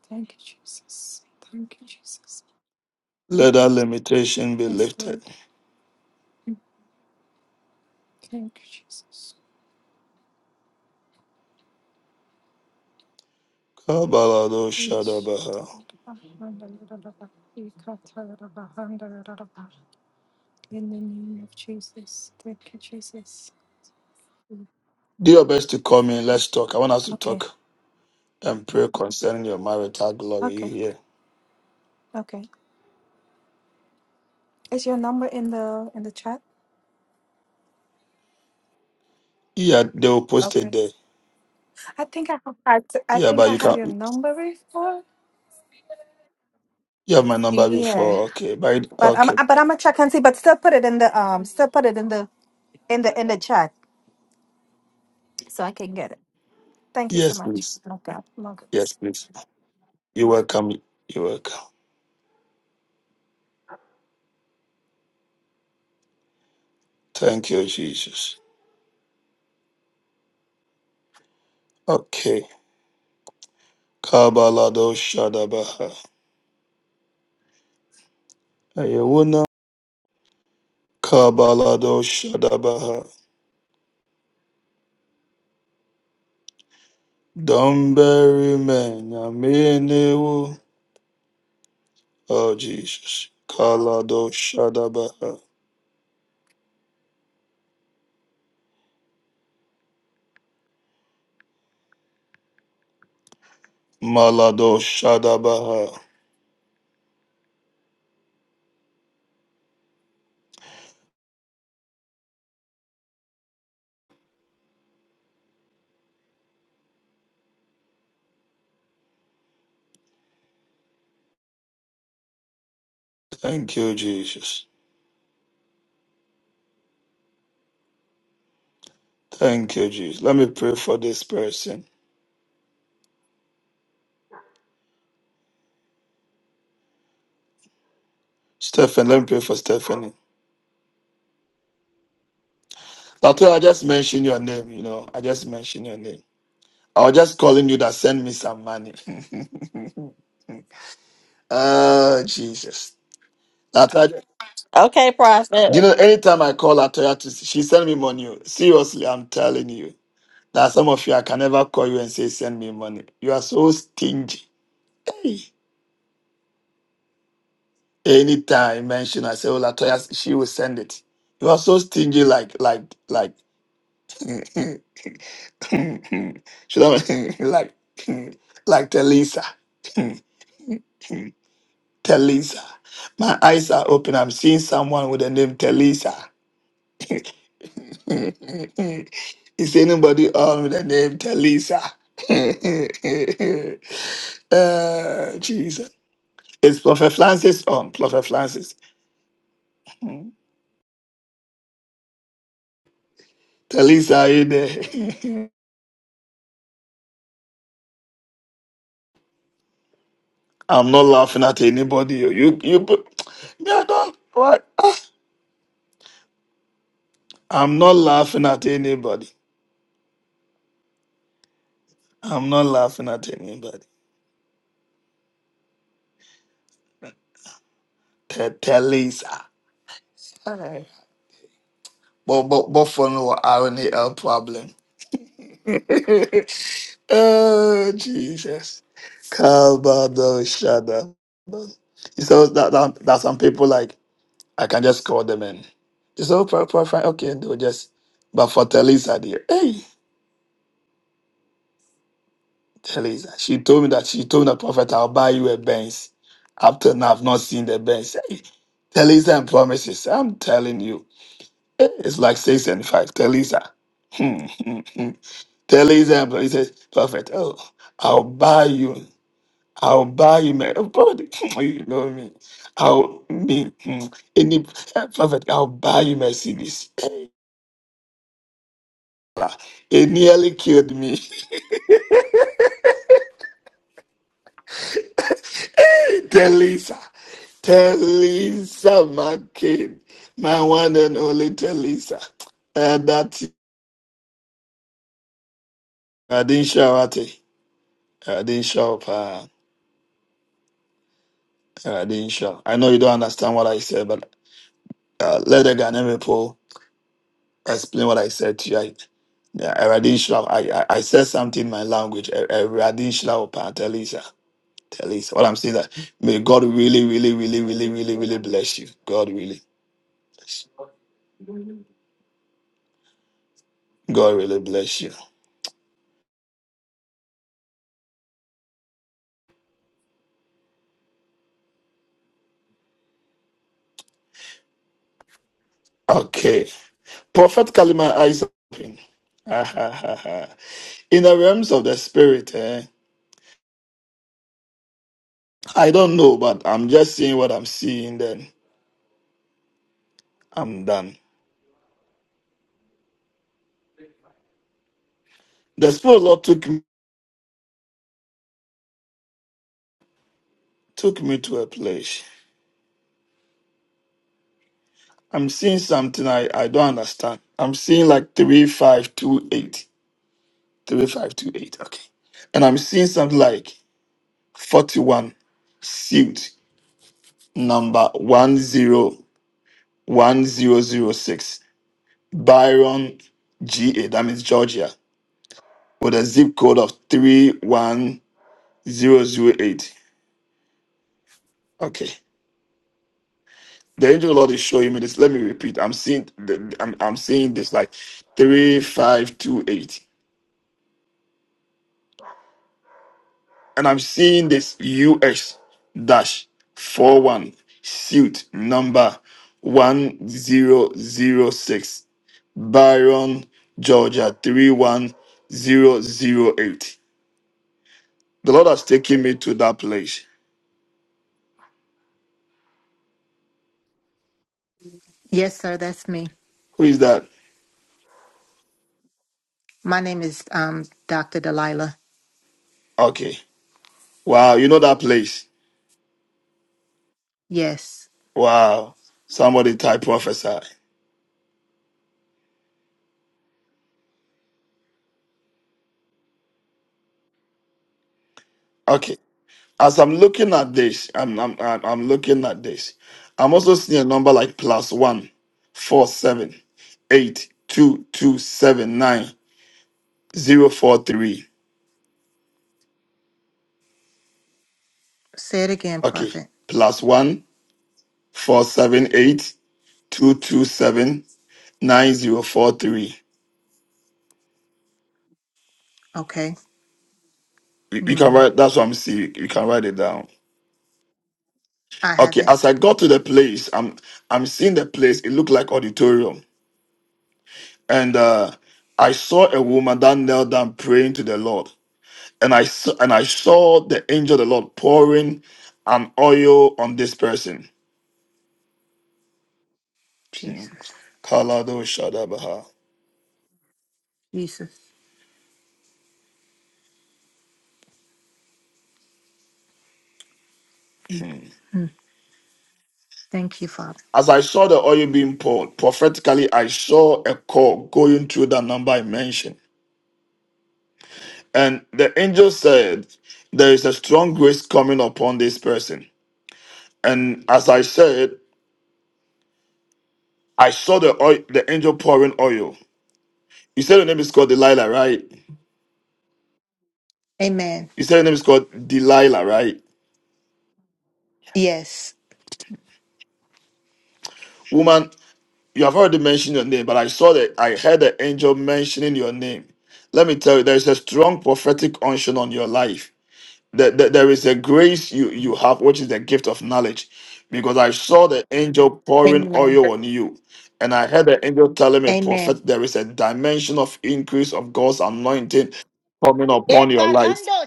Thank you, Jesus. Thank you, Jesus.
Let that limitation be
Yes,
lifted.
Lord. Thank you, Jesus.
Kabalado
Ish,
Shadabaha.
In the name of Jesus. Thank you, Jesus.
Do your best to come in. Let's talk. I want us to
Okay,
talk and pray concerning your marital glory. You
okay,
hear?
okay. Is your number in the in the chat?
Yeah, they will post it
Okay.
there.
I think I I, th- I
Yeah,
think
but
I
you can.
had your number before.
You have my number
Yeah.
before. Okay, but
But I'm
okay.
but I'm gonna check and see, but still put it in the um still put it in the in the in the chat so I can get it. Thank you so
Yes,
much.
please.
Okay. Okay.
Yes, please. You're welcome. You're welcome. Thank you, Jesus. Okay. Kabalado Shadabaha. Ayewuna Kabalado Shadabaha. Don't bury men. Amenewo. Oh Jesus. Kalado Shadabaha. Malado Shadabaha. Thank you, Jesus. Thank you, Jesus. Let me pray for this person. Stephen, let me pray for Stephanie. That's why I just mentioned your name, you know. I just mentioned your name. I was just calling you that send me some money. (laughs) oh, Jesus. That
Okay, prophet.
You know, anytime I call her, tell her to, she send me money. oh. Seriously, I'm telling you. That some of you, I can never call you and say, send me money. You are so stingy. Hey. Anytime I mention, I say, oh, Latoya, she will send it. You are so stingy, like, like, like, (laughs) should I, (laughs) like, (laughs) like Telisa. (laughs) Telisa. My eyes are open. I'm seeing someone with the name Telisa. (laughs) Is anybody on with the name Talisa? (laughs) uh, Jesus. It's Prophet Francis on. Prophet Francis. Mm. Talisa, are you there? (laughs) I'm not laughing at anybody. You, you, you put- (tsk) yeah, don't, what? Ah, I'm not laughing at anybody. I'm not laughing at anybody. Te- Talisa. But, but, but for no, I only problem. (laughs) oh Jesus. Calvado Shada. So that, that that some people like I can just call them in. it's all proper fine. Okay, they'll just but for Telisa dear. Hey Telisa. She told me that she told the prophet I'll buy you a Benz. After now I've not seen the Benz. Hey, Telisa and promises. I'm telling you. eh, It's like six and five. Telisa. Hmm. (laughs) and he says, Prophet, oh, I'll buy you. I'll buy him a God, (laughs) you know me. I'll me mm, any (laughs) prophet, I'll buy you Mercedes. (laughs) It nearly killed me. (laughs) Tell Lisa. Tell Lisa, my kid. My one and only tell Lisa. And that I didn't show at it. I didn't show up. Uh, I didn't show. I know you don't understand what I said, but uh, let the Ghanaian people. explain what I said to you. I, yeah, Eradin Shlau- I, I, I said something in my language. E- Eradin Shlau Pa Telisa. Telisa. What I'm saying is that may God really, really, really, really, really, really bless you. God really, God really bless you. Okay. Prophetically, my eyes are open. Ah, ha, ha, ha. (laughs) in the realms of the spirit, eh, I don't know, but I'm just seeing what I'm seeing. Then I'm done. The spirit of the Lord took me, took me to a place. I'm seeing something I, I don't understand. I'm seeing like 3528. 3528, okay. And I'm seeing something like 41 suit number 101006, Byron, GA, that means Georgia, with a zip code of 31008. Okay. The angel of the Lord is showing me this. Let me repeat. I'm seeing the, I'm, I'm seeing this like 3528. and I'm seeing this US dash four one suit number 1006 Byron, Georgia 31008. The Lord has taken me to that place.
Yes, sir, that's me.
Who is that?
My name is um, Dr. Delilah.
Okay. Wow, you know that place.
Yes.
Wow. Somebody type prophesy. Okay. as I'm looking at this, I'm I'm I'm I'm looking at this. I'm also seeing a number like plus one, four, seven, eight, two, two, seven, nine, zero, four, three.
Say it again,
Okay,
Prophet.
plus one, four, seven, eight, two, two, seven, nine, zero, four, three.
Okay.
We, we can
Hmm.
write. That's what I'm seeing. We can write it down.
I have
Okay,
it.
as I got to the place, I'm I'm seeing the place. It looked like auditorium, and uh, I saw a woman that knelt down praying to the Lord and I s- and I saw the angel of the Lord pouring an oil on this person. Mm.
Jesus.
Kalado Shadabaha.
Jesus.
Mm.
Hmm. Thank you, Father.
As I saw the oil being poured, prophetically I saw a call going through that number I mentioned. And the angel said, There is a strong grace coming upon this person. And as I said, I saw the oil, the angel pouring oil. You said your name is called Delilah, right?
Amen.
You said your name is called Delilah, right?
Yes.
Woman, You have already mentioned your name, but I saw that I heard the angel mentioning your name. Let me tell you, there is a strong prophetic unction on your life. That that there is a grace you, you have, which is the gift of knowledge. Because I saw the angel pouring
Amen.
oil on you. And I heard the angel telling me,
Amen.
prophet, there is a dimension of increase of God's anointing coming upon your life
Ekarando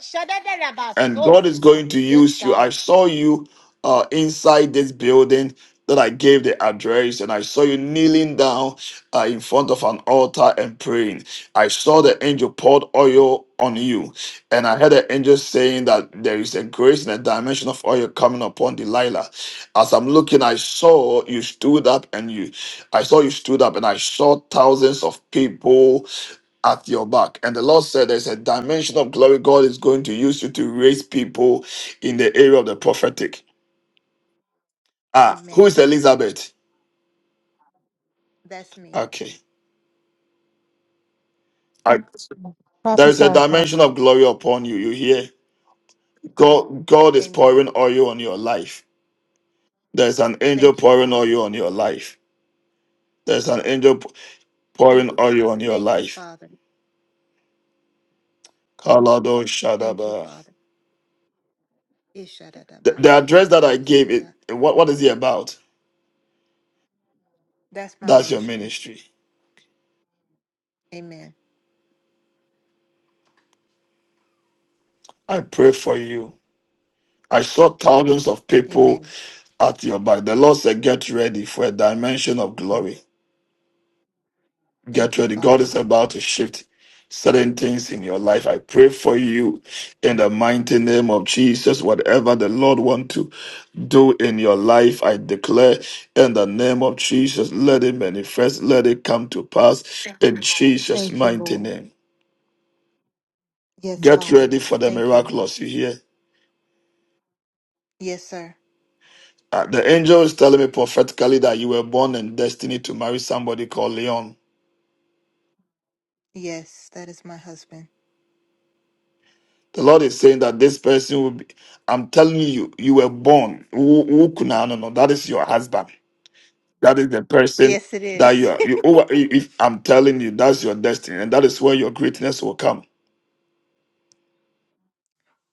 and
shadadadabaso.
God is going to
Yes,
use you. I
God.
saw you uh, inside this building that I gave the address, and I saw you kneeling down uh, in front of an altar and praying. I saw the angel poured oil on you, and I heard the angel saying that there is a grace and a dimension of oil coming upon Delilah. As I'm looking, I saw you stood up, and you, I saw you stood up, and I saw thousands of people at your back. And the Lord said there's a dimension of glory God is going to use you to raise people in the area of the prophetic. Ah, who is
Amen.
Elizabeth?
That's me.
Okay. I, there is a
Prophesy,
dimension of glory upon you. You hear? God God is pouring
Amen.
oil on your life. There's an angel
Thank you,
pouring
Father.
oil on your life. There's an angel p- pouring oil on your
Thank you,
life.
Father.
Kalado
Thank you,
Shadaba.
Father.
The, the address that I gave it
Ishadadabasukarabasia.
what, what is it about?
That's my
That's your
ministry.
ministry.
Amen.
I pray for you I saw thousands of people
Amen.
at your back. The Lord said, Get ready for a dimension of glory.
Thank
Get
you,
ready. God
Father.
is about to shift certain things in your life. I pray for you in the mighty name of Jesus. Whatever the Lord wants to do in your life, I declare in the name of Jesus, let it manifest, let it come to pass in Jesus'
Thank you,
mighty
Lord.
name.
Yes,
Get
Father.
ready for the
Thank you, Lord.
miraculous, you hear?
Yes, sir.
Uh, the angel is telling me prophetically that you were born in destiny to marry somebody called Leon.
Yes, that is my husband.
The Lord is saying that this person will be, I'm telling you, you were born. Wo- wo kuna no no, That is your husband. That is the person
Yes, it
that you
is.
are. You, oh, if I'm telling you, that's your destiny. And that is where your greatness will come.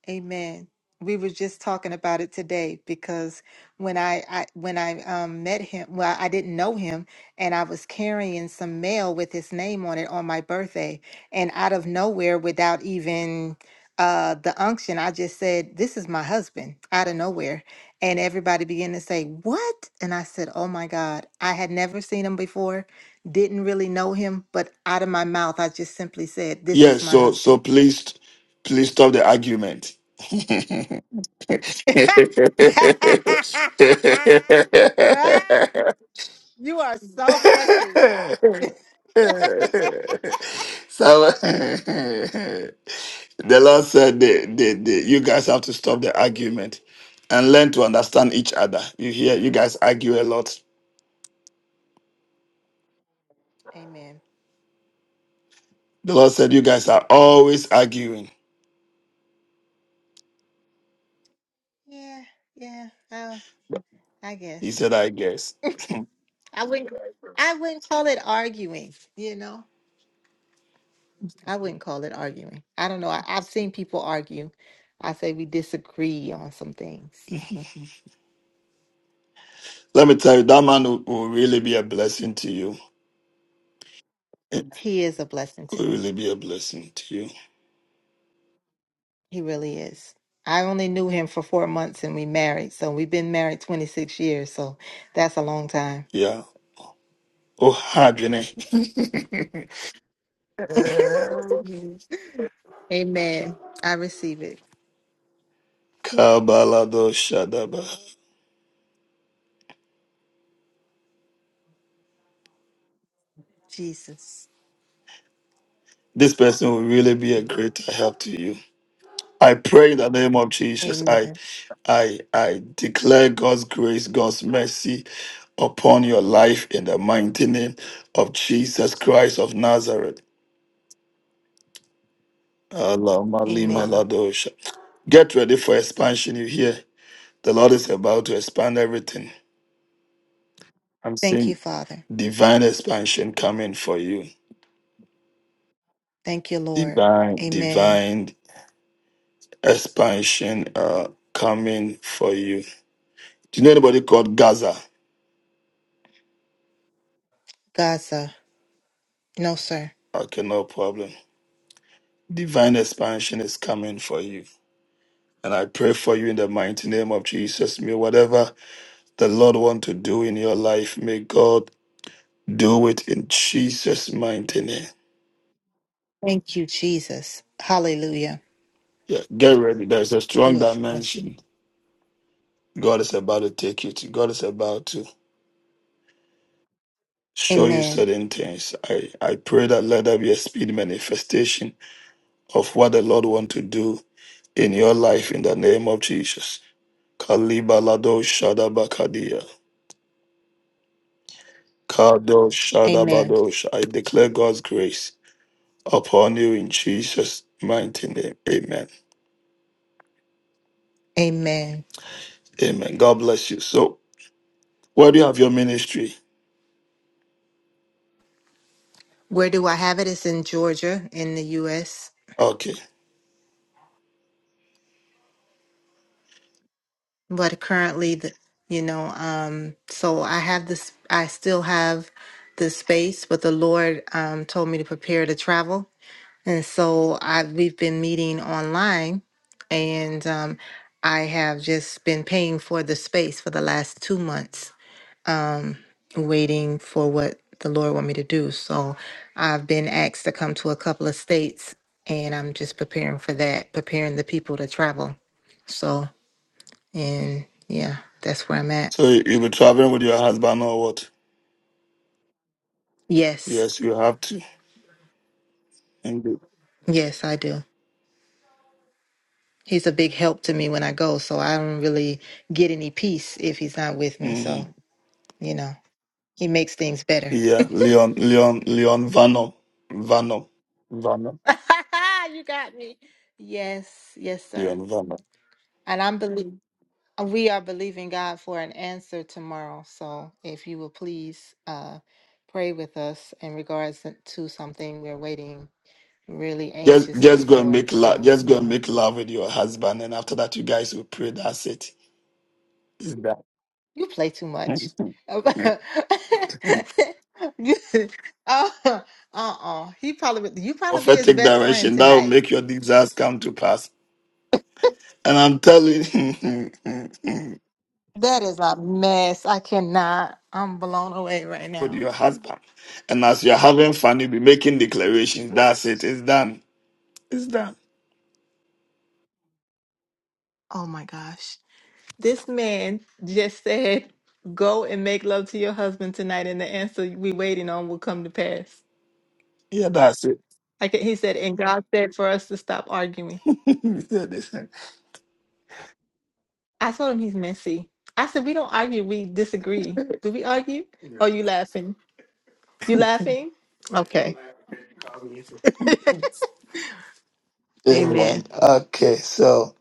Amen. We were just talking about it today because when I, I when I um, met him, well, I didn't know him, and I was carrying some mail with his name on it on my birthday, and out of nowhere, without even uh, the unction, I just said, "This is my husband." Out of nowhere, and everybody began to say, "What?" And I said, "Oh my God, I had never seen him before, didn't really know him, but out of my mouth, I just simply said, 'This is
Yes,
my
so
husband."
so please please stop the argument.
(laughs)
(laughs)
you are so
so
messy.
(laughs)
(laughs)
the Lord said, the, the, the, You guys have to stop the argument and learn to understand each other. You hear, you guys argue a lot.
Amen.
The Lord said, You guys are always arguing.
Yeah, yeah. Uh, I
He
guess
said, I guess.
I wouldn't. I wouldn't call it arguing. You know, I wouldn't call it arguing. I don't know. I, I've seen people argue. I say we disagree on some things.
(laughs) Let me tell you, that man will, will really be a blessing to you. (laughs)
He is a blessing
It
to
will
me.
really be a blessing to you.
He really is. I only knew him for four months and we married. So we've been married 26 years. So that's a long time.
Yeah. Oh, Hadrine.
(laughs) Amen. I receive it.
Kabalado Shadaba.
Jesus.
This person will really be a great help to you. I pray in the name of Jesus. I
Amen.
I I declare God's grace, God's mercy upon your life in the mighty name of Jesus Christ of Nazareth. Allahumma lima
Amen.
ladosha. Get ready for expansion. You hear? The Lord is about to expand everything. I'm
Thank you,
seeing
Father.
divine expansion coming for you.
Thank you, Lord.
Divine,
Amen.
divine expansion uh, coming for you. Do you know anybody called Gaza?
Gaza. No, sir.
Okay, no problem. Divine expansion is coming for you. And I pray for you in the mighty name of Jesus. May whatever the Lord want to do in your life, may God do it in Jesus' mighty name.
Thank you, Jesus. Hallelujah.
Yeah, get ready. There's a
Do
strong
it for us.
dimension. God is about to take you to. God is about to show you
Amen.
certain things. I, I pray that let there be a speed manifestation of what the Lord want to do in your life in the name of Jesus. Kalibalado Shadabakadia. Kadosh
Amen.
Shadabadosh. I declare God's grace upon you in Jesus' mighty name. Amen.
Amen.
Amen. God bless you. So, where do you have your ministry?
Where do I have it? It's in Georgia, in the U.S.
Okay.
But currently, the, you know, um, so I have this. I still have the space, but the Lord um, told me to prepare to travel. And so I we've been meeting online, and um, I have just been paying for the space for the last two months, um, waiting for what the Lord want me to do. So I've been asked to come to a couple of states, and I'm just preparing for that, preparing the people to travel. So and yeah, that's where I'm at.
So, you- you'll be traveling with your husband or what?
Yes,
Yes, you have to. Indeed.
yes, I do. He's a big help to me when I go, so I don't really get any peace if he's not with me. So
Mhm.
you know. He makes things better.
Yeah, Leon, Leon, Leon Vano. Vano. Vano.
(laughs) you got me. Yes, yes, sir.
Leon Vano.
And I'm believe we are believing God for an answer tomorrow. So if you will please uh pray with us in regards to to something we're waiting really
Just,
anxiously
just go and
for.
make love.
So,
Just
you
go and
know,
make love with your husband, and after that, you guys will pray. That's it. Is
you play too much.
that?
(laughs)
(laughs)
You- (laughs) oh, uh-uh. He probably you probably be his
prophetic
best friend
direction that will
tonight.
make your desires come to pass. And I'm telling you,
That is a mess. I cannot. I'm blown away right
(laughs) with
now.
your husband. And as you're having fun, you'll be making declarations. That's it. It's done. It's done.
Oh my gosh. This man just said, go and make love to your husband tonight, and the answer we waiting on will come to pass.
Yeah, that's it.
Like he said, and God said for us to stop arguing.
(laughs) Yeah, that's it.
I told him he's messy. I said, we don't argue, we disagree. Do we argue? Are you laughing? You laughing? Okay. (laughs)
Amen.
Amen.
Okay, so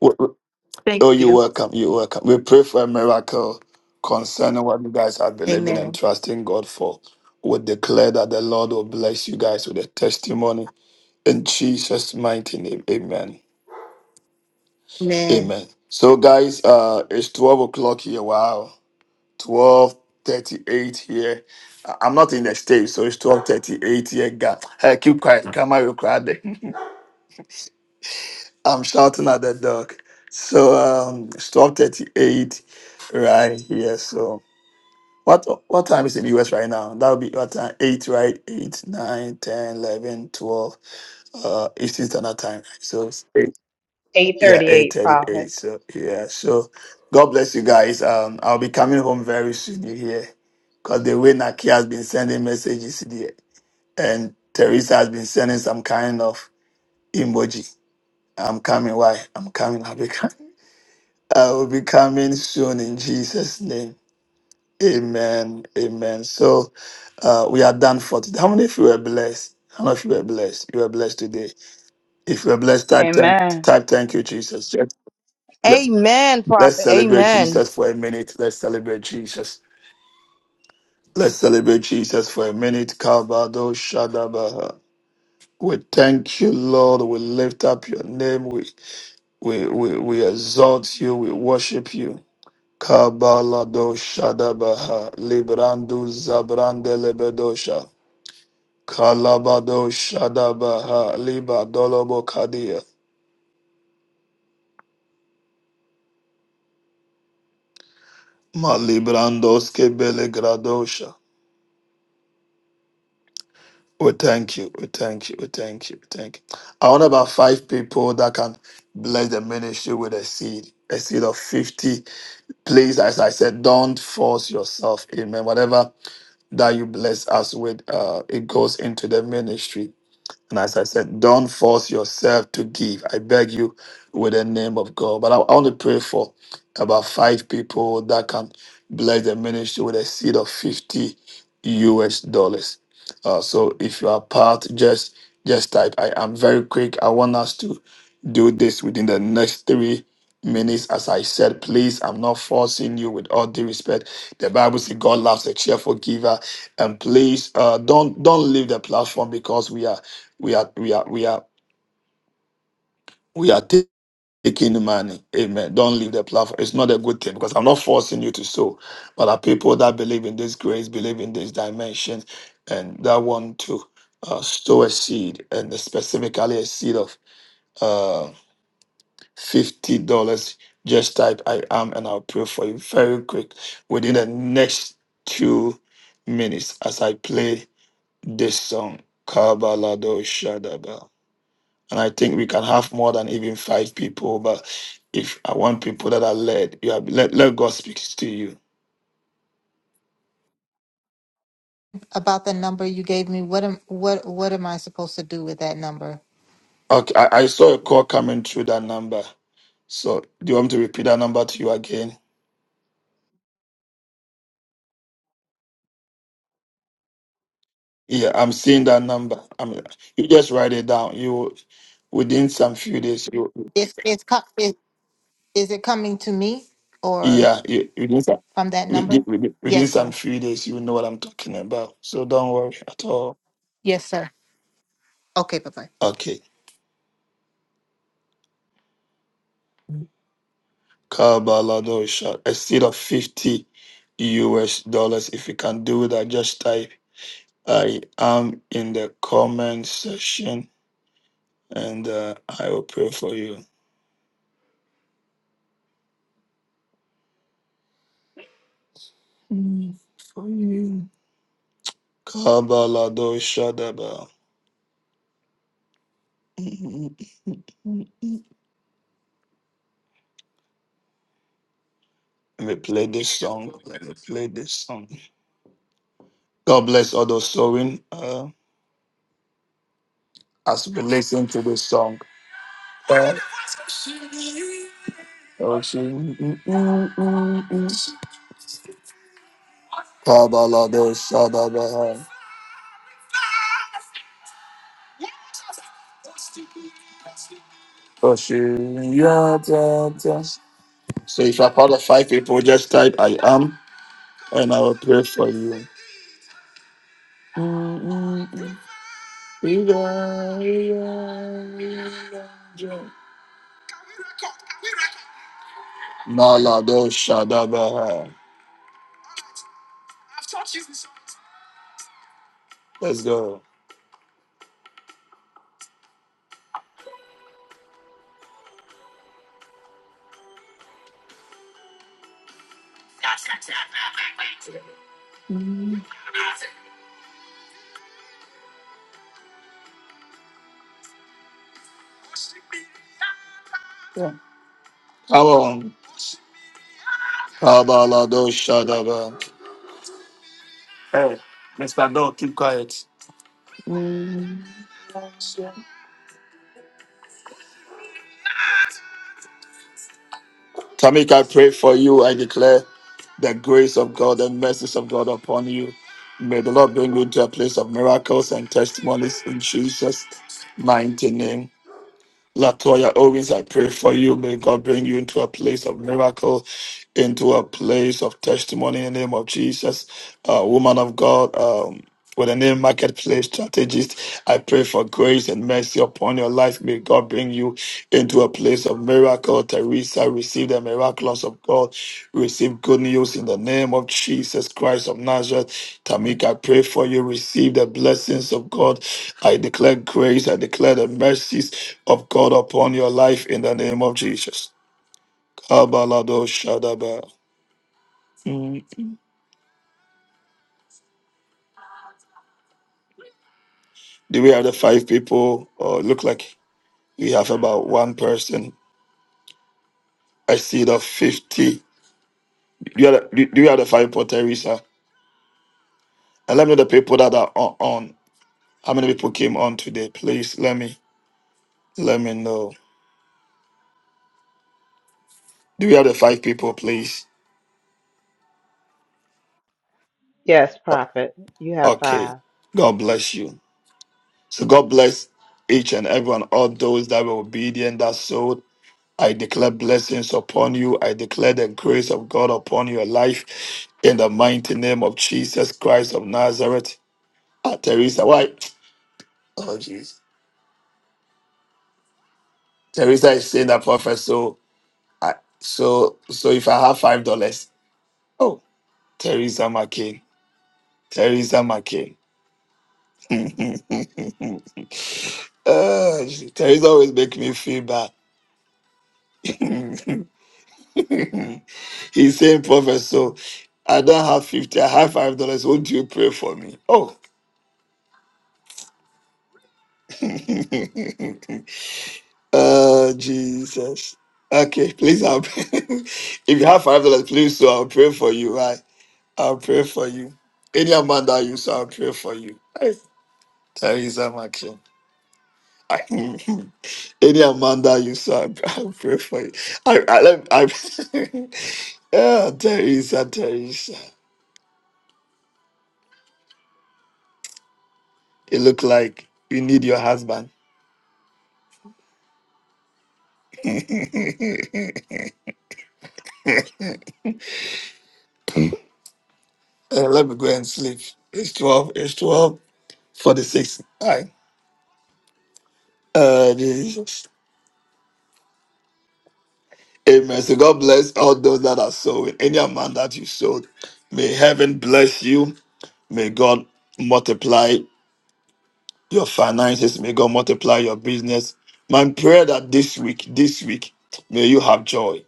w- w-
Thank
oh, you're
you.
welcome. You're welcome. We pray for a miracle concerning what you guys are believing and
Amen.
trusting God for. We declare that the Lord will bless you guys with a testimony in Jesus' mighty name. Amen.
Amen.
Amen. So, guys, uh, it's twelve o'clock here. Wow, twelve thirty-eight here. I- I'm not in the States, so it's twelve thirty-eight here. Ga- Hey, keep quiet. Come on, you crowd. (laughs) I'm shouting at the dog. So, um, it's twelve thirty-eight right here. So, what what time is in the US right now? That would be what time? Eight, right? Eight, nine, ten, eleven, twelve. Uh, Eastern Standard Time. So, it's eight. Yeah, eight
838, prophet.
thirty-eight. So yeah, so God bless you guys. Um, I'll be coming home very soon. You hear? Because the way Naki has been sending messages the- and Teresa has been sending some kind of emoji. I'm coming. Why? I'm coming. I'll be coming. (laughs) I will be coming soon in Jesus' name. Amen. Amen. So uh, we are done for today. How many of you were blessed? How many of you were blessed? You were blessed today. If you were blessed, type thank,
Amen.
type thank you, Jesus. Just
Amen,
Let's
prophet.
celebrate
Amen.
Jesus for a minute. Let's celebrate Jesus. Let's celebrate Jesus for a minute. Kabado Shadabaha. We thank you, Lord. We lift up your name. We we we, we exalt you. We worship you. Kabalado Shadabaha. Librandu Zabrande Lebedosha. Kalabado Shadabaha. Liba Dolobo Kadia. Malibrandos Kebele Gradosha. We thank you. We thank you. We thank you. We thank you. I want about five people that can bless the ministry with a seed, a seed of 50. Please, as I said, don't force yourself. Amen. Whatever that you bless us with, uh, it goes into the ministry. And as I said, don't force yourself to give. I beg you with the name of God. But I, I want to pray for about five people that can bless the ministry with a seed of 50 US dollars. Uh, so if you are part, just just type. I am very quick. I want us to do this within the next three minutes. As I said, please, I'm not forcing you with all due respect. The Bible says God loves a cheerful giver. And please uh, don't don't leave the platform because we are we are we are we are we are ta- taking the money amen don't leave the platform it's not a good thing because i'm not forcing you to sow but are people that believe in this grace believe in this dimension and that want to uh, sow a seed and specifically a seed of uh, $50 just type i am and i'll pray for you very quick within the next two minutes as i play this song kabalado shadaba And I think we can have more than even five people. But if I want people that are led, you have let, let God speak to you.
about the number you gave me. What am what what am I supposed to do with that number?
Okay, I, I saw a call coming through that number. So do you want me to repeat that number to you again? Yeah, I'm seeing that number. I mean, you just write it down. You within some few days, you
It's it's co- it, is it coming to me or
yeah, you, within some
from that
within,
number?
within
Yes,
some
sir.
few days, you know what I'm talking about. So don't worry at all.
Yes, sir. Okay, bye bye.
Okay. Kabaladosha, a seed of 50 US dollars. If you can do that, just type I am in the comment section and uh, I will pray for you. Mm, For you. Kabaladosha Daba. (laughs) Let me play this song. Let me play this song. God bless all those sowing uh, as we listen to this song. God, oh, she- Kabalado Shadabaha. Oshiyatata. So if I part of five people, just type I am and I will pray for you. Malado Shadabaha. Let's go. Come on. Kabalado Shadabaha. Hey, Mr. Dog, keep quiet. Tamika, I pray for you. I declare the grace of God and mercies of God upon you. May the Lord bring you to a place of miracles and testimonies in Jesus' mighty name. Latoya Owens, I pray for you. May God bring you into a place of miracle, into a place of testimony in the name of Jesus. Uh, woman of God, um, with the name Marketplace Strategist, I pray for grace and mercy upon your life. May God bring you into a place of miracle. Teresa, receive the miracles of God. Receive good news in the name of Jesus Christ of Nazareth. Tamika, I pray for you. Receive the blessings of God. I declare grace. I declare the mercies of God upon your life in the name of Jesus. Kabalado Shadaba. Mm. Do we have the five people? Or look like we have about one person. I see the 50. Do you have the, do you have the five people, Teresa? And let me know the people that are on. on. How many people came on today? Please let me let me know. Do we have the five people, please?
Yes, Prophet. You have
Okay.
five.
God bless you. So God bless each and everyone, all those that were obedient, that sowed. I declare blessings upon you. I declare the grace of God upon your life in the mighty name of Jesus Christ of Nazareth. Ah, Teresa, why? Oh, jeez. Teresa is saying that prophet. So, I, so, so if I have five dollars, oh, Teresa McCain, Teresa McCain. Ah, Terry's always making me feel bad. (laughs) He's saying, Prophet, so I don't have 50, I have $5. Won't you pray for me? Oh. (laughs) uh, Jesus. Okay, please, I'll (laughs) if you have $5, please, so I'll pray for you, right? I'll pray for you. Any amount that you, so I'll pray for you. Terry's a I, (laughs) Any Amanda you saw, I I pray for you. I, I, I, (laughs) yeah, Teresa, Teresa. It look like you need your husband. (laughs) Uh, let me go and sleep. It's 12, it's twelve forty-six. 46. All right. Uh, Jesus. Amen. So God bless all those that are sowing. Any amount that you sowed, may heaven bless you. May God multiply Your finances may God multiply your business. My prayer that this week, this week, may you have joy.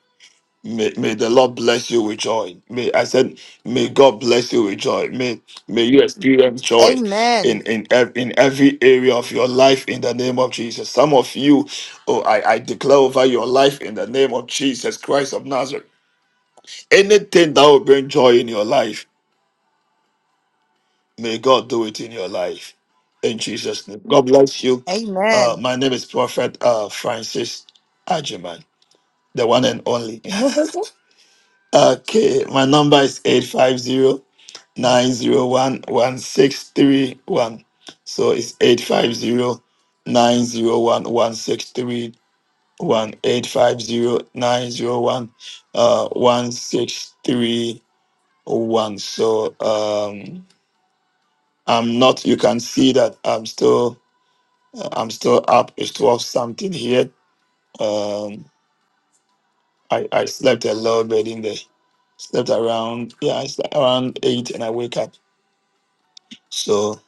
May, may the Lord bless you with joy. May I said, may God bless you with joy. May may you experience joy
Amen.
in in ev- in every area of your life in the name of Jesus. Some of you, oh, I I declare over your life in the name of Jesus Christ of Nazareth. Anything that will bring joy in your life. May God do it in your life. In Jesus' name. God bless you.
Amen.
Uh, my name is Prophet uh, Francis Ajiman, the one and only. (laughs) okay, my number is 850 901 1631. So it's 850 901 1631. 1631. So um, I'm not, you can see that I'm still Uh, I'm still up. It's twelve something here. Um, I I slept a little bit in the slept around yeah I slept around eight and I wake up. So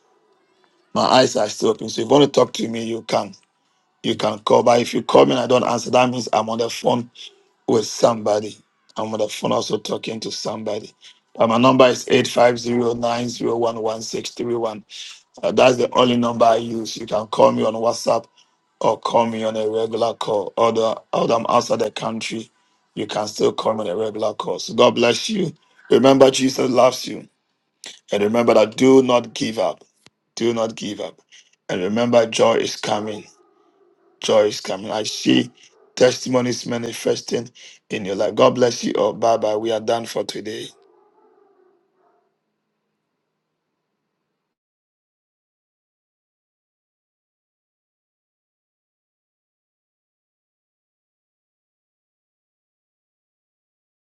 my eyes are still open. So if you want to talk to me, you can you can call. But if you call me and I don't answer, that means I'm on the phone with somebody. I'm on the phone also talking to somebody. But my number is eight five zero nine zero one one six three one. Uh, that's the only number I use. You can call me on WhatsApp or call me on a regular call. Although, although I'm outside the country, you can still call me on a regular call. So God bless you. Remember, Jesus loves you. And remember that do not give up. Do not give up. And remember, joy is coming. Joy is coming. I see testimonies manifesting in your life. God bless you all. Bye bye. We are done for today.